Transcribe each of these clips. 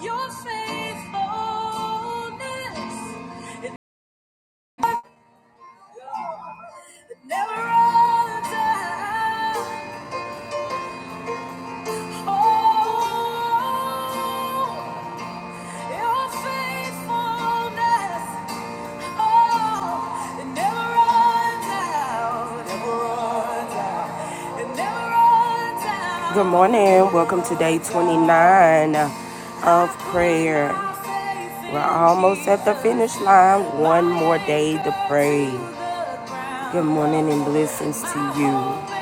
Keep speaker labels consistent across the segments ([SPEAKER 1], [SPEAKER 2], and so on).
[SPEAKER 1] Your faithfulness it never runs out. Oh, your faithfulness Oh, it never runs out, never runs out, it never runs out. Good morning. Welcome to day 29 of prayer. We're almost at the finish line. One more day to pray. Good morning and blessings to you.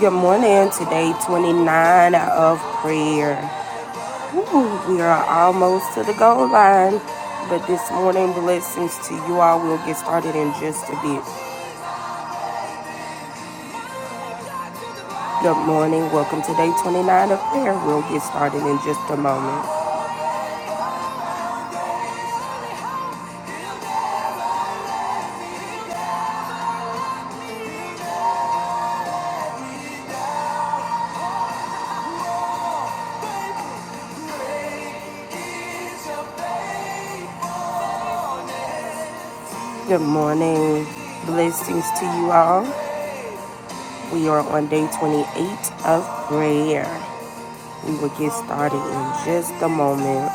[SPEAKER 1] Good morning. Today, 29 of prayer. Ooh, we are almost to the goal line, but this morning, blessings to you all. We'll get started in just a bit. Good morning. Welcome to day 29 of prayer. We'll get started in just a moment. Good morning. Blessings to you all. We are on day 28 of prayer. We will get started in just a moment.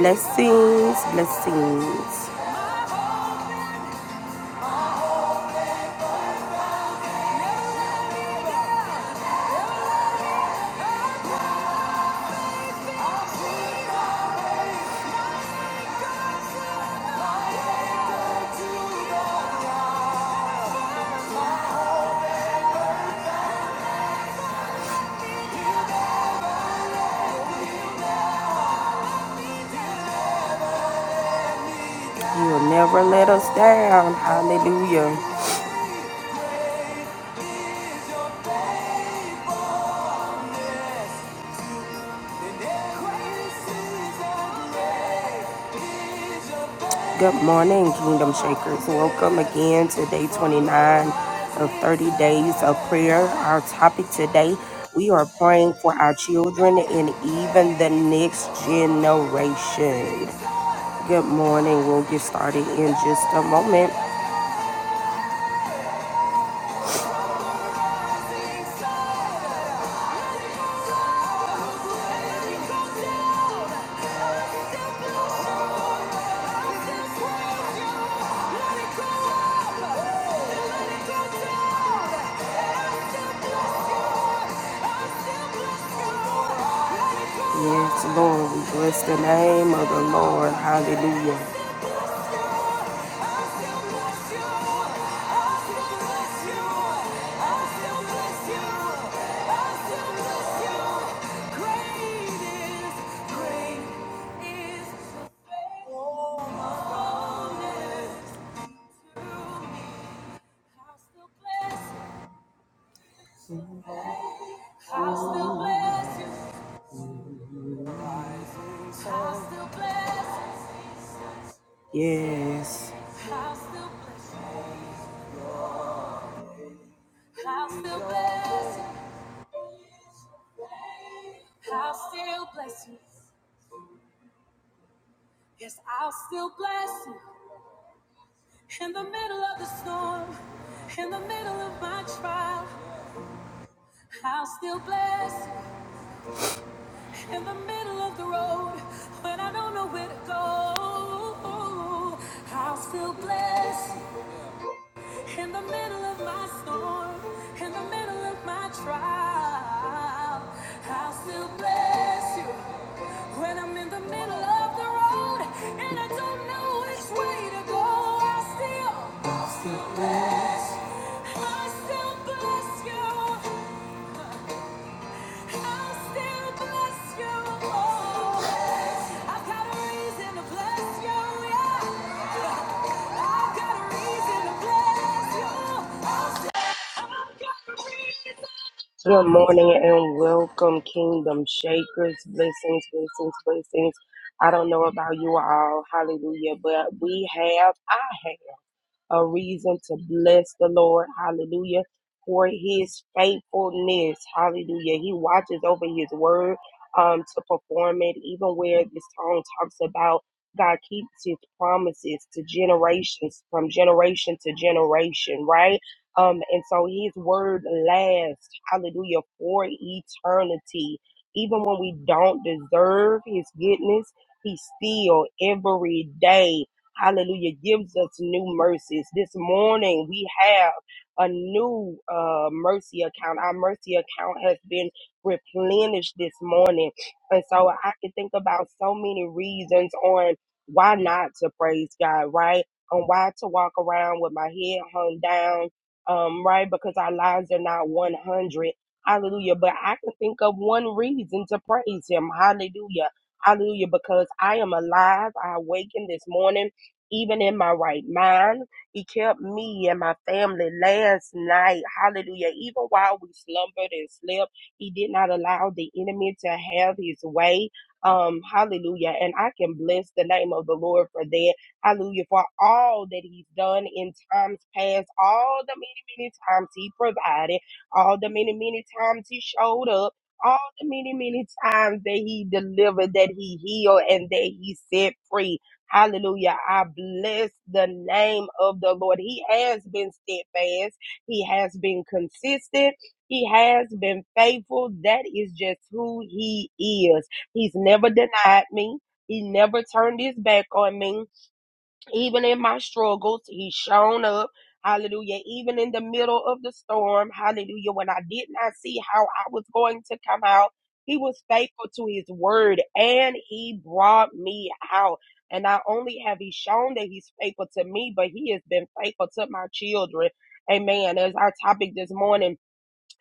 [SPEAKER 1] Blessings, blessings. You'll never let us down. Hallelujah. Good morning, Kingdom Shakers. Welcome again to day 29 of 30 days of prayer. Our topic today we are praying for our children and even the next generation. Good morning. We'll get started in just a moment. Yes, Lord, we bless the name of the Lord. Hallelujah. Yes. I'll still bless you. I'll still bless you. I'll still bless you. Yes, I'll still bless you. In the middle of the storm, in the middle of my trial, I'll still bless. In the middle of the road, when I don't know where to go, I'll still bless. In the middle of my storm, in the middle of my trial, I'll still bless you. When I'm in the middle of the road and I don't know which way to go, I still, I still bless you. I'll still bless you. Good morning and welcome, Kingdom Shakers. Blessings, blessings, blessings. I don't know about you all, hallelujah, but we have, I have a reason to bless the Lord. Hallelujah. For his faithfulness. Hallelujah. He watches over his word um, to perform it, even where this song talks about God keeps his promises to generations, from generation to generation, right? Um, and so his word lasts, hallelujah, for eternity. Even when we don't deserve his goodness, he still every day Hallelujah. Gives us new mercies. This morning we have a new uh, mercy account. Our mercy account has been replenished this morning. And so I can think about so many reasons on why not to praise God, right? On why to walk around with my head hung down, um, right? Because our lives are not 100. Hallelujah. But I can think of one reason to praise Him. Hallelujah. Hallelujah. Because I am alive. I awakened this morning even in my right mind. He kept me and my family last night. Hallelujah. Even while we slumbered and slept, He did not allow the enemy to have his way. Um, hallelujah. And I can bless the name of the Lord for that. Hallelujah. For all that He's done in times past, all the many, many times He provided, all the many, many times He showed up all the many, many times that he delivered, that he healed, and that he set free. Hallelujah. I bless the name of the Lord. He has been steadfast. He has been consistent. He has been faithful. That is just who he is. He's never denied me. He never turned his back on me. Even in my struggles, he's shown up. Hallelujah. Even in the middle of the storm, hallelujah, when I did not see how I was going to come out, he was faithful to his word and he brought me out. And not only have he shown that he's faithful to me, but he has been faithful to my children. Amen. As our topic this morning,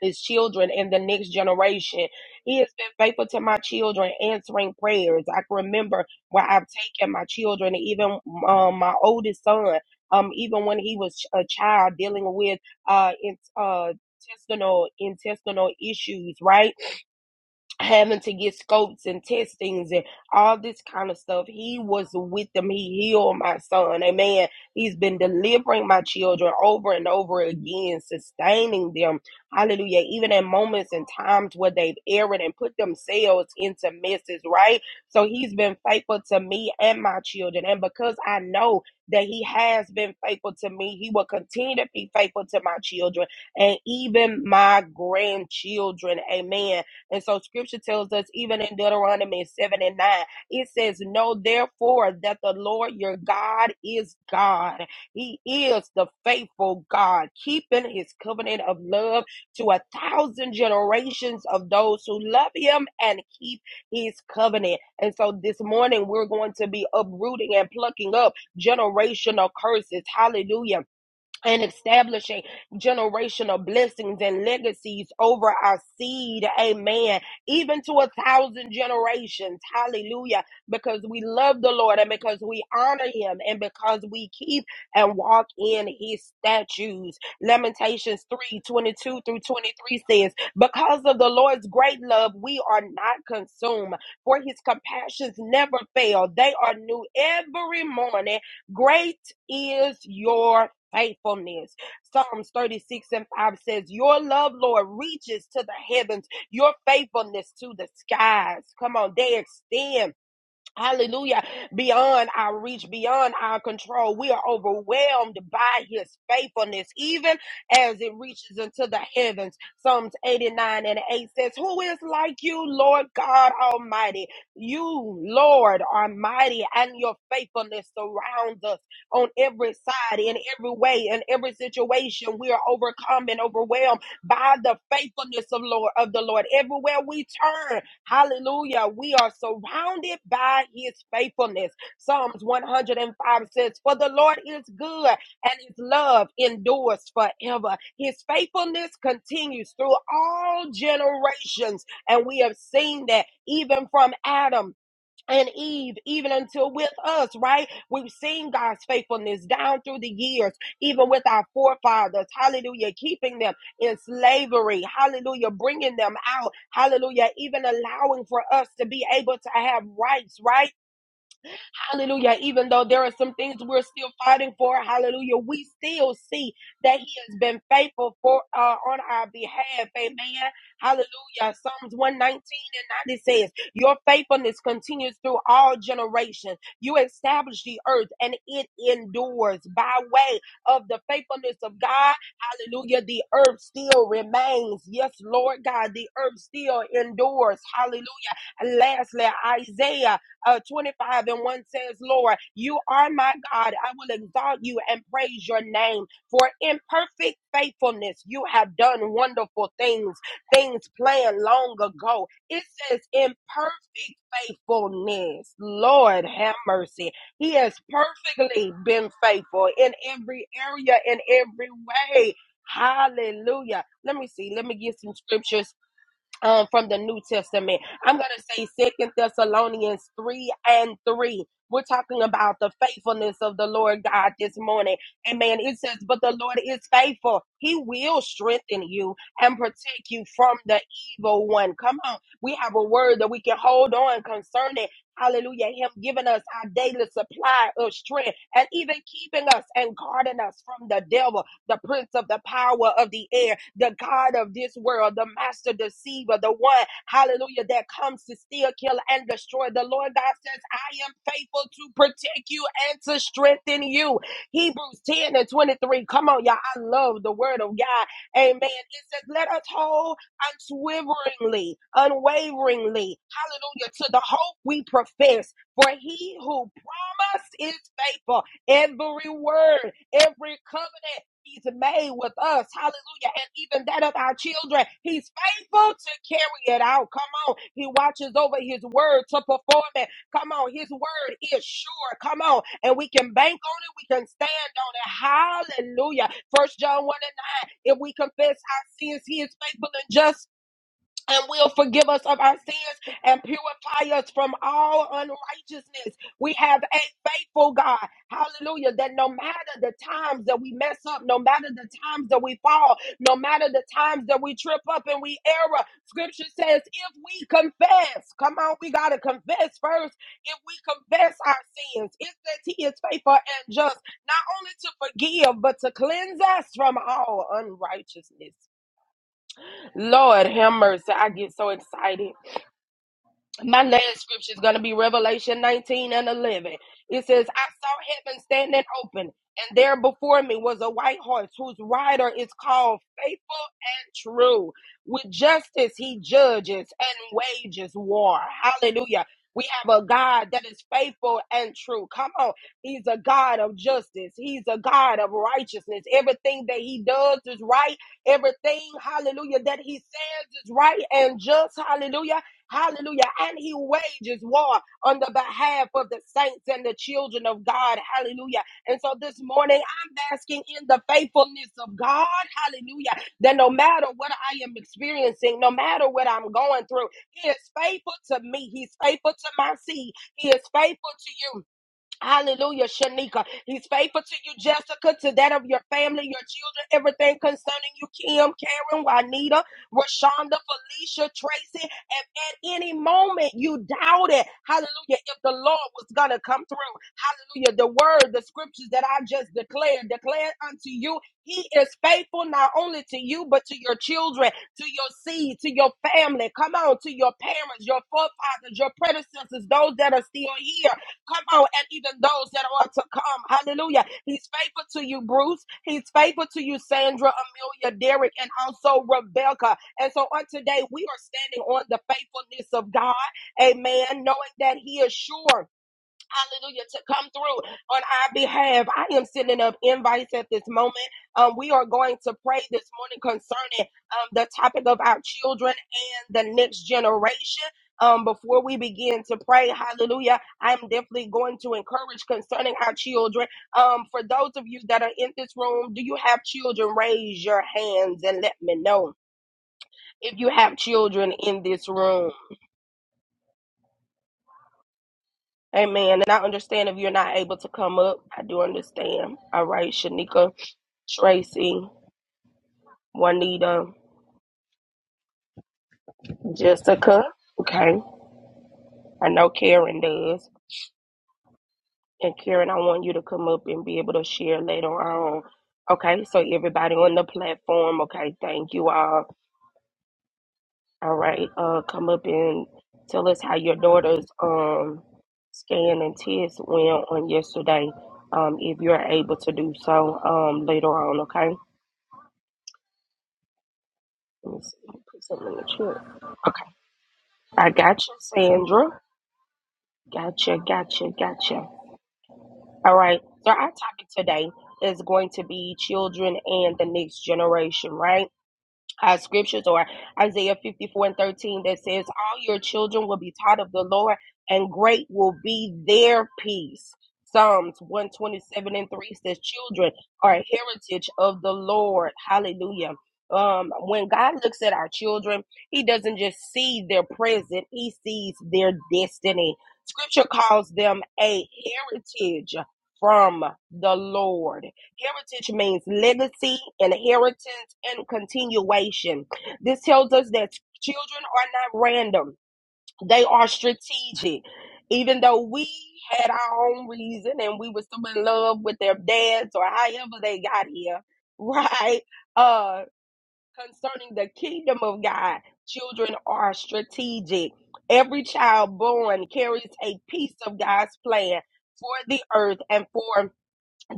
[SPEAKER 1] his children and the next generation. He has been faithful to my children, answering prayers. I can remember where I've taken my children, even um, my oldest son, um, even when he was a child dealing with uh, in, uh, intestinal intestinal issues, right? having to get scopes and testings and all this kind of stuff. He was with them. He healed my son. Amen. He's been delivering my children over and over again, sustaining them. Hallelujah. Even in moments and times where they've erred and put themselves into messes, right? So he's been faithful to me and my children. And because I know that he has been faithful to me, he will continue to be faithful to my children and even my grandchildren. Amen and so scripture tells us, even in Deuteronomy 7 and 9, it says, Know therefore that the Lord your God is God. He is the faithful God, keeping his covenant of love to a thousand generations of those who love him and keep his covenant. And so this morning, we're going to be uprooting and plucking up generational curses. Hallelujah and establishing generational blessings and legacies over our seed. Amen. Even to a thousand generations. Hallelujah. Because we love the Lord and because we honor him and because we keep and walk in his statutes. Lamentations 3 22 through 23 says, Because of the Lord's great love, we are not consumed, for his compassions never fail. They are new every morning. Great is your faithfulness. Psalms 36 and 5 says, Your love, Lord, reaches to the heavens, your faithfulness to the skies. Come on, they extend Hallelujah. Beyond our reach, beyond our control. We are overwhelmed by his faithfulness, even as it reaches into the heavens. Psalms 89 and 8 says, Who is like you, Lord God Almighty? You, Lord, are mighty, and your faithfulness surrounds us on every side, in every way, in every situation. We are overcome and overwhelmed by the faithfulness of Lord of the Lord. Everywhere we turn, Hallelujah. We are surrounded by his faithfulness. Psalms 105 says, For the Lord is good and his love endures forever. His faithfulness continues through all generations. And we have seen that even from Adam and Eve, even until with us, right? We've seen God's faithfulness down through the years, even with our forefathers, hallelujah, keeping them in slavery, hallelujah, bringing them out, hallelujah, even allowing for us to be able to have rights, right? Hallelujah. Even though there are some things we're still fighting for, hallelujah, we still see that He has been faithful for uh, on our behalf. Amen. Hallelujah. Psalms 119 and 90 says, Your faithfulness continues through all generations. You establish the earth and it endures. By way of the faithfulness of God, hallelujah, the earth still remains. Yes, Lord God, the earth still endures. Hallelujah. And lastly, Isaiah uh, 25 and 1 says, Lord, you are my God. I will exalt you and praise your name. For in perfect faithfulness, you have done wonderful things, things planned long ago. It says, in perfect faithfulness, Lord, have mercy. He has perfectly been faithful in every area, in every way. Hallelujah. Let me see. Let me get some scriptures um, from the New Testament. I'm going to say Second Thessalonians 3 and 3. We're talking about the faithfulness of the Lord God this morning. Amen. It says, But the Lord is faithful. He will strengthen you and protect you from the evil one. Come on. We have a word that we can hold on concerning. Hallelujah. Him giving us our daily supply of strength and even keeping us and guarding us from the devil the prince of the power of the air, the God of this world, the master deceiver, the one, hallelujah, that comes to steal, kill, and destroy. The Lord God says, I am faithful to protect you and to strengthen you. Hebrews 10 and 23. Come on, y'all. I love the word of God. Amen. It says, let us hold unswervingly, unwaveringly, hallelujah, to the hope we profess. For he who promised is faithful. Every word, every covenant He's made with us. Hallelujah. And even that of our children. He's faithful to carry it out. Come on. He watches over his word to perform it. Come on. His word is sure. Come on. And we can bank on it. We can stand on it. Hallelujah. First John 1 and 9. If we confess our sins, he is faithful and just and will forgive us of our sins and purify us from all unrighteousness. We have a faithful God. Hallelujah. That no matter the times that we mess up, no matter the times that we fall, no matter the times that we trip up and we error, scripture says if we confess, come on, we got to confess first. If we confess our sins, it says he is faithful and just, not only to forgive, but to cleanse us from all unrighteousness. Lord have mercy. I get so excited. My last scripture is going to be Revelation 19 and 11. It says, I saw heaven standing open, and there before me was a white horse whose rider is called Faithful and True. With justice, he judges and wages war. Hallelujah. We have a God that is faithful and true. Come on. He's a God of justice. He's a God of righteousness. Everything that he does is right. Everything, hallelujah, that he says is right and just. Hallelujah. Hallelujah. And he wages war on the behalf of the saints and the children of God. Hallelujah. And so this morning, I'm basking in the faithfulness of God. Hallelujah. That no matter what I am experiencing, no matter what I'm going through, he is faithful to me. He's faithful to my seed. He is faithful to you. Hallelujah, Shanika. He's faithful to you, Jessica, to that of your family, your children, everything concerning you, Kim, Karen, Juanita, Rashonda, Felicia, Tracy. If at any moment you doubted, hallelujah, if the Lord was going to come through. Hallelujah. The word, the scriptures that I just declared, declared unto you, he is faithful not only to you, but to your children, to your seed, to your family. Come on, to your parents, your forefathers, your predecessors, those that are still here. Come on, and even those that are to come. Hallelujah. He's faithful to you, Bruce. He's faithful to you, Sandra, Amelia, Derek, and also Rebecca. And so on today, we are standing on the faithfulness of God. Amen. Knowing that He is sure hallelujah, to come through on our behalf. I am sending up invites at this moment. Um, we are going to pray this morning concerning um, the topic of our children and the next generation. Um, before we begin to pray, hallelujah, I'm definitely going to encourage concerning our children. Um, for those of you that are in this room, do you have children? Raise your hands and let me know if you have children in this room. Amen. And I understand if you're not able to come up. I do understand. All right, Shanika, Tracy, Juanita, Jessica. Okay. I know Karen does. And Karen, I want you to come up and be able to share later on. Okay, so everybody on the platform, okay, thank you all. All right, uh come up and tell us how your daughter's um scan and test went on yesterday. Um, if you're able to do so um later on, okay? Let me see. Put something in the chat. I gotcha, Sandra. Gotcha, gotcha, gotcha. All right. So our topic today is going to be children and the next generation, right? our scriptures or Isaiah 54 and 13 that says, All your children will be taught of the Lord, and great will be their peace. Psalms 127 and 3 says, Children are a heritage of the Lord. Hallelujah. Um, when God looks at our children, He doesn't just see their present, He sees their destiny. Scripture calls them a heritage from the Lord. Heritage means legacy, inheritance, and continuation. This tells us that children are not random, they are strategic. Even though we had our own reason and we were still in love with their dads or however they got here, right? Uh, concerning the kingdom of God, children are strategic. Every child born carries a piece of God's plan for the earth and for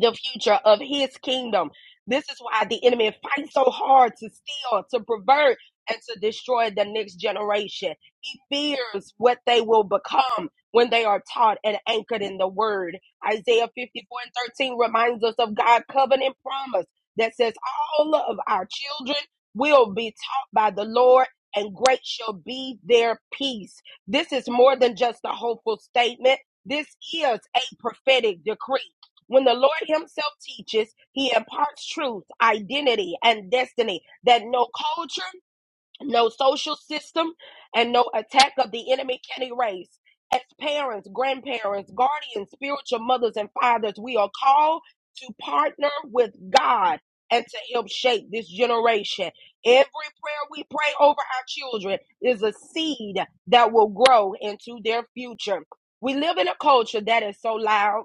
[SPEAKER 1] the future of his kingdom. This is why the enemy fights so hard to steal, to pervert, and to destroy the next generation. He fears what they will become when they are taught and anchored in the word. Isaiah 54 and 13 reminds us of God's covenant promise that says, All of our children will be taught by the Lord, and great shall be their peace. This is more than just a hopeful statement. This is a prophetic decree when the Lord Himself teaches, He imparts truth, identity, and destiny that no culture, no social system, and no attack of the enemy can erase. As parents, grandparents, guardians, spiritual mothers, and fathers, we are called to partner with God and to help shape this generation. Every prayer we pray over our children is a seed that will grow into their future. We live in a culture that is so loud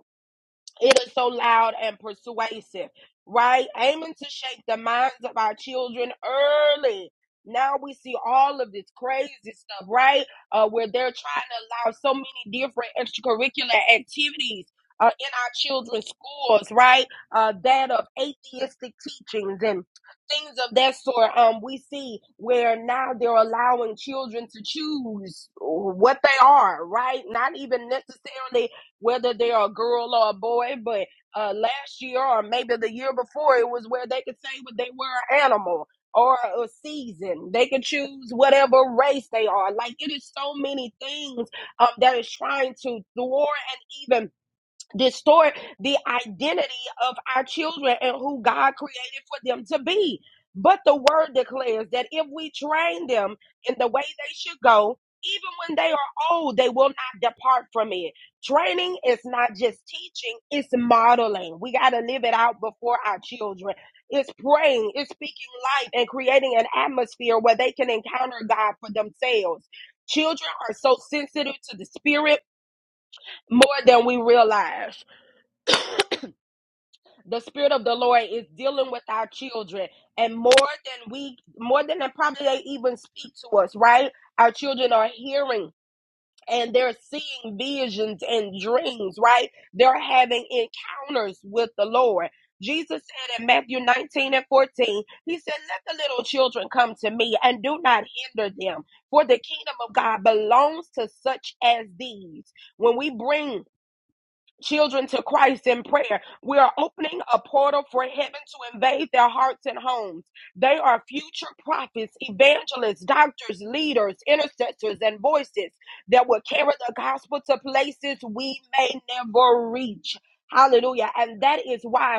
[SPEAKER 1] it is so loud and persuasive, right? Aiming to shake the minds of our children early. Now we see all of this crazy stuff, right? Uh, where they're trying to allow so many different extracurricular activities uh, in our children's schools, right? Uh, that of atheistic teachings and things of that sort. Um, we see where now they're allowing children to choose what they are, right? Not even necessarily whether they're a girl or a boy. But uh, last year or maybe the year before, it was where they could say what they were an animal or a season. They could choose whatever race they are. Like it is so many things um, that is trying to thwart and even distort the identity of our children and who God created for them to be. But the word declares that if we train them in the way they should go, even when they are old, they will not depart from it. Training is not just teaching, it's modeling. We got to live it out before our children. It's praying, it's speaking life and creating an atmosphere where they can encounter God for themselves. Children are so sensitive to the spirit more than we realize the spirit of the lord is dealing with our children and more than we more than they probably they even speak to us right our children are hearing and they're seeing visions and dreams right they're having encounters with the lord jesus said in matthew 19 and 14 he said let the little children come to me and do not hinder them for the kingdom of god belongs to such as these when we bring children to Christ in prayer. We are opening a portal for heaven to invade their hearts and homes. They are future prophets, evangelists, doctors, leaders, intercessors, and voices that will carry the gospel to places we may never reach. Hallelujah. And that is why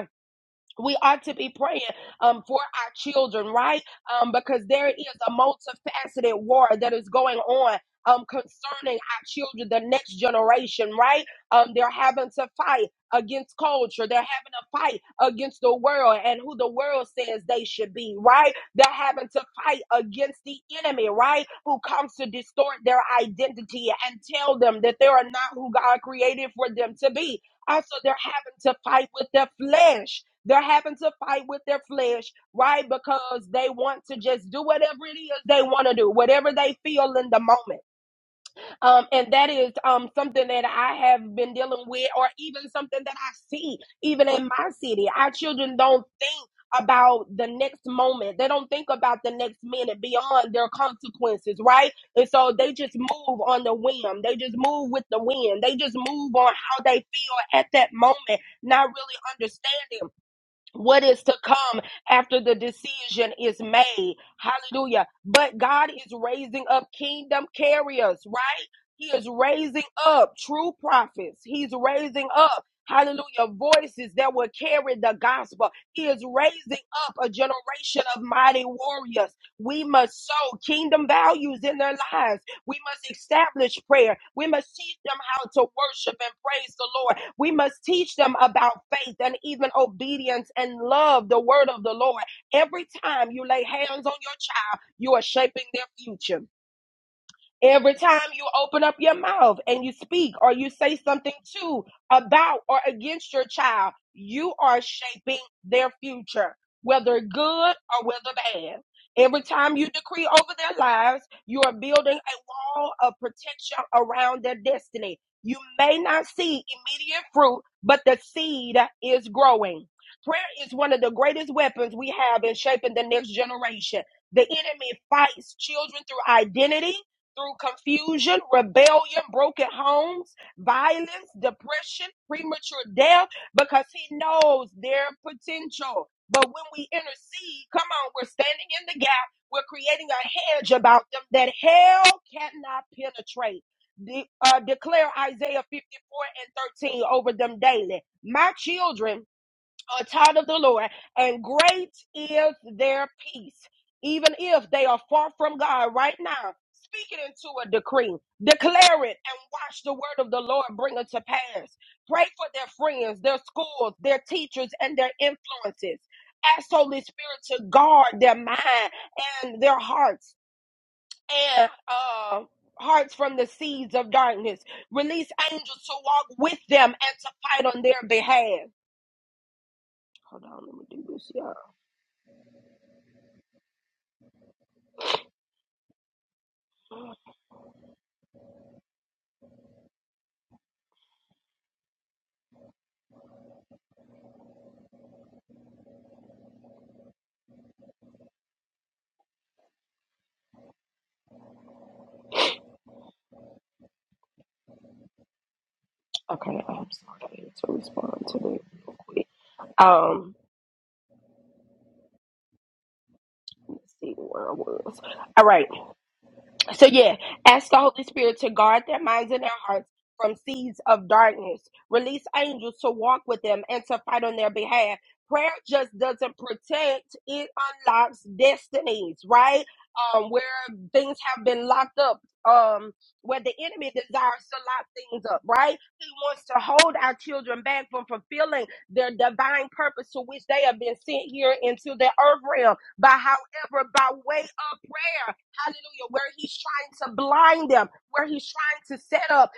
[SPEAKER 1] we ought to be praying um, for our children, right? Um, because there is a multifaceted war that is going on. Um, concerning our children, the next generation, right? Um, they're having to fight against culture. They're having to fight against the world and who the world says they should be, right? They're having to fight against the enemy, right? Who comes to distort their identity and tell them that they are not who God created for them to be. Also, they're having to fight with their flesh they're having to fight with their flesh, right? Because they want to just do whatever it is they want to do, whatever they feel in the moment. Um, and that is um, something that I have been dealing with, or even something that I see, even in my city. Our children don't think about the next moment, they don't think about the next minute beyond their consequences, right? And so they just move on the whim, they just move with the wind, they just move on how they feel at that moment, not really understanding what is to come after the decision is made. Hallelujah. But God is raising up kingdom carriers, right? He is raising up true prophets. He's raising up, hallelujah, voices that will carry the gospel. He is raising up a generation of mighty warriors. We must sow kingdom values in their lives. We must establish prayer. We must teach them how to worship and praise the Lord. We must teach them about faith and even obedience and love, the word of the Lord. Every time you lay hands on your child, you are shaping their future. Every time you open up your mouth and you speak or you say something to, about, or against your child, you are shaping their future, whether good or whether bad. Every time you decree over their lives, you are building a wall of protection around their destiny. You may not see immediate fruit, but the seed is growing. Prayer is one of the greatest weapons we have in shaping the next generation. The enemy fights children through identity through confusion, rebellion, broken homes, violence, depression, premature death, because He knows their potential. But when we intercede, come on, we're standing in the gap. We're creating a hedge about them that hell cannot penetrate. De- uh, declare Isaiah 54 and 13 over them daily. My children are a child of the Lord, and great is their peace, even if they are far from God right now. Speak it into a decree, declare it, and watch the word of the Lord bring it to pass. Pray for their friends, their schools, their teachers, and their influences. Ask Holy Spirit to guard their mind and their hearts and uh, hearts from the seeds of darkness. Release angels to walk with them and to fight on their behalf. Hold on, let me do this. y'all. Okay, I'm sorry to respond to that real quick. Um, let's see where I was. All right, So yeah, ask the Holy Spirit to guard their minds and their hearts from seeds of darkness. Release angels to walk with them and to fight on their behalf. Prayer just doesn't protect, it unlocks destinies, right? Um, where things have been locked up, um, where the enemy desires to lock things up, right? He wants to hold our children back from fulfilling their divine purpose to which they have been sent here into the earth realm. But however, by way of prayer, Hallelujah. Where he's trying to blind them, where he's trying to set up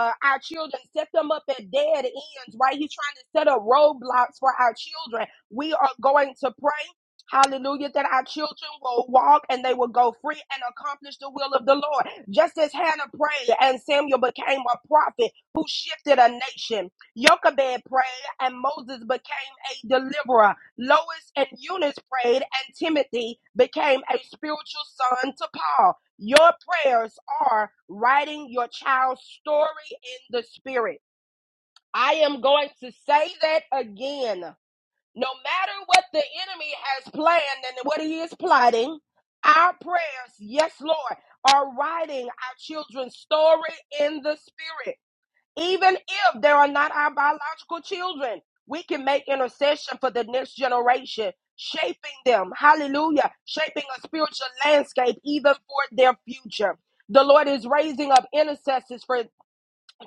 [SPEAKER 1] uh, our children, set them up at dead ends, right? He's trying to set up roadblocks for our children. We are going to pray. Hallelujah, that our children will walk and they will go free and accomplish the will of the Lord. Just as Hannah prayed and Samuel became a prophet who shifted a nation. Jochebed prayed and Moses became a deliverer. Lois and Eunice prayed, and Timothy became a spiritual son to Paul. Your prayers are writing your child's story in the spirit. I am going to say that again. No matter what the enemy has planned and what he is plotting, our prayers, yes, Lord, are writing our children's story in the spirit. Even if there are not our biological children, we can make intercession for the next generation, shaping them. Hallelujah. Shaping a spiritual landscape even for their future. The Lord is raising up intercessors for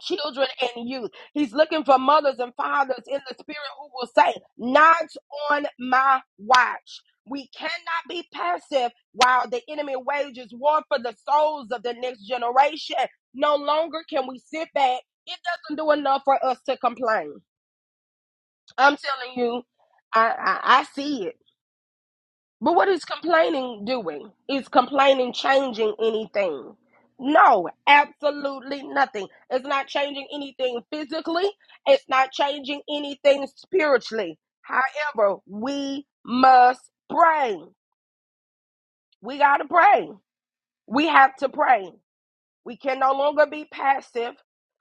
[SPEAKER 1] children and youth. He's looking for mothers and fathers in the spirit who will say, Not on my watch. We cannot be passive while the enemy wages war for the souls of the next generation. No longer can we sit back. It doesn't do enough for us to complain. I'm telling you, I, I, I see it. But what is complaining doing? Is complaining changing anything? No, absolutely nothing. It's not changing anything physically, it's not changing anything spiritually. However, we must pray. We got to pray. We have to pray. We can no longer be passive.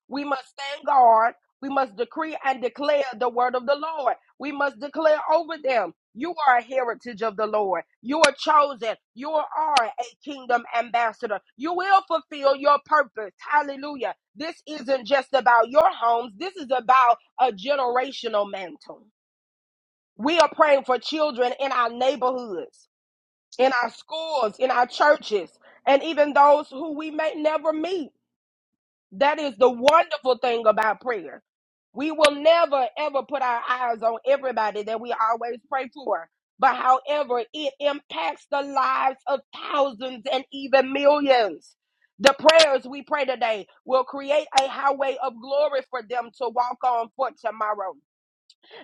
[SPEAKER 1] We must stand guard. We must decree and declare the word of the Lord. We must declare over them. You are a heritage of the Lord. You are chosen. You are a kingdom ambassador. You will fulfill your purpose. Hallelujah. This isn't just about your homes. This is about a generational mantle. We are praying for children in our neighborhoods, in our schools, in our churches, and even those who we may never meet. That is the wonderful thing about prayer. We will never ever put our eyes on everybody that we always pray for. But however, it impacts the lives of thousands and even millions. The prayers we pray today will create a highway of glory for them to walk on for tomorrow.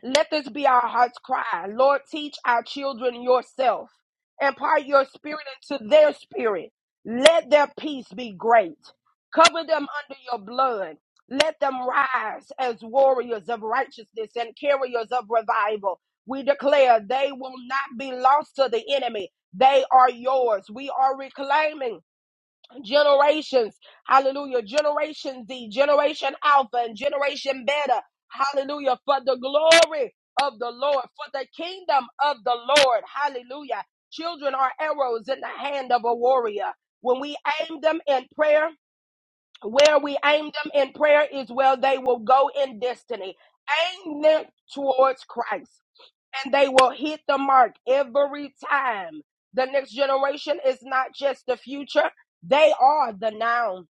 [SPEAKER 1] Let this be our heart's cry. Lord, teach our children yourself. Impart your spirit into their spirit. Let their peace be great. Cover them under your blood. Let them rise as warriors of righteousness and carriers of revival. We declare they will not be lost to the enemy. They are yours. We are reclaiming generations. Hallelujah. Generation Z, Generation Alpha, and Generation Beta. Hallelujah. For the glory of the Lord, for the kingdom of the Lord. Hallelujah. Children are arrows in the hand of a warrior. When we aim them in prayer, where we aim them in prayer is where they will go in destiny. Aim them towards Christ and they will hit the mark every time. The next generation is not just the future, they are the now.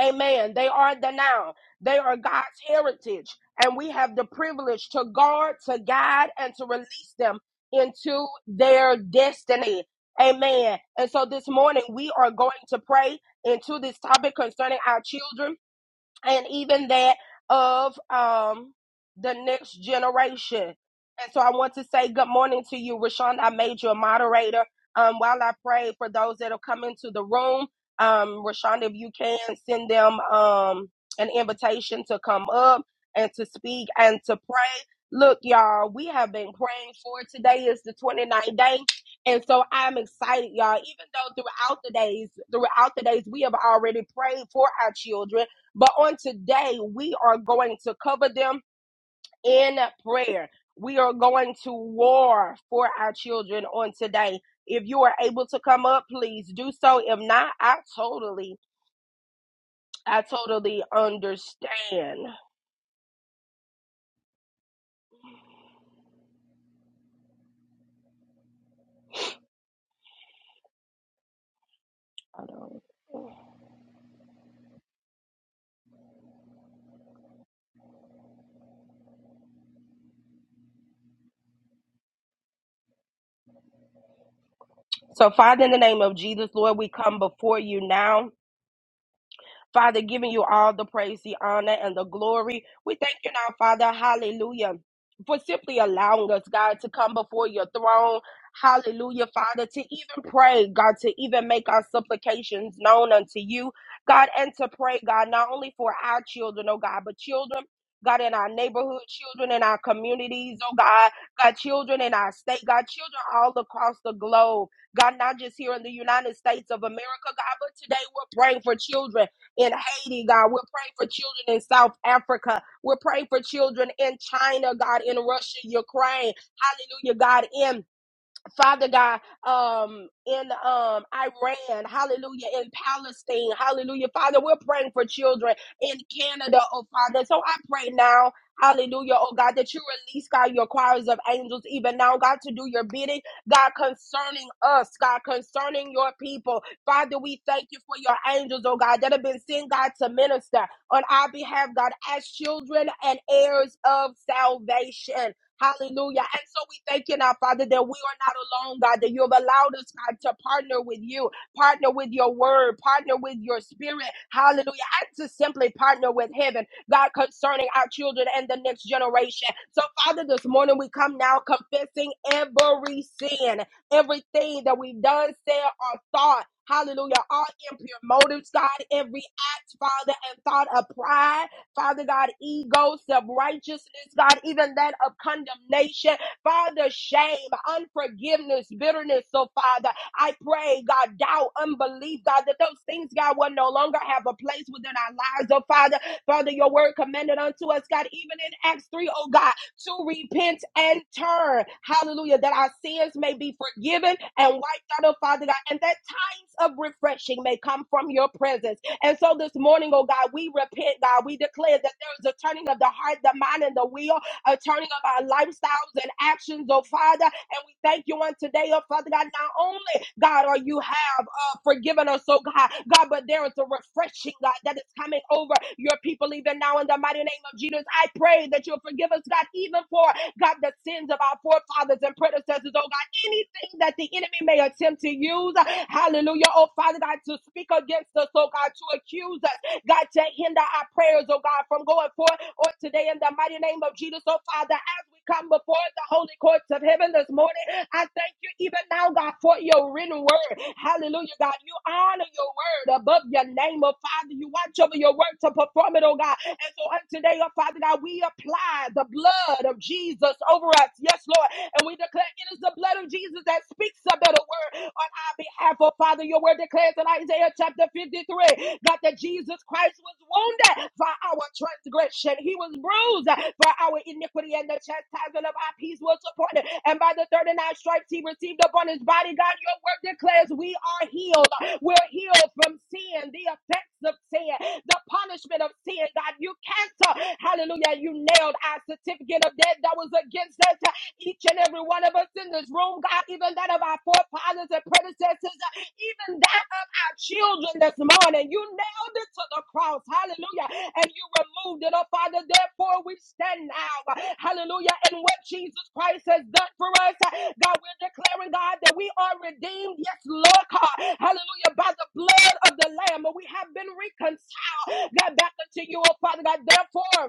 [SPEAKER 1] Amen. They are the now. They are God's heritage, and we have the privilege to guard, to guide, and to release them into their destiny. Amen. And so this morning we are going to pray into this topic concerning our children and even that of um the next generation. And so I want to say good morning to you, Rashawn. I made you a moderator. Um, while I pray for those that have come into the room, um, Rashawn, if you can send them um an invitation to come up and to speak and to pray. Look, y'all, we have been praying for it. today is the twenty ninth day. And so I'm excited, y'all. Even though throughout the days, throughout the days, we have already prayed for our children but on today, we are going to cover them in prayer. We are going to war for our children on today. If you are able to come up, please do so. If not, I totally, I totally understand. Hold on. So, Father, in the name of Jesus, Lord, we come before you now. Father, giving you all the praise, the honor, and the glory. We thank you now, Father. Hallelujah. For simply allowing us, God, to come before your throne. Hallelujah, Father, to even pray, God, to even make our supplications known unto you, God, and to pray, God, not only for our children, oh God, but children, God, in our neighborhood, children in our communities, oh God, God, children in our state, God, children all across the globe, God, not just here in the United States of America, God, but today we're praying for children in Haiti, God. We're praying for children in South Africa. We're praying for children in China, God, in Russia, Ukraine. Hallelujah, God, in Father God, um, in um, Iran, hallelujah, in Palestine, hallelujah. Father, we're praying for children in Canada, oh Father. So I pray now, hallelujah, oh God, that you release, God, your choirs of angels even now, God, to do your bidding, God, concerning us, God, concerning your people. Father, we thank you for your angels, oh God, that have been sent, God, to minister on our behalf, God, as children and heirs of salvation. Hallelujah. And so we thank you now, Father, that we are not alone, God, that you have allowed us, God, to partner with you, partner with your word, partner with your spirit. Hallelujah. And to simply partner with heaven, God, concerning our children and the next generation. So, Father, this morning we come now confessing every sin, everything that we've done, said, or thought. Hallelujah. All impure motives, God, every act, Father, and thought of pride. Father God, ego, self righteousness, God, even that of condemnation, Father, shame, unforgiveness, bitterness. So, Father, I pray, God, doubt, unbelief, God, that those things, God, will no longer have a place within our lives. Oh, Father, Father, your word commended unto us, God, even in Acts 3, oh God, to repent and turn. Hallelujah. That our sins may be forgiven and wiped out, oh Father God, and that times of refreshing may come from your presence. And so this morning, oh God, we repent, God. We declare that there is a turning of the heart, the mind, and the will, a turning of our lifestyles and actions, oh Father, and we thank you on today, oh Father God. Not only, God, are you have uh, forgiven us, oh God, God, but there is a refreshing, God, that is coming over your people even now in the mighty name of Jesus. I pray that you'll forgive us, God, even for God, the sins of our forefathers and predecessors, oh God, anything that the enemy may attempt to use, hallelujah, oh Father God, to speak against us, oh God, to accuse us, God, to hinder our prayers, oh God, from going forth or today in the mighty name of Jesus, oh Father we come before the holy courts of heaven this morning, I thank you even now, God, for your written word. Hallelujah, God. You honor your word above your name, oh Father. You watch over your word to perform it, oh God. And so on today, oh Father God, we apply the blood of Jesus over us. Yes, Lord. And we declare it is the blood of Jesus that speaks a better word on our behalf, oh Father. Your word declares in Isaiah chapter 53, God, that Jesus Christ was wounded for our transgression. He was bruised for our iniquity, and the chastisement of our peace was upon him. And by the 39 stripes he received upon his body, God, your word declares we are healed. We're healed from sin, the effects of sin, the punishment of sin. God, you cancel. Hallelujah. You nailed our certificate of death that was against us. Each and every one of us in this room, God even that of our forefathers and predecessors, uh, even that of our children this morning. You nailed it to the cross, hallelujah, and you removed it, oh Father. Therefore, we stand now, uh, hallelujah, in what Jesus Christ has done for us. Uh, God, we're declaring, God, that we are redeemed, yes, Lord, God, hallelujah, by the blood of the Lamb, we have been reconciled, God, back unto you, oh Father, God. Therefore,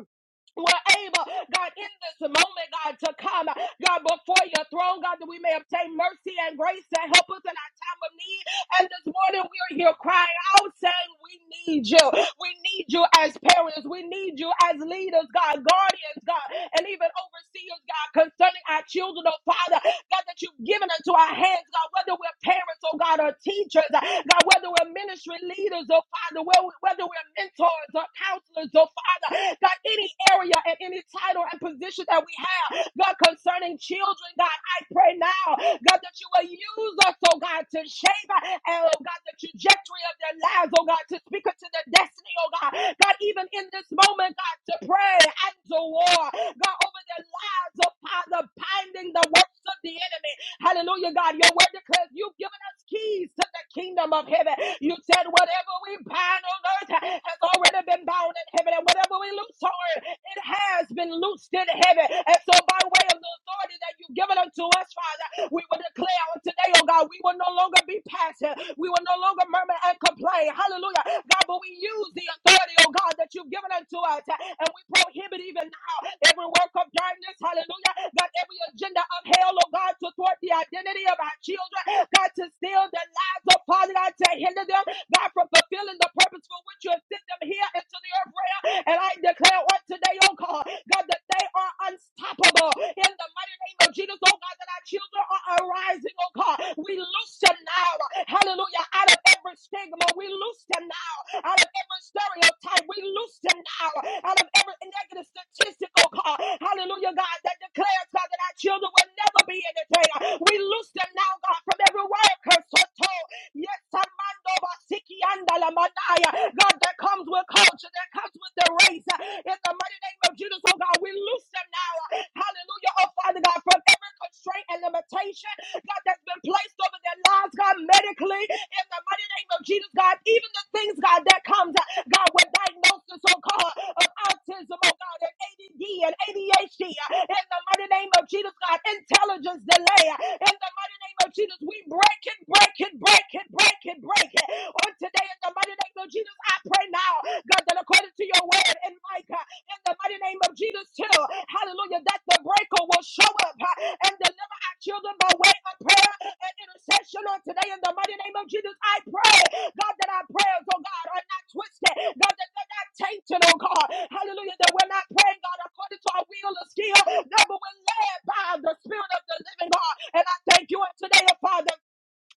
[SPEAKER 1] we're able, God, in this moment, God, to come, God, before your throne, God, that we may obtain mercy and grace to help us in our time of need. And this morning we are here crying out saying, We need you. We need you as parents. We need you as leaders, God, guardians, God, and even overseers, God, concerning our children, oh Father, God, that you've given unto our hands, God, whether we're parents, oh God, or teachers, uh, God, whether we're ministry leaders, oh Father, whether whether we're mentors or counselors, oh Father, God, any area and any title and position that we have. God, concerning children, God, I pray now, God, that you will use us, oh God, to shape and oh God, the trajectory of their lives, oh God, to speak into their destiny, oh God. God, even in this moment, God, to pray and to war, God, over their lives of Father, binding the works of the enemy. Hallelujah, God. Your word declares you've given us keys to the kingdom of heaven. You said whatever we bind on earth has already been bound in heaven, and whatever we loose on earth, it has been loosed in heaven. And so, by way of the authority that you've given unto us, Father, we will declare on today, oh God, we will no longer be passive. We will no longer murmur and complain. Hallelujah. God, but we use the authority, oh God, God, that you've given unto us. And we prohibit even now every work of darkness, hallelujah. God, every agenda of hell, oh God, to thwart the identity of our children, God, to steal their lives, oh Father, God, to hinder them, God, from fulfilling the purpose for which you have sent them here into the earth realm. And I declare on today, oh God, God, that they are unstoppable in the mighty name of Jesus, oh God, that our children are arising, oh God. We loose them now, Hallelujah. Hallelujah. Out of every stigma, we loose them now. Out of every stereotype, we loose them now. Out of every negative statistical call. Hallelujah, God, that declares, God, that our children will never be entertained. We loose them now, God, from every word curse or told. Yes, Armando Basiki and Alamanaya. God, that comes with culture, that comes with the race. In the mighty name of Jesus, oh God, we loose them now. Hallelujah, oh Father God, from every every constraint and limitation, God, that's been placed over their lives, God, medically, in the mighty name of Jesus, God, even the things, God, that comes, uh, God, with diagnosis, oh God, of autism, oh God, and ADD and ADHD, uh, in the mighty name of Jesus, God, intelligence delay, uh, in the mighty name of Jesus, we break it, break it, break it, break it, break it. On today, in the mighty name of Jesus, I pray now, God, that according to your word in Micah, in the mighty name of Jesus too. Hallelujah. That the breaker will show up huh, and deliver our children by way of prayer and intercession on today in the mighty name of Jesus. I pray, God, that our prayers, oh God, are not twisted. God, that they're not tainted, oh God. Hallelujah. That we're not praying, God, according to our will or skill. No, but we're led by the Spirit of the living God. And I thank you on today, oh Father.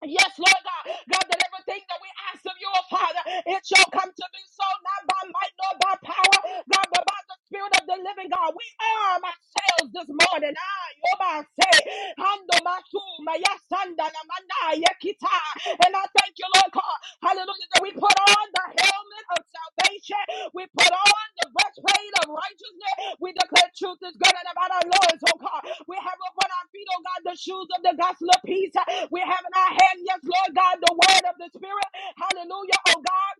[SPEAKER 1] Yes, Lord God. God, that everything that we ask of you, oh Father, it shall come to be so, not by might nor by power, God, but by the Spirit of the living God. We arm ourselves this morning. Ah, Yoba say, Hando Masu, Maya Sanda, Namanda, Yekita. And I thank you, Lord. Hallelujah. That we put on the helmet of salvation. We put on the breastplate of righteousness. We declare truth is good and about our Lord's, oh God. We have upon our feet, oh God, the shoes of the gospel of peace. We have in our hand, yes, Lord God, the word of the Spirit. Hallelujah, oh God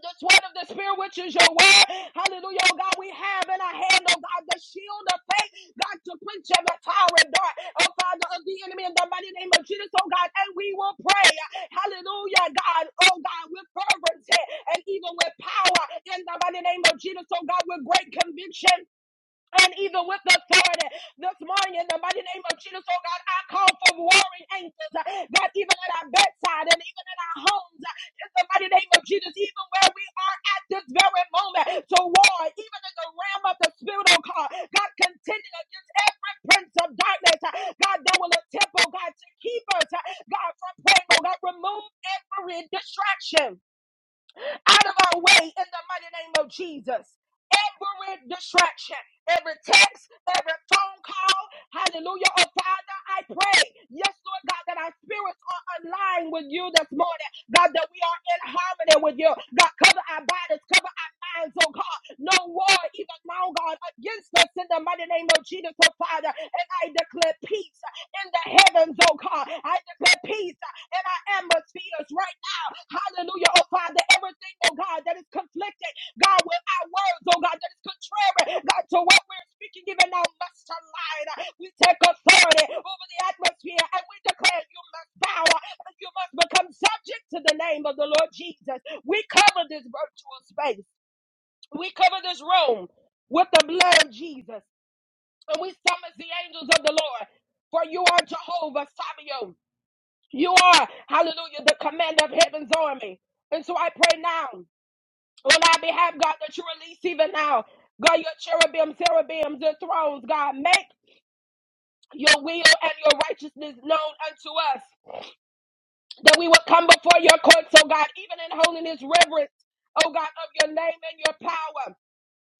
[SPEAKER 1] the sword of the spirit, which is your word. Hallelujah, oh God. We have in our hand, oh God, the shield of faith, God, to quench every fiery dart, oh Father, of the enemy in the mighty name of Jesus, oh God. And we will pray, hallelujah, God, oh God, with fervency and even with power in the mighty name of Jesus, oh God, with great conviction and even with the authority this morning in the mighty name of Jesus, oh God, I call for warring angels uh, that even at our bedside and even in our homes, uh, in the mighty name of Jesus, even where we are at this very moment, to war, even in the realm of the spirit, oh God, God, contending against every prince of darkness, uh, God, that will attempt, oh God, to keep us, uh, God, from praying, oh God, remove every distraction out of our way in the mighty name of Jesus. Every distraction, every text, every phone call, hallelujah. Oh, Father, I pray, yes, Lord God, that our spirits are aligned with you this morning. God, that we are in harmony with you. God, cover our bodies, cover our minds, oh God. No war, even now, God, against us in the mighty name of Jesus, oh Father. And I declare peace in the heavens, oh God. I declare peace uh, in our atmospheres right now. Hallelujah, oh Father. Everything, oh God, that is conflicted, God, with our words, oh God, that is contrary, God, to what we're speaking, even now must align. We take authority over the atmosphere and we declare you must bow uh, and you must become subject to the name of the Lord Jesus. We cover this virtual space, we cover this room with the blood of Jesus. And we summons the angels of the Lord. For you are Jehovah Sabaoth. You are, hallelujah, the commander of heaven's army. And so I pray now on our behalf, God, that you release even now, God, your cherubims, cherubims, and thrones, God, make your will and your righteousness known unto us, that we will come before your courts, oh God, even in holiness, reverence, oh God, of your name and your power.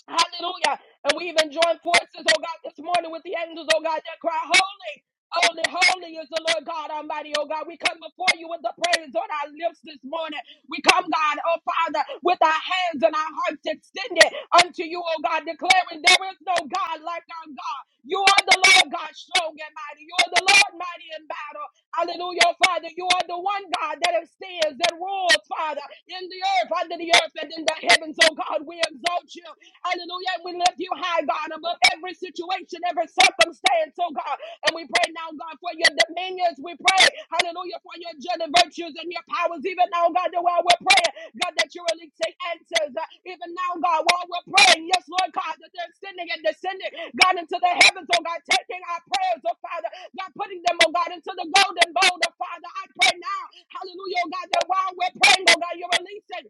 [SPEAKER 1] Hallelujah. And we even join forces, oh God, this morning with the angels, oh God, that cry, Holy, holy, holy is the Lord God Almighty, oh God. We come before you with the praise on our lips this morning. We come, God, oh Father, with our hands and our hearts extended unto you, oh God, declaring there is no God like our God. You are the Lord God, strong and mighty. You are the Lord mighty in battle. Hallelujah, oh Father. You are the one God that stands, that rules, Father, in the earth, under the earth, and in the heavens, oh oh God. We exalt you. Hallelujah. And we lift you high, God, above every situation, every circumstance, oh God. And we pray now, God, for your dominions. We pray, hallelujah, for your judging virtues and your powers. Even now, God, the while we're praying, God, that you really take answers. Uh, Even now, God, while we're praying, yes, Lord God, that they're sending and descending, God, into the heavens, oh God, taking our prayers, oh Father, God, putting them, oh God, into the golden bowl, oh Father. I pray now, hallelujah, oh God, that while we're praying, oh God, you're releasing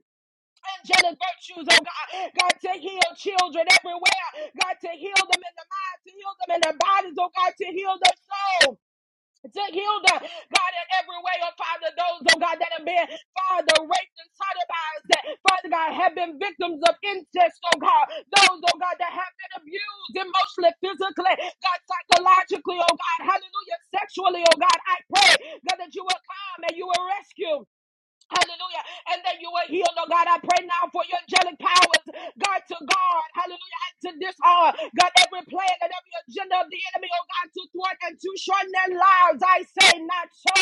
[SPEAKER 1] angelic virtues, oh God. God, to heal children everywhere. God, to heal them in the mind, to heal them in their bodies, oh God, to heal their soul. To heal them, God, in every way, oh Father, those, oh God, that have been, Father, raped and sodomized, that, Father God, have been victims of incest, oh God, those, oh God, that have been abused emotionally, physically, God, psychologically, oh God, hallelujah, sexually, oh God, I pray, God, that you will come and you will rescue. Hallelujah. And that you were healed, oh God. I pray now for your angelic powers, God, to guard. Hallelujah. And to disarm, God, every plan and every agenda of the enemy, oh God, to thwart and to shorten their lives. I say, not so,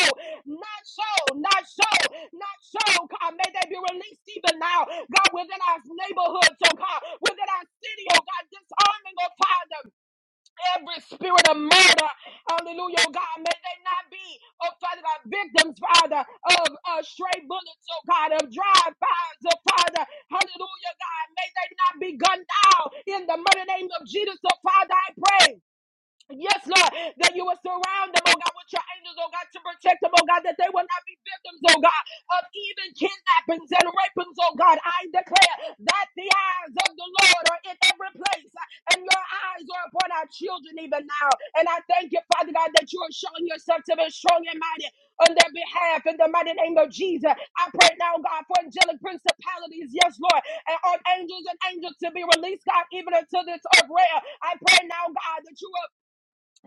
[SPEAKER 1] not so, not so, not so. God, may they be released even now, God, within our neighborhoods, oh God, within our city, oh God, disarming, oh Father every spirit of murder, hallelujah, oh God, may they not be, oh Father God, victims, Father, of uh, stray bullets, oh God, of drive-bys, oh Father, hallelujah, God, may they not be gunned down in the mighty name of Jesus, oh Father, I pray. Yes, Lord, that you will surround them, oh God, with your angels, oh God, to protect them, oh God, that they will not be victims, oh God, of even kidnappings and rapings, oh God. I declare that the eyes of the Lord are in every place, uh, and your eyes are upon our children even now. And I thank you, Father God, that you are showing yourself to be strong and mighty on their behalf in the mighty name of Jesus. I pray now, God, for angelic principalities, yes, Lord, and archangels and angels to be released, God, even until this earth realm. I pray now, God, that you will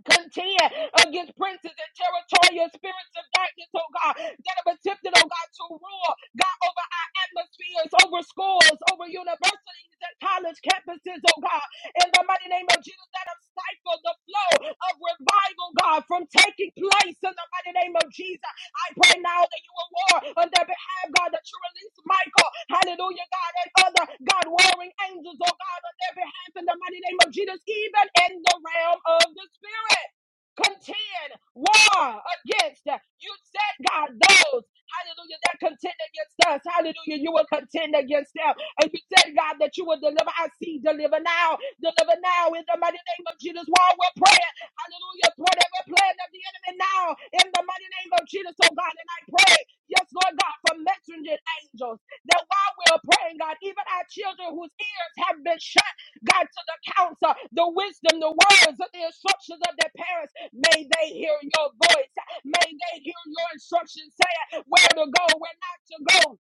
[SPEAKER 1] contend against princes and territorial spirits of darkness, oh God, that have attempted, oh God, to rule, God, over our atmospheres, over schools, over universities and college campuses, oh God, in the mighty name of Jesus, that have stifled the flow of revival, God, from taking place in the mighty name of Jesus. I pray now that you will war on their behalf, God, that you release Michael, hallelujah, God, and other, God, warring angels, oh God, on their behalf in the mighty name of Jesus, even in the realm of the Spirit. Contend war against you said, God, those, hallelujah, that contend against us, hallelujah, you will contend against them. And you said, God, that you will deliver. I see, deliver now, deliver now in the mighty name of Jesus while we're praying. Hallelujah. Thwart every plan of the enemy now in the mighty name of Jesus, oh God. And I pray, yes, Lord God, for messenger angels that while we're praying, God, even our children whose ears have been shut, God, to the counsel, the wisdom, the words, of the instructions of their parents, may they hear your voice. May they hear your instructions saying where to go, where not to go,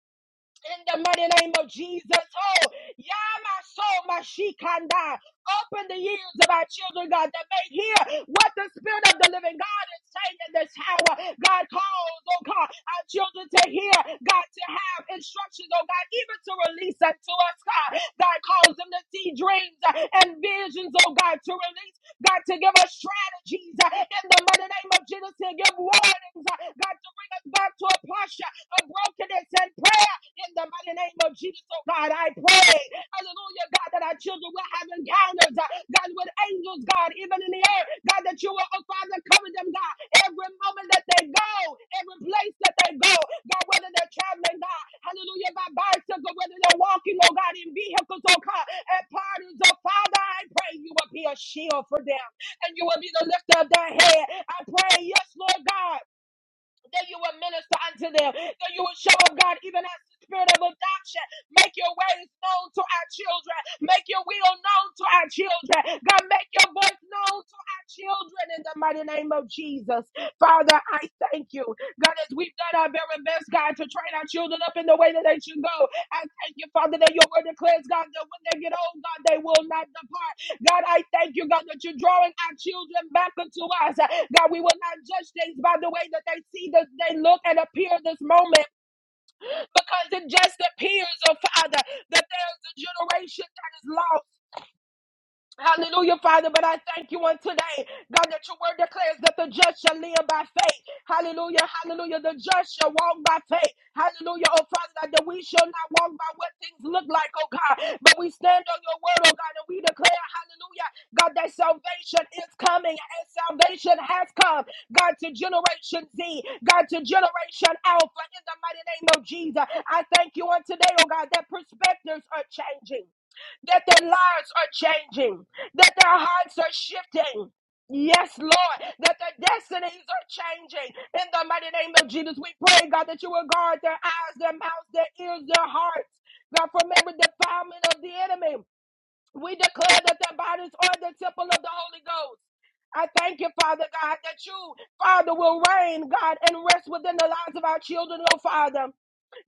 [SPEAKER 1] in the mighty name of Jesus. Oh, yeah, my soul, my shikanda. Open the ears of our children, God, that may hear what the Spirit of the living God is saying in this hour. God calls, oh God, our children to hear, God, to have instructions, oh God, even to release unto us, God. God calls them to see dreams and visions, oh God, to release. God, to give us strategies uh, in the mighty name of Jesus, to give warnings, uh, God, to bring us back to a posture of brokenness and prayer in the mighty name of Jesus. Oh God, I pray. Hallelujah, God, that our children will have encounters, uh, God, with angels, God, even in the air. God, that you will, oh Father, cover them, God, every moment that they go, every place that they go, God, whether they're traveling, God, hallelujah, by bicycle, whether they're walking, oh God, in vehicles, oh God, at parties, oh Father, I pray you will be a shield for them and you will be the lifter of their head. I pray, yes, Lord God, that you will minister unto them, that you will show up, God, even as the spirit of adoption. Make your ways known to our children. Make your will known to our children. God, make your voice known to our children in the mighty name of Jesus. Father, I thank you. God, as we've done our very best, God, to train our children up in the way that they should go. I thank you, Father, that your word declares, God, that when they get old, God, they will not depart. God, I thank you, God, that you're drawing our children back unto us. God, we will not judge things by the way that they see, that they look and appear this moment because it just appears, oh Father, that there's a generation that is lost Hallelujah, Father. But I thank you on today, God, that your word declares that the just shall live by faith. Hallelujah, hallelujah. The just shall walk by faith. Hallelujah, oh Father, God, that we shall not walk by what things look like, oh God. But we stand on your word, oh God, and we declare, hallelujah, God, that salvation is coming and salvation has come. God, to Generation Z, God, to Generation Alpha, in the mighty name of Jesus. I thank you on today, oh God, that perspectives are changing that their lives are changing, that their hearts are shifting. Yes, Lord, that their destinies are changing. In the mighty name of Jesus, we pray, God, that you will guard their eyes, their mouths, their ears, their hearts, God, from every defilement of the enemy. We declare that their bodies are the temple of the Holy Ghost. I thank you, Father God, that you, Father, will reign, God, and rest within the lives of our children, oh Father.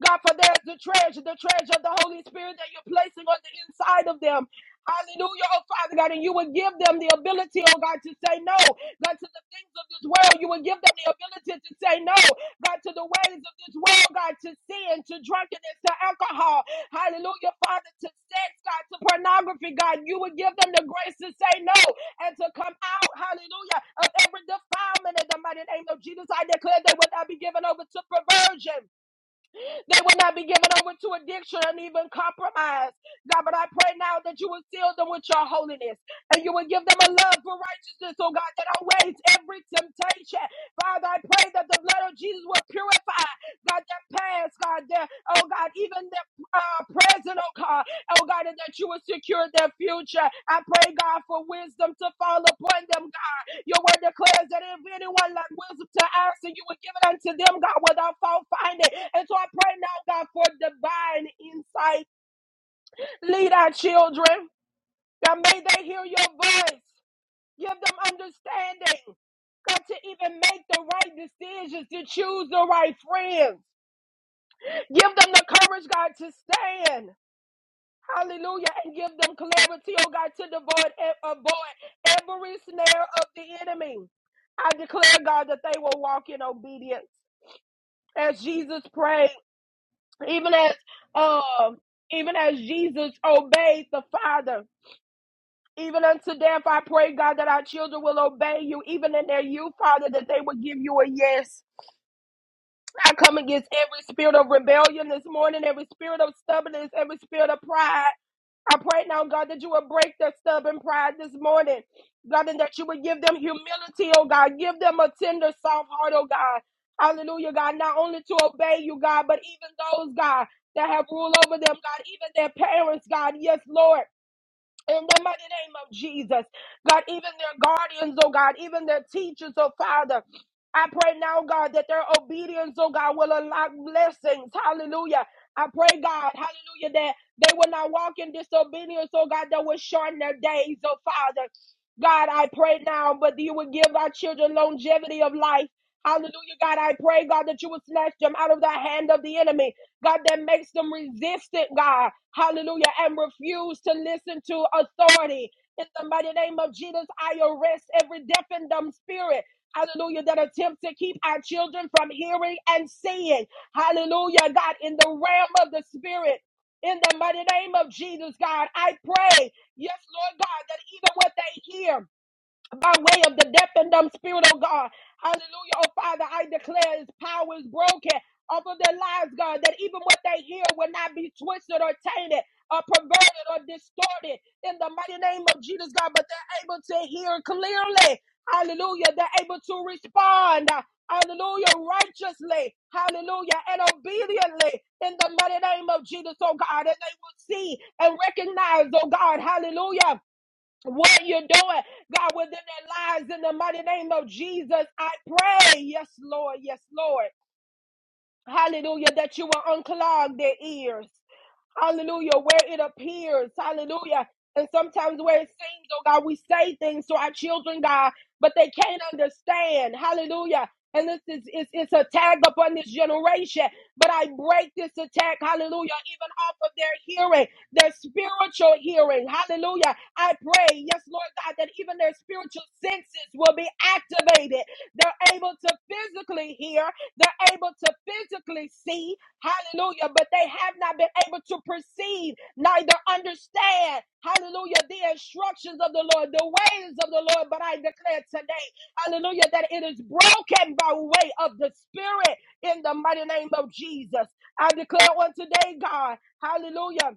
[SPEAKER 1] God, for there's the treasure, the treasure of the Holy Spirit that you're placing on the inside of them. Hallelujah, oh Father God, and you will give them the ability, oh God, to say no, God, to the things of this world. You will give them the ability to say no, God, to the ways of this world, God, to sin, to drunkenness, to alcohol. Hallelujah, Father, to sex, God, to pornography, God. You will give them the grace to say no and to come out, hallelujah, of every defilement in the mighty name of Jesus. I declare they will not be given over to perversion. They will not be given over to addiction and even compromise. God, but I pray now that you will seal them with your holiness and you will give them a love for righteousness, oh God, that outweighs every temptation. Father, I pray that the blood of Jesus will purify, God, their past, God, their, oh God, even in their uh, present, oh God. Oh God, and that you will secure their future. I pray, God, for wisdom to fall upon them, God. Your word declares that if anyone lack wisdom to ask, and you will give it unto them, God, without fault finding. And so I pray now, God, for divine insight. Lead our children, God, may they hear your voice. Give them understanding. God, to even make the right decisions, to choose the right friends. Give them the courage, God, to stand. Hallelujah. And give them clarity, oh God, to avoid, e, avoid every snare of the enemy. I declare, God, that they will walk in obedience as Jesus prayed, even as um, even as Jesus obeyed the Father. Even unto death, I pray, God, that our children will obey you, even in their youth, Father, that they will give you a yes. I come against every spirit of rebellion this morning, every spirit of stubbornness, every spirit of pride. I pray now, God, that you will break their stubborn pride this morning. God, and that you would give them humility, oh God. Give them a tender, soft heart, oh God. Hallelujah, God. Not only to obey you, God, but even those, God, that have rule over them, God, even their parents, God. Yes, Lord. In the mighty name of Jesus, God, even their guardians, oh God, even their teachers, oh Father. I pray now, God, that their obedience, oh God, will unlock blessings. Hallelujah. I pray, God, hallelujah, that they will not walk in disobedience, oh God, that will shorten their days, oh Father. God, I pray now, but you will give our children longevity of life. Hallelujah, God. I pray, God, that you will snatch them out of the hand of the enemy. God, that makes them resistant, God. Hallelujah. And refuse to listen to authority. In the mighty name of Jesus, I arrest every deaf and dumb spirit. Hallelujah, that attempts to keep our children from hearing and seeing. Hallelujah, God, in the realm of the spirit. In the mighty name of Jesus, God, I pray, yes, Lord God, that even what they hear, by way of the death and dumb spirit, oh God. Hallelujah, oh Father, I declare his power is broken over their lives, God, that even what they hear will not be twisted or tainted or perverted or distorted in the mighty name of Jesus, God, but they're able to hear clearly. Hallelujah, they're able to respond. Hallelujah, righteously, hallelujah, and obediently in the mighty name of Jesus, oh God, and they will see and recognize, oh God, hallelujah what you're doing, God, within their lives in the mighty name of Jesus. I pray. Yes, Lord. Yes, Lord. Hallelujah, that you will unclog their ears. Hallelujah, where it appears. Hallelujah. And sometimes where it seems, oh God, we say things to our children, God, but they can't understand. Hallelujah. And this is it's, it's a tag upon this generation. But I break this attack, hallelujah, even off of their hearing, their spiritual hearing. Hallelujah. I pray, yes, Lord God, that even their spiritual senses will be activated. They're able to physically hear, they're able to physically see, hallelujah, but they have not been able to perceive, neither understand, hallelujah, the instructions of the Lord, the ways of the Lord. But I declare today, hallelujah, that it is broken by way of the Spirit in the mighty name of Jesus. I declare on today, God, hallelujah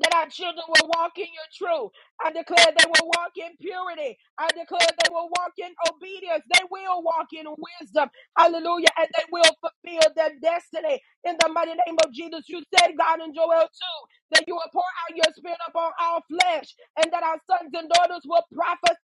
[SPEAKER 1] that our children will walk in your truth. I declare they will walk in purity. I declare they will walk in obedience. They will walk in wisdom. Hallelujah. And they will fulfill their destiny. In the mighty name of Jesus, you said, God, in Joel 2, that you will pour out your spirit upon all flesh and that our sons and daughters will prophesy.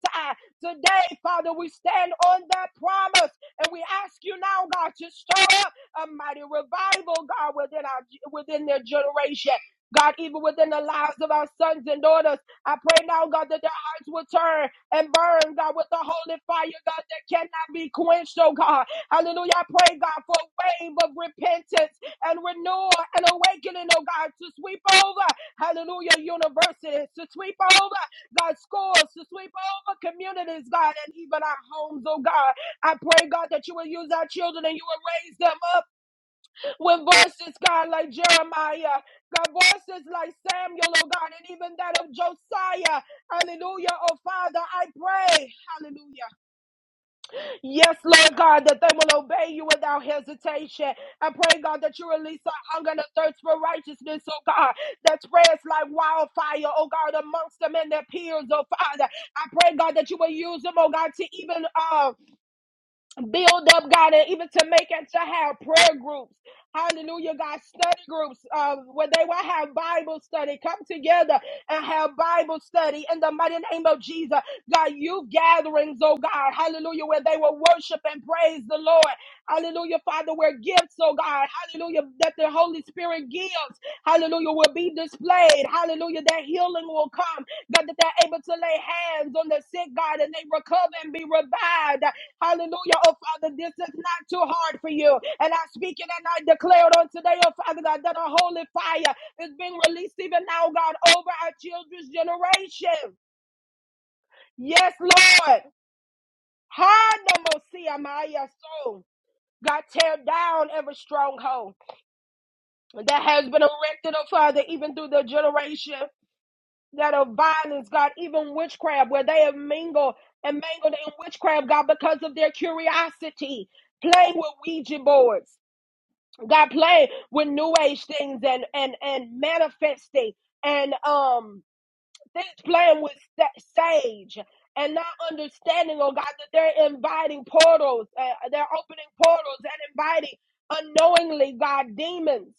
[SPEAKER 1] Today, Father, we stand on that promise and we ask you now, God, to stir up a mighty revival, God, within, our, within their generation. God, even within the lives of our sons and daughters. I pray now, God, that their hearts will turn and burn, God, with the holy fire, God, that cannot be quenched, oh God. Hallelujah. I pray, God, for a wave of repentance and renewal and awakening, oh God, to sweep over, hallelujah, universities, to sweep over, God, schools, to sweep over communities, God, and even our homes, oh God. I pray, God, that you will use our children and you will raise them up with voices, God, like Jeremiah, God, voices like Samuel, oh God, and even that of Josiah. Hallelujah, oh Father, I pray, hallelujah. Yes, Lord God, that they will obey you without hesitation. I pray, God, that you release a hunger and a thirst for righteousness, oh God, that spreads like wildfire, oh God, amongst them and their peers, oh Father. I pray, God, that you will use them, oh God, to even, uh, build up, God, and even to make it to have prayer groups. Hallelujah, God, study groups uh, where they will have Bible study. Come together and have Bible study in the mighty name of Jesus. God, you gatherings, oh God, hallelujah, where they will worship and praise the Lord. Hallelujah, Father, where gifts, oh God, hallelujah, that the Holy Spirit gives, hallelujah, will be displayed. Hallelujah, that healing will come. God, that they're able to lay hands on the sick, God, and they recover and be revived. Hallelujah. Oh, Father, this is not too hard for you. And I speak it and I declare it on today, oh, Father God, that a holy fire is being released even now, God, over our children's generation. Yes, Lord. Hanamosia Maya soul. God, tear down every stronghold that has been erected, oh Father, even through the generation. that of violence, God, even witchcraft, where they have mingled and mangled in witchcraft, God, because of their curiosity, playing with Ouija boards, God, playing with New Age things and and and manifesting and um things playing with sa- sage and not understanding, oh God, that they're inviting portals, uh, they're opening portals and inviting unknowingly, God, demons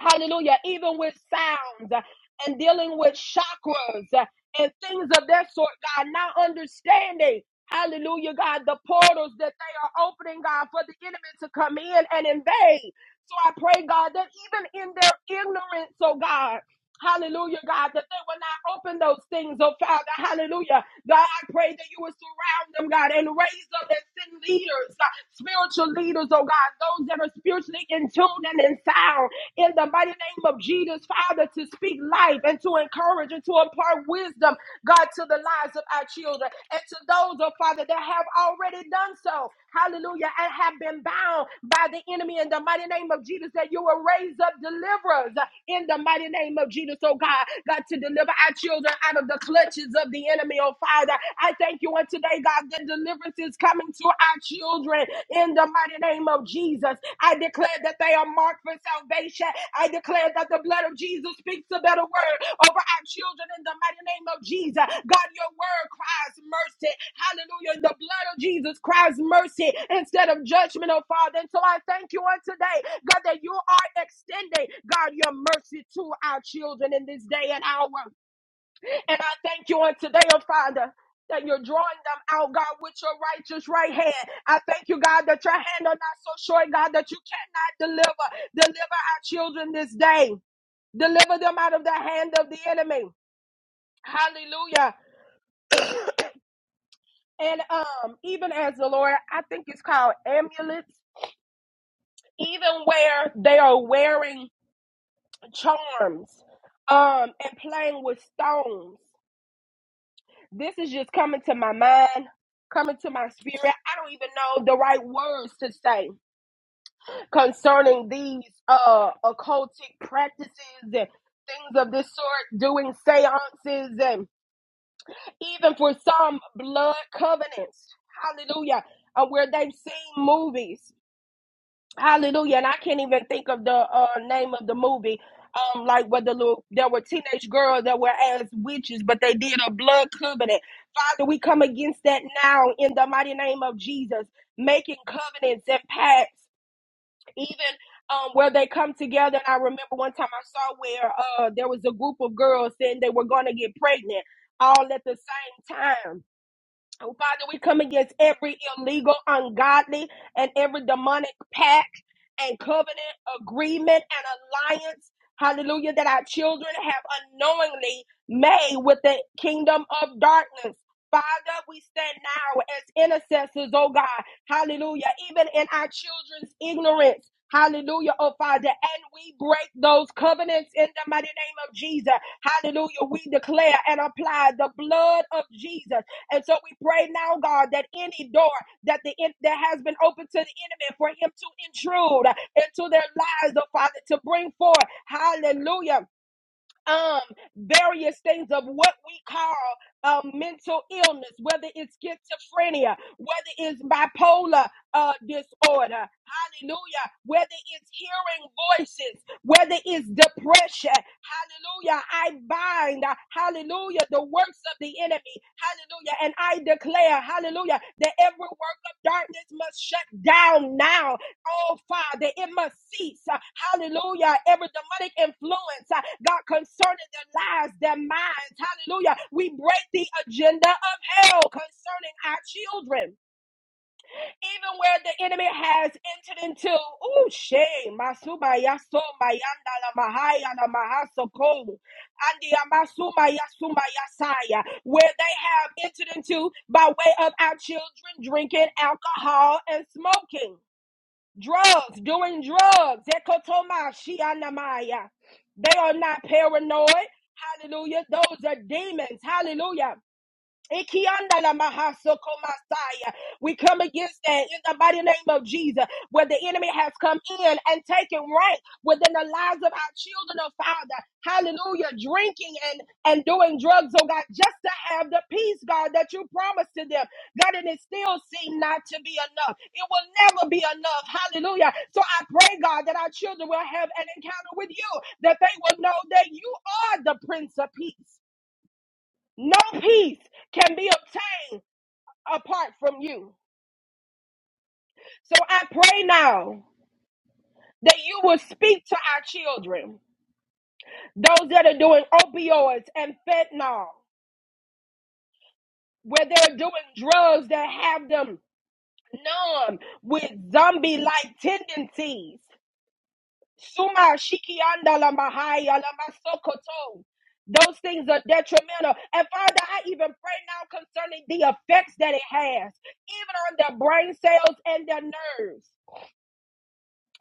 [SPEAKER 1] hallelujah, even with sounds uh, and dealing with chakras uh, and things of that sort, God, not understanding. Hallelujah, God, the portals that they are opening, God, for the enemy to come in and invade. So I pray, God, that even in their ignorance, oh God. Hallelujah, God, that they will not open those things, oh Father. Hallelujah. God, I pray that you will surround them, God, and raise up and send leaders, uh, spiritual leaders, oh God, those that are spiritually in tune and in sound in the mighty name of Jesus, Father, to speak life and to encourage and to impart wisdom, God, to the lives of our children and to those those, oh Father, that have already done so. Hallelujah. And have been bound by the enemy in the mighty name of Jesus, that you will raise up deliverers in the mighty name of Jesus, oh God. God, to deliver our children out of the clutches of the enemy, oh Father. I thank you on today, God, that deliverance is coming to our children in the mighty name of Jesus. I declare declare that they are marked for salvation. I declare that the blood of Jesus speaks a better word over our children in the mighty name of Jesus. God, your word cries mercy. Hallelujah. The blood of Jesus cries mercy instead of judgment, oh Father. And so I thank you on today, God, that you are extending, God, your mercy to our children in this day and hour. And I thank you on today, oh Father. That you're drawing them out, God, with your righteous right hand. I thank you, God, that your hand are not so short, God, that you cannot deliver. Deliver our children this day. Deliver them out of the hand of the enemy. Hallelujah. And um, even as the Lord, I think it's called amulets, even where they are wearing charms um and playing with stones. this is just coming to my mind, coming to my spirit. I don't even know the right words to say concerning these uh occultic practices and things of this sort, doing seances and even for some blood covenants. Hallelujah. Uh, where they've seen movies. Hallelujah. And I can't even think of the uh, name of the movie. Um, like where the little there were teenage girls that were as witches, but they did a blood covenant. Father, we come against that now in the mighty name of Jesus, making covenants and pacts, even um, where they come together. And I remember one time I saw where uh, there was a group of girls saying they were going to get pregnant all at the same time Oh, Father, we come against every illegal, ungodly, and every demonic pact and covenant agreement and alliance, hallelujah, that our children have unknowingly made with the kingdom of darkness. Father, we stand now as intercessors, oh God, hallelujah, even in our children's ignorance. Hallelujah, oh Father. And we break those covenants in the mighty name of Jesus. Hallelujah. We declare and apply the blood of Jesus and so we pray now, God, that any door that the en- that has been open to the enemy for him to intrude into their lives, oh Father, to bring forth, hallelujah, um, various things of what we call uh, mental illness, whether it's schizophrenia, whether it's bipolar uh, disorder, hallelujah, whether it's hearing voices, whether it's depression, hallelujah. I bind, uh, hallelujah, the works of the enemy, hallelujah, and I declare, hallelujah, that every work of darkness must shut down now Oh, Father, it must cease. Uh, Hallelujah. Every demonic influence, uh, God, concerning their lives, their minds. Hallelujah. We break the agenda of hell concerning our children. Even where the enemy has entered into, oh, shame. Masuma yaso mayanda la mahaya la mahasoko. Andi amasuma yasuma yasaya. Where they have entered into by way of our children drinking alcohol and smoking drugs, doing drugs. Ekotoma, shianamaya. They are not paranoid. Hallelujah. Those are demons. Hallelujah. Ikianda la maha soko We come against that in the mighty name of Jesus, where the enemy has come in and taken rank within the lives of our children, oh Father. Hallelujah. Drinking and, and doing drugs, oh God, just to have the peace, God, that you promised to them. God, and it still seemed not to be enough. It will never be enough. Hallelujah. So I pray, God, that our children will have an encounter with you, that they will know that you are the Prince of Peace. No peace can be obtained apart from you. So I pray now that you will speak to our children, those that are doing opioids and fentanyl, where they're doing drugs that have them numb with zombie like tendencies. Suma shikianda la mahaya la masokoto. Those things are detrimental. And Father, I even pray now concerning the effects that it has, even on their brain cells and their nerves.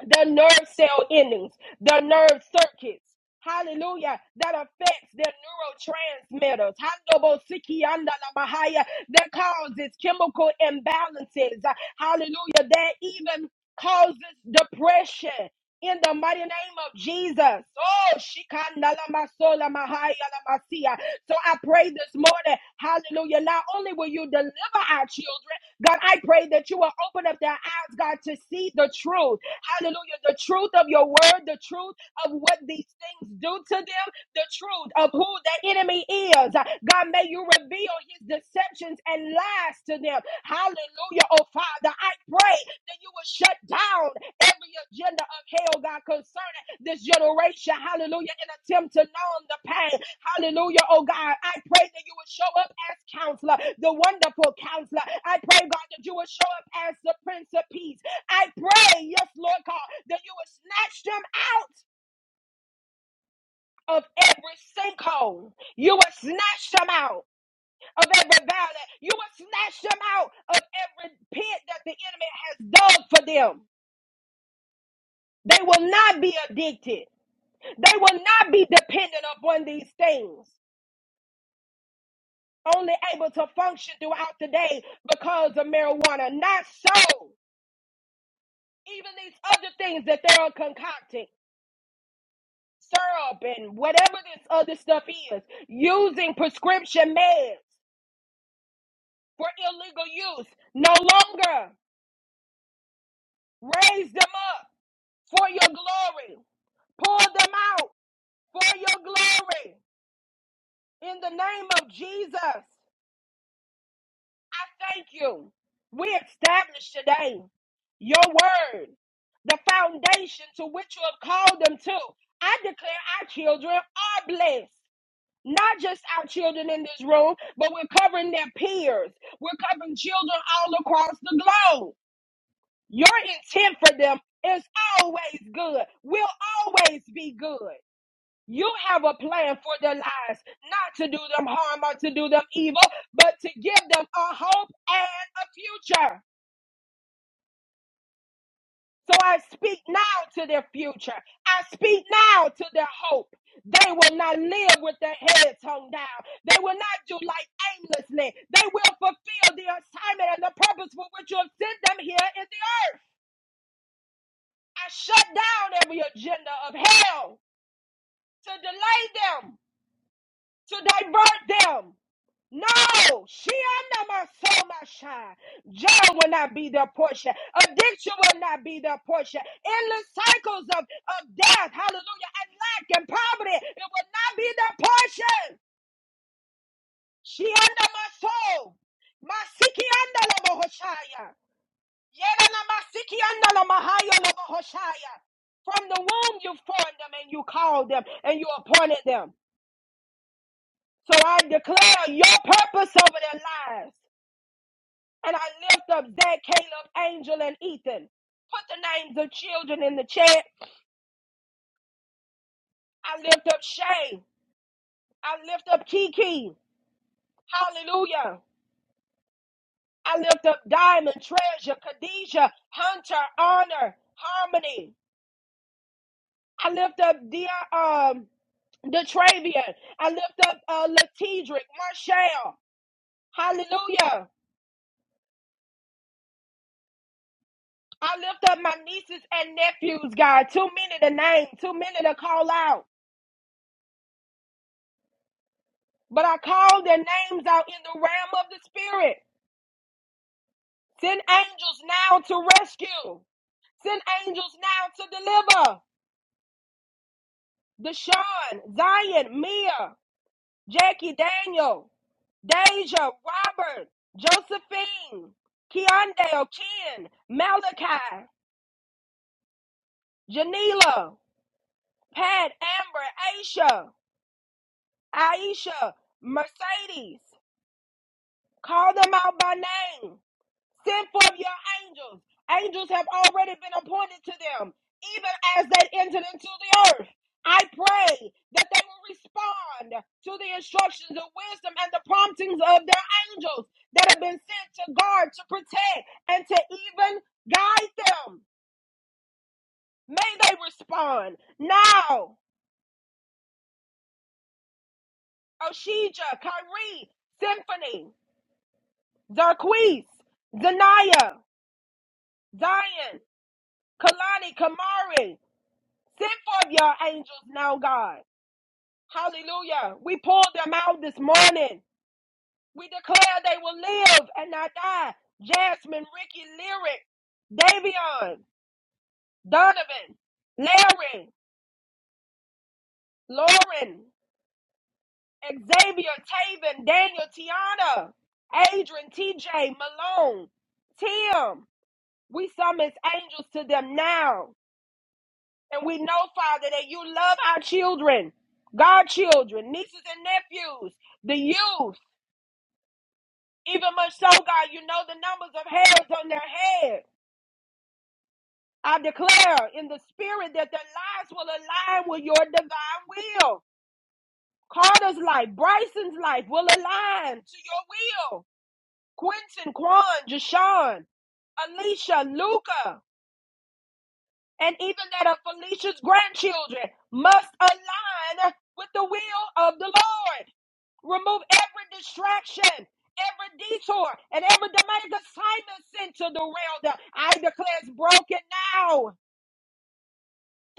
[SPEAKER 1] the nerve cell endings, the nerve circuits. Hallelujah. That affects their neurotransmitters. Handobosikiandalabahaya, That causes chemical imbalances. Hallelujah. That even causes depression. In the mighty name of Jesus. Oh, shikandalamasolamahaya lamasiya. so I pray this morning, hallelujah. Not only will you deliver our children, God, I pray that you will open up their eyes, God, to see the truth. Hallelujah. The truth of your word, the truth of what these things do to them, the truth of who the enemy is. God, may you reveal his deceptions and lies to them. Hallelujah. Oh, Father, I pray that you will shut down every agenda of hell, God, concerning this generation. Hallelujah. In attempt to numb the pain. Hallelujah. Oh, God, I pray that you will show up as counselor, the wonderful counselor. I pray, God, that you will show up as the Prince of Peace. I pray, yes, Lord God, that you would snatch them out of every sinkhole. You would snatch them out of every valley. You would snatch them out of every pit that the enemy has dug for them. They will not be addicted. They will not be dependent upon these things. Only able to function throughout the day because of marijuana. Not so. Even these other things that they are concocting. syrup and whatever this other stuff is, using prescription meds for illegal use, no longer raise them up for your glory. Pull them out for your glory. In the name of Jesus, I thank you. We establish today your word, the foundation to which you have called them to. I declare our children are blessed. not just our children in this room, but we're covering their peers. We're covering children all across the globe. Your intent for them is always good, will always be good. You have a plan for their lives, not to do them harm or to do them evil, but to give them a hope and a future. So I speak now to their future. I speak now to their hope. They will not live with their heads hung down. They will not do life aimlessly. They will fulfill the assignment and the purpose for which you have sent them here in the earth. I shut down every agenda of hell to delay them, to divert them, No, she under my soul, my shine. Joy will not be their portion. Addiction will not be their portion. Endless cycles of, of death, hallelujah, and lack and poverty, it will not be their portion. She under my soul. Masiki under la bohoshaya. Yena na masiki under la mahaya la bohoshaya. From the womb you formed them and you called them and you appointed them. So I declare your purpose over their lives. And I lift up Zach, Caleb, Angel, and Ethan. Put the names of children in the chat. I lift up Shay. I lift up Kiki. Hallelujah. I lift up Diamond, Treasure, Khadijah, Hunter, Honor, Harmony. I lift up dear um Detravian. I lift up uh Latidric, Marshall. Hallelujah. I lift up my nieces and nephews, God. Too many to name, too many to call out. But I call their names out in the realm of the spirit. Send angels now to rescue. Send angels now to deliver. Deshaun, Zion, Mia, Jackie, Daniel, Deja, Robert, Josephine, Keondale, Ken, Malachi, Janila, Pat, Amber, Aisha, Aisha, Mercedes. Call them out by name. Send forth your angels. Angels have already been appointed to them, even as they entered into the earth. I pray that they will respond to the instructions of wisdom and the promptings of their angels that have been sent to guard, to protect, and to even guide them. May they respond now. Oshija, Kyrie, Symphony, Zarquise, Zanaya, Zion, Kalani, Kamari. Send forth your angels now, God. Hallelujah. We pulled them out this morning. We declare they will live and not die. Jasmine, Ricky, Lyric, Davion, Donovan, Larry, Lauren, Xavier, Taven, Daniel, Tiana, Adrian, TJ, Malone, Tim. We summons angels to them now. And we know, Father, that you love our children, godchildren, nieces and nephews, the youth. Even much so, God, you know the numbers of hairs on their head. I declare in the spirit that their lives will align with your divine will. Carter's life, Bryson's life will align to your will. Quentin, Quan, Jashawn, Alicia, Luca, and even that of Felicia's grandchildren must align with the will of the Lord. Remove every distraction, every detour, and every demonic assignment sent to the realm. I declare it's broken now.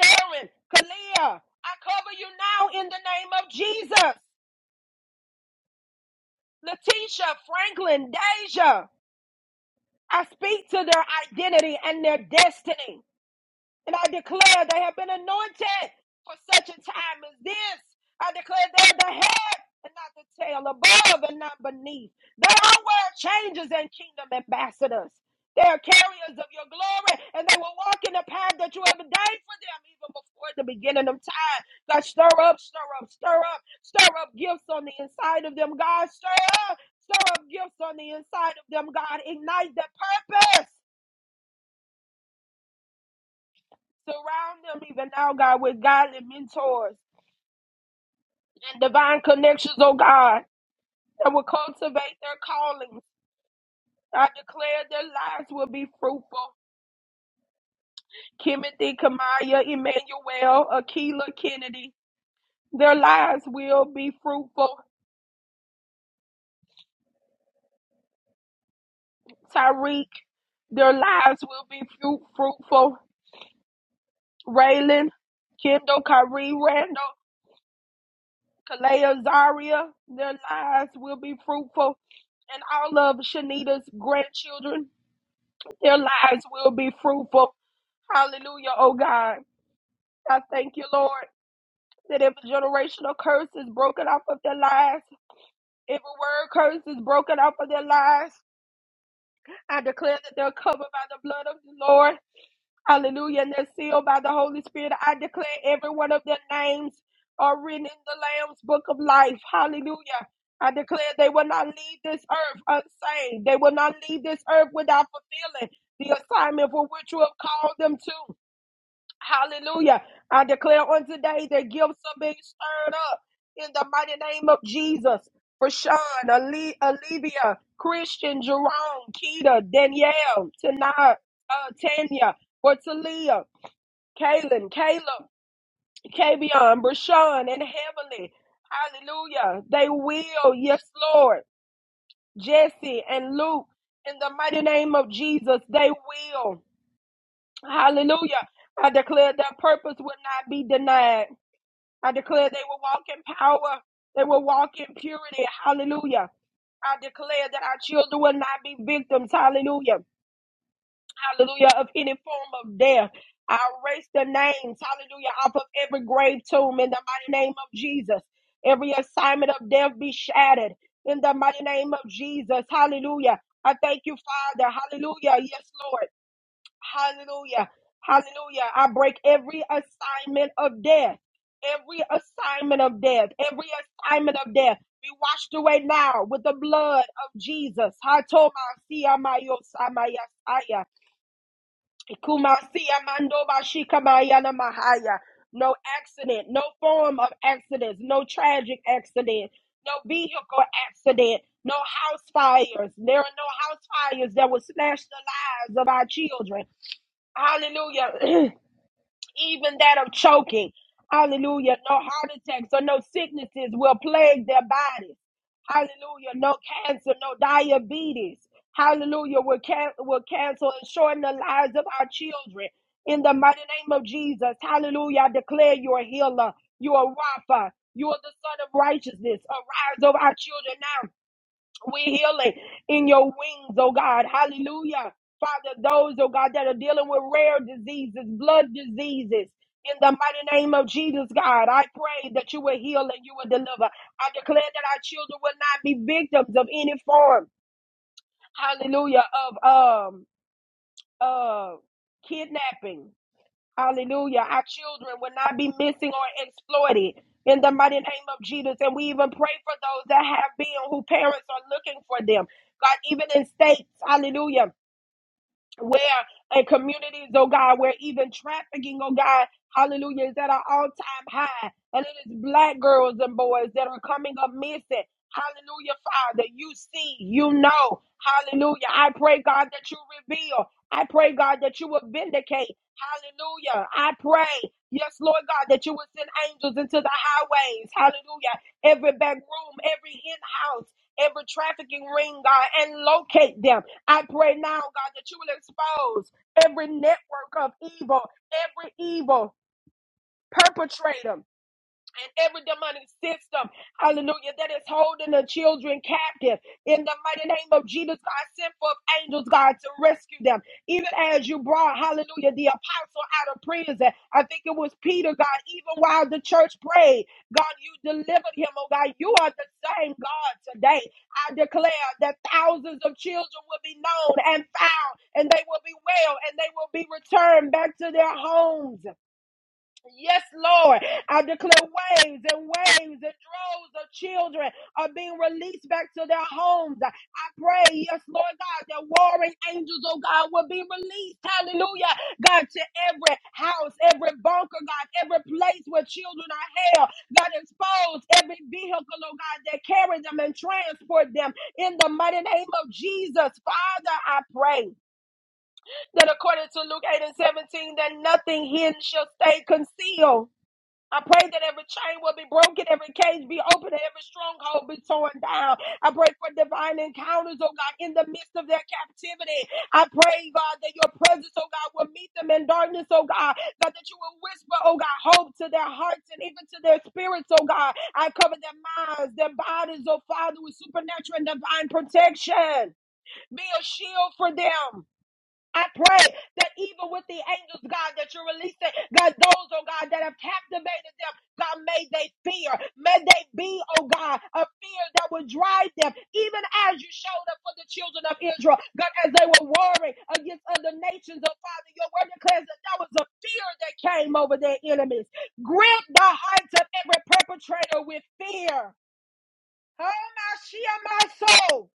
[SPEAKER 1] Darren, Kalia, I cover you now in the name of Jesus. Letitia, Franklin, Deja, I speak to their identity and their destiny. And I declare they have been anointed for such a time as this. I declare they're the head and not the tail, above and not beneath. They are world changers and kingdom ambassadors. They are carriers of your glory, and they will walk in the path that you have ordained for them even before the beginning of time. God, stir up, stir up, stir up, stir up gifts on the inside of them, God. Stir up, stir up gifts on the inside of them, God. Ignite the purpose. Surround them even now, God, with godly mentors and divine connections, oh God, that will cultivate their callings. I declare their lives will be fruitful. Kimothy, Kamaya, Emmanuel, Akila, Kennedy, their lives will be fruitful. Tyreek, their lives will be fruit- fruitful. Raylan, Kendall, Kyrie, Randall, Kalea, Zaria, their lives will be fruitful. And all of Shanita's grandchildren, Their lives will be fruitful. Hallelujah, oh God. I thank you, Lord, that every generational curse is broken off of their lives. Every word curse is broken off of their lives. I declare that they're covered by the blood of the Lord. Hallelujah. And they're sealed by the Holy Spirit. I declare every one of their names are written in the Lamb's book of life. Hallelujah. I declare they will not leave this earth unsaved. They will not leave this earth without fulfilling the assignment for which you have called them to. Hallelujah. I declare on today that gifts are being stirred up in the mighty name of Jesus. For Sean, Ali, Olivia, Christian, Jerome, Keita, Danielle, Tana, uh, Tanya, for Talia, Kaylin, Caleb, Kavion, Brashawn, and Heavenly. Hallelujah. They will, yes, Lord. Jesse and Luke, in the mighty name of Jesus, they will. Hallelujah. I declare that purpose will not be denied. I declare they will walk in power. They will walk in purity. Hallelujah. I declare that our children will not be victims. Hallelujah. Hallelujah. Of any form of death. I erase the names. Hallelujah. Off of every grave tomb in the mighty name of Jesus. Every assignment of death be shattered in the mighty name of Jesus. Hallelujah. I thank you, Father. Hallelujah. Yes, Lord. Hallelujah. Hallelujah. I break every assignment of death. Every assignment of death. Every assignment of death. Be washed away now with the blood of Jesus. No accident, no form of accidents, no tragic accident, no vehicle accident, no house fires. There are no house fires that will slash the lives of our children. Hallelujah. Even that of choking. Hallelujah. No heart attacks or no sicknesses will plague their bodies. Hallelujah. No cancer, no diabetes. Hallelujah. Will, can- will cancel and shorten the lives of our children. In the mighty name of Jesus. Hallelujah. I declare you are a healer. You are Rapha. You are the son of righteousness. Arise over our children now we healing in your wings, oh God. Hallelujah. Father, those, oh God, that are dealing with rare diseases, blood diseases. In the mighty name of Jesus, God, I pray that you will heal and you will deliver. I declare that our children will not be victims of any form, hallelujah, of um uh kidnapping, Hallelujah. Our children will not be missing or exploited in the mighty name of Jesus. And we even pray for those that have been who parents are looking for them. God, even in states, hallelujah where in communities, oh God, where even trafficking, oh God, hallelujah, is at an all time high. And it is black girls and boys that are coming up missing. Hallelujah, Father. You see, you know. Hallelujah. I pray, God, that you reveal. I pray, God, that you will vindicate. Hallelujah. I pray, yes, Lord God, that you will send angels into the highways. Hallelujah. Every back room, every in house, every trafficking ring, God, and locate them I pray now, God, that you will expose every network of evil, every evil perpetrator, and every demonic system, hallelujah, that is holding the children captive. In the mighty name of Jesus, God, send forth angels, God, to rescue them. Even as you brought, hallelujah, the apostle out of prison, I think it was Peter, God, even while the church prayed, God, you delivered him, oh God. You are the same God today. I declare that thousands of children will be known and found, and they will be well, and they will be returned back to their homes. Yes, Lord. I declare waves and waves and droves of children are being released back to their homes. I pray, yes, Lord God, that warring angels, oh God, will be released. Hallelujah. God, to every house, every bunker, God, every place where children are held. God, expose every vehicle, oh God, that carry them and transport them in the mighty name of Jesus. Father, I pray that according to Luke 8 and 17, that nothing hidden shall stay concealed I pray that every chain will be broken, every cage be opened, and every stronghold be torn down. I pray for divine encounters, oh God, in the midst of their captivity. I pray, God, that your presence, oh God, will meet them in darkness, oh God. God, that you will whisper, oh God, hope to their hearts and even to their spirits, oh God. I cover their minds, their bodies, oh Father, with supernatural and divine protection. Be a shield for them. I pray that even with the angels, God, that you're releasing, God, those, oh God, that have captivated them, God, may they fear. May they be, oh God, a fear that would drive them, even as you showed up for the children of Israel, God, as they were warring against other nations, oh Father, your word declares that that was a fear that came over their enemies. Grip the hearts of every perpetrator with fear. Oh, my, Shia, my soul.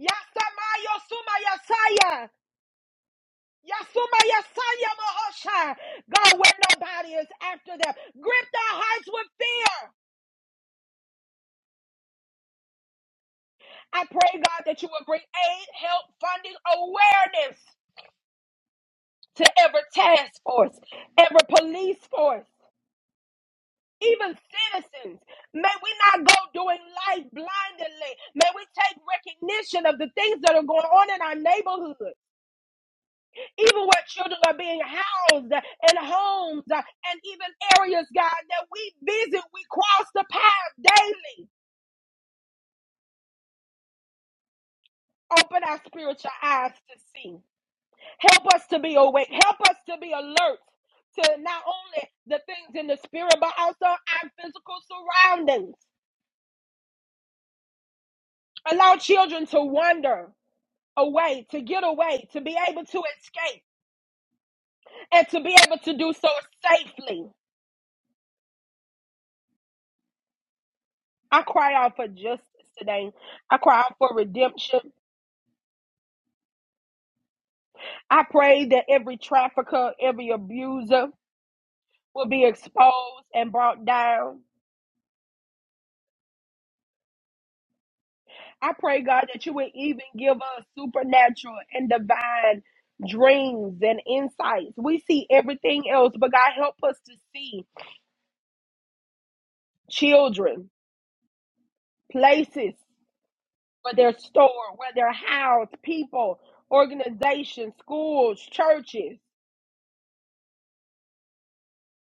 [SPEAKER 1] Yasamayo, Sumayasaya. Yasuma Yasaya Mahosha. God, where nobody is after them. Grip their hearts with fear. I pray, God, that you will bring aid, help, funding, awareness to every task force, every police force, even citizens. May we not go doing life blindly. May we take recognition of the things that are going on in our neighborhood. even where children are being housed in homes uh, and even areas, God, that we visit, we cross the path daily. Open our spiritual eyes to see. Help us to be awake. Help us to be alert to not only the things in the spirit, but also our physical surroundings. Allow children to wander away, to get away, to be able to escape, and to be able to do so safely. I cry out for justice today. I cry out for redemption. I pray that every trafficker, every abuser will be exposed and brought down. I pray, God, that you would even give us supernatural and divine dreams and insights. We see everything else, but God, help us to see children, places where they're stored, where they're housed, people, organizations, schools, churches,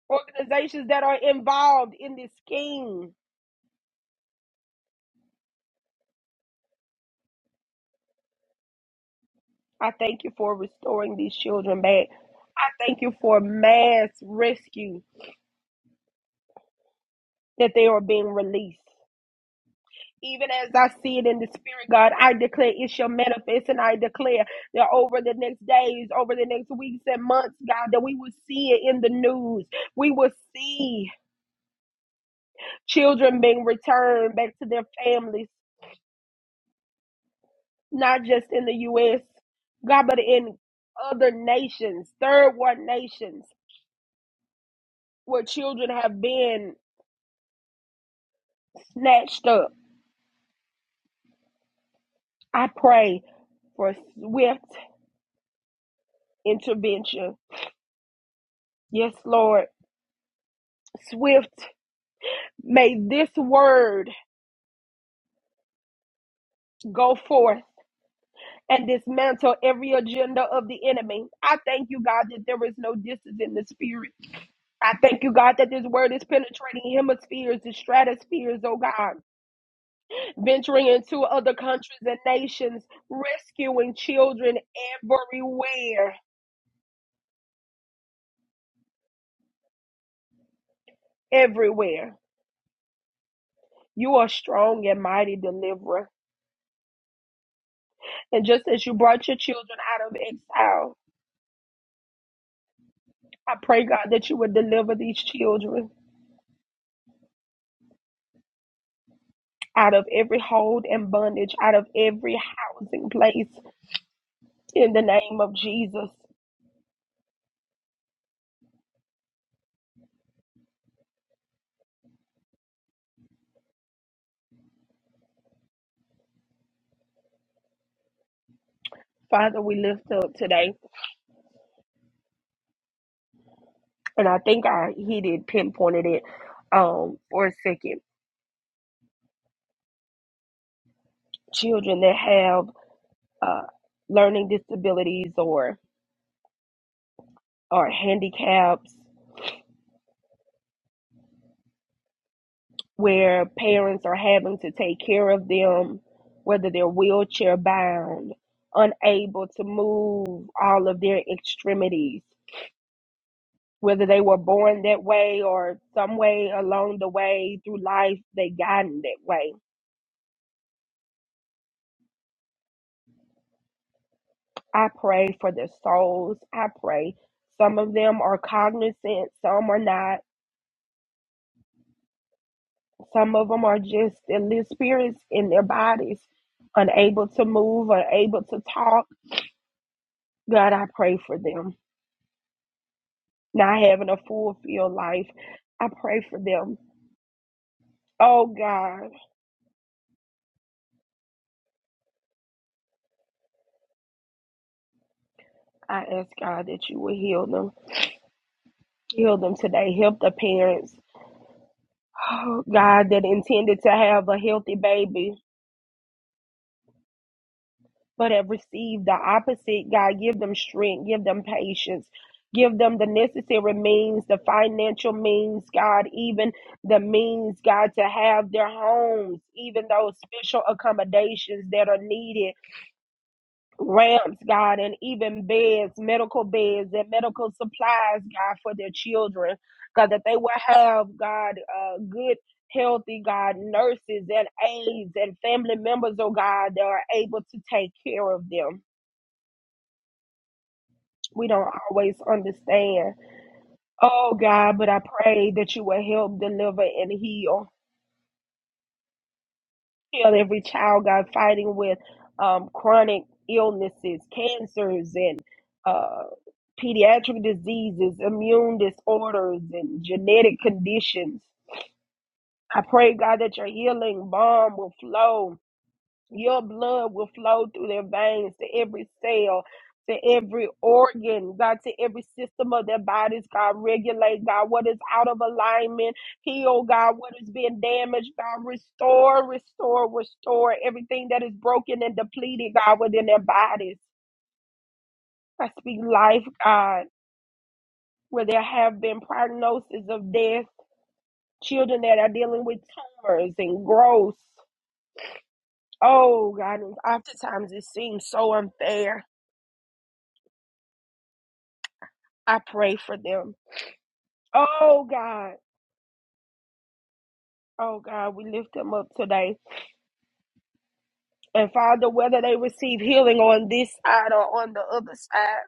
[SPEAKER 1] organizations that are involved in this scheme I thank you for restoring these children back. I thank you for mass rescue that they are being released. Even as I see it in the spirit, God, I declare it shall manifest and I declare that over the next days, over the next weeks and months, God, that we will see it in the news. We will see children being returned back to their families, not just in the U.S., God, but in other nations, third world nations, where children have been snatched up. I pray for swift intervention. Yes, Lord, swift. May this word go forth and dismantle every agenda of the enemy. I thank you, God, that there is no distance in the spirit. I thank you, God, that this word is penetrating hemispheres and stratospheres, oh God, venturing into other countries and nations, rescuing children everywhere, everywhere. You are strong and mighty deliverer. And just as you brought your children out of exile, I pray, God, that you would deliver these children out of every hold and bondage, out of every housing place in the name of Jesus. Father, we lift up today. And I think I he did pinpointed it um, for a second. Children that have uh, learning disabilities or or handicaps where parents are having to take care of them, whether they're wheelchair bound, unable to move all of their extremities, whether they were born that way or some way along the way through life they gotten that way. I pray for their souls. I pray. Some of them are cognizant, some are not. Some of them are just in their spirits, in their bodies, unable to move, unable to talk. God, I pray for them. not having a fulfilled life. I pray for them. Oh God, I ask God that you will heal them. Heal them today. Help the parents. Oh God, that intended to have a healthy baby but have received the opposite. God, give them strength. Give them patience. Give them the necessary means, the financial means, God, even the means, God, to have their homes, even those special accommodations that are needed ramps, God, and even beds, medical beds, and medical supplies, God, for their children. God, that they will have, God, uh, good, healthy, God, nurses and aides and family members, oh God, that are able to take care of them. We don't always understand. Oh God, but I pray that you will help deliver and heal. healed. Every child got fighting with um, chronic illnesses, cancers, and uh, pediatric diseases, immune disorders, and genetic conditions. I pray, God, that your healing balm will flow your blood will flow through their veins to every cell, to every organ, God, to every system of their bodies, God. Regulate, God, what is out of alignment. Heal, God, what is being damaged, God. Restore, restore, restore everything that is broken and depleted, God, within their bodies. I speak life, God, where there have been prognosis of death, children that are dealing with tumors and growth. Oh, God, and oftentimes it seems so unfair. I pray for them. Oh God. Oh God, we lift them up today. And Father, whether they receive healing on this side or on the other side,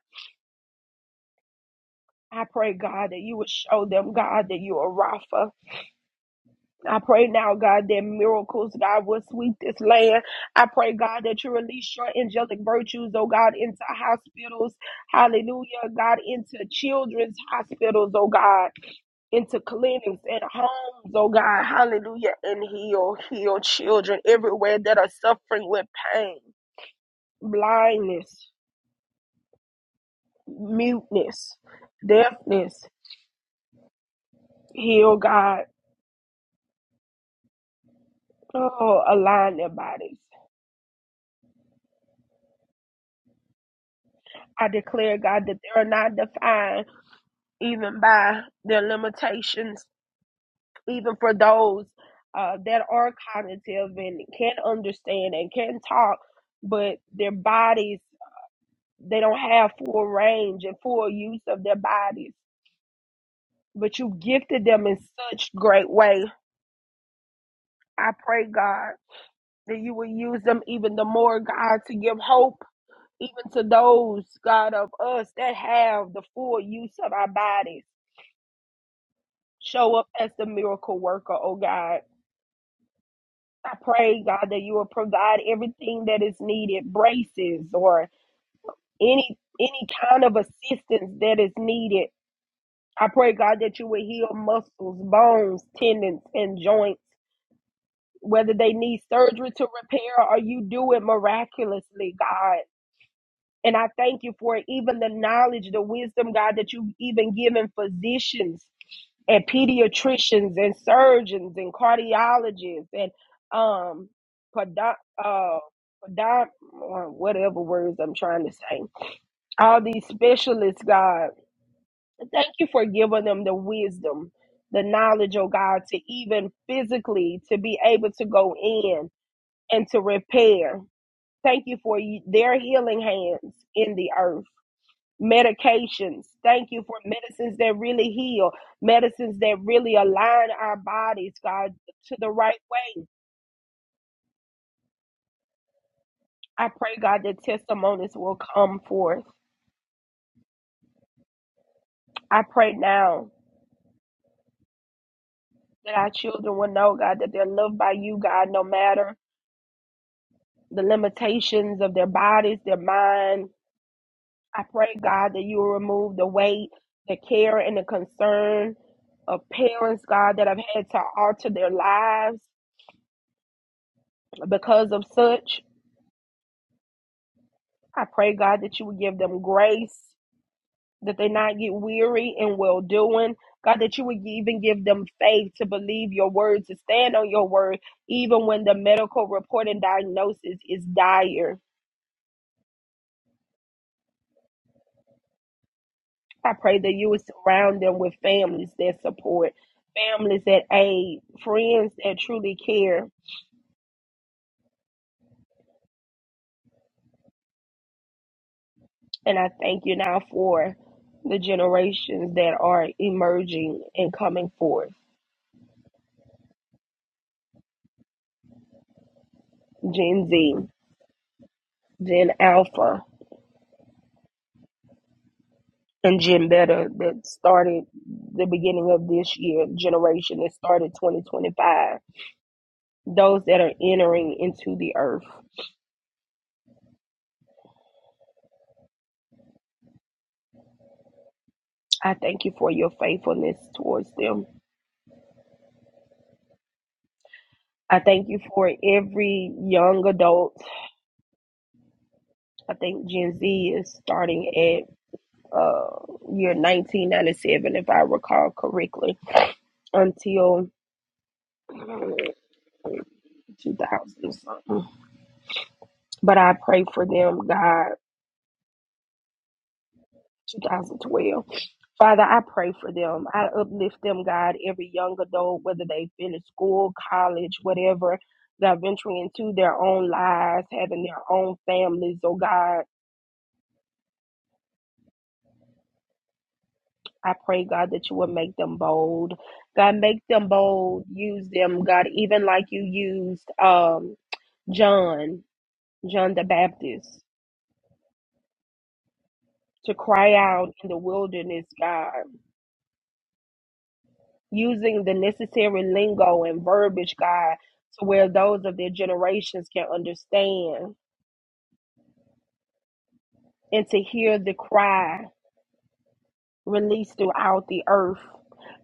[SPEAKER 1] I pray, God, that you would show them, God, that you are Rapha. I pray now, God, that miracles, God, will sweep this land. I pray, God, that you release your angelic virtues, oh God, into hospitals. Hallelujah, God, into children's hospitals, oh God. into clinics and homes, oh God, hallelujah, and heal, heal children everywhere that are suffering with pain, blindness, muteness, deafness. Heal, God, oh, align their bodies. I declare, God, that they are not defined even by their limitations, even for those uh, that are cognitive and can understand and can talk, but their bodies. they don't have full range and full use of their bodies. But you gifted them in such great way. I pray, God, that you will use them even the more, God, to give hope even to those, God, of us that have the full use of our bodies. Show up as the miracle worker, oh God. I pray, God, that you will provide everything that is needed, braces or any any kind of assistance that is needed I pray, God, that you would heal muscles, bones, tendons, and joints, whether they need surgery to repair or you do it miraculously, God. And I thank you for it, even the knowledge, the wisdom, God, that you've even given physicians and pediatricians and surgeons and cardiologists and um, podo- uh, podom- whatever words I'm trying to say. All these specialists, God. Thank you for giving them the wisdom, the knowledge, oh God, to even physically to be able to go in and to repair. Thank you for y- their healing hands in the earth. Medications. Thank you for medicines that really heal, medicines that really align our bodies, God, to the right way. I pray, God, that testimonies will come forth. I pray now that our children will know, God, that they're loved by you, God, no matter the limitations of their bodies, their mind. I pray, God, that you will remove the weight, the care, and the concern of parents, God, that have had to alter their lives because of such. I pray, God, that you would give them grace, that they not get weary in well doing. God, that you would even give them faith to believe your word, to stand on your word, even when the medical report and diagnosis is dire. I pray that you would surround them with families that support, families that aid, friends that truly care. And I thank you now for the generations that are emerging and coming forth Gen Z, Gen Alpha, and Gen Beta that started the beginning of this year, generation that started 2025, those that are entering into the earth. I thank you for your faithfulness towards them. I thank you for every young adult I think Gen Z is starting at uh, year 1997, if I recall correctly, until mm, 2000 something. But I pray for them, God. 2012. Father, I pray for them. I uplift them, God, every young adult, whether they finish school, college, whatever, they're venturing into their own lives, having their own families, oh God I pray, God, that you will make them bold. God, make them bold. Use them, God, even like you used um, John, John the Baptist, to cry out in the wilderness, God, using the necessary lingo and verbiage, God, to where those of their generations can understand and to hear the cry released throughout the earth,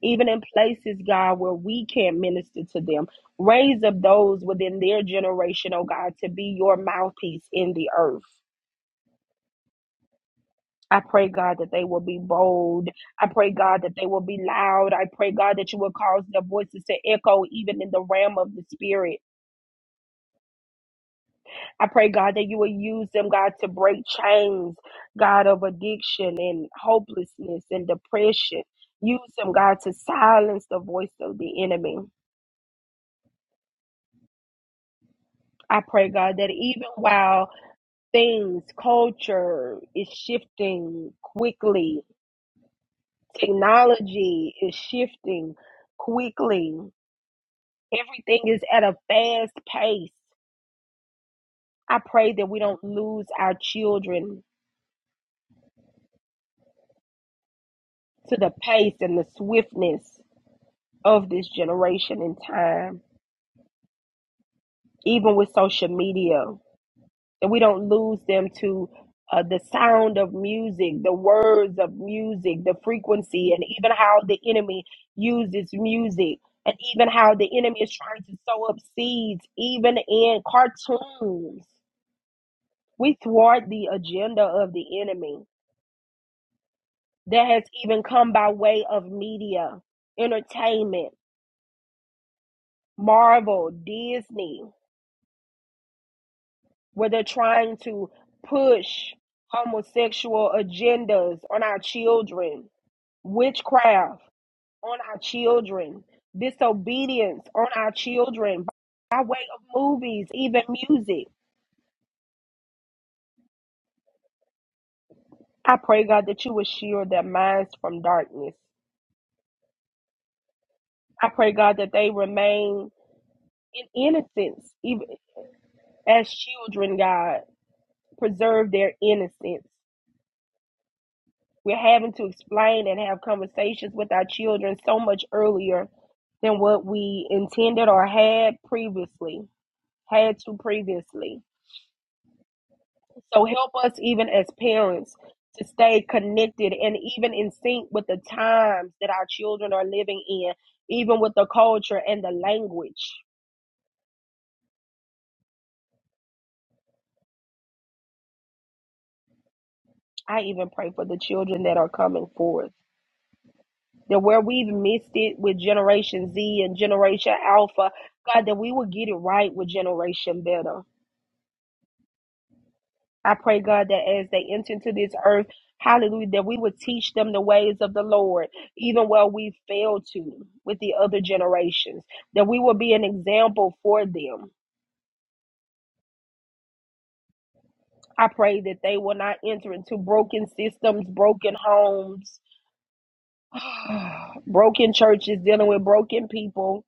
[SPEAKER 1] even in places, God, where we can't minister to them. Raise up those within their generation, oh God, to be your mouthpiece in the earth. I pray, God, that they will be bold. I pray, God, that they will be loud. I pray, God, that you will cause their voices to echo even in the realm of the spirit. I pray, God, that you will use them, God, to break chains, God, of addiction and hopelessness and depression. Use them, God, to silence the voice of the enemy. I pray, God, that even while things, culture is shifting quickly, technology is shifting quickly, everything is at a fast pace. I pray that we don't lose our children to the pace and the swiftness of this generation in time, even with social media. that we don't lose them to uh, the sound of music, the words of music, the frequency, and even how the enemy uses music, and even how the enemy is trying to sow up seeds, even in cartoons. We thwart the agenda of the enemy that has even come by way of media, entertainment, Marvel, Disney, where they're trying to push homosexual agendas on our children witchcraft on our children, disobedience on our children by way of movies, even music. I pray, God, that you would shield their minds from darkness. I pray, God, that they remain in innocence, even as children, God. Preserve their innocence. We're having to explain and have conversations with our children so much earlier than what we intended or had previously, had to previously. So help us, even as parents, to stay connected and even in sync with the times that our children are living in, even with the culture and the language. I even pray for the children that are coming forth. That where we've missed it with Generation Z and Generation Alpha, God, that we will get it right with Generation Beta. I pray, God, that as they enter into this earth, hallelujah, that we would teach them the ways of the Lord, even where we fail to with the other generations, that we will be an example for them. I pray that they will not enter into broken systems, broken homes, broken churches dealing with broken people,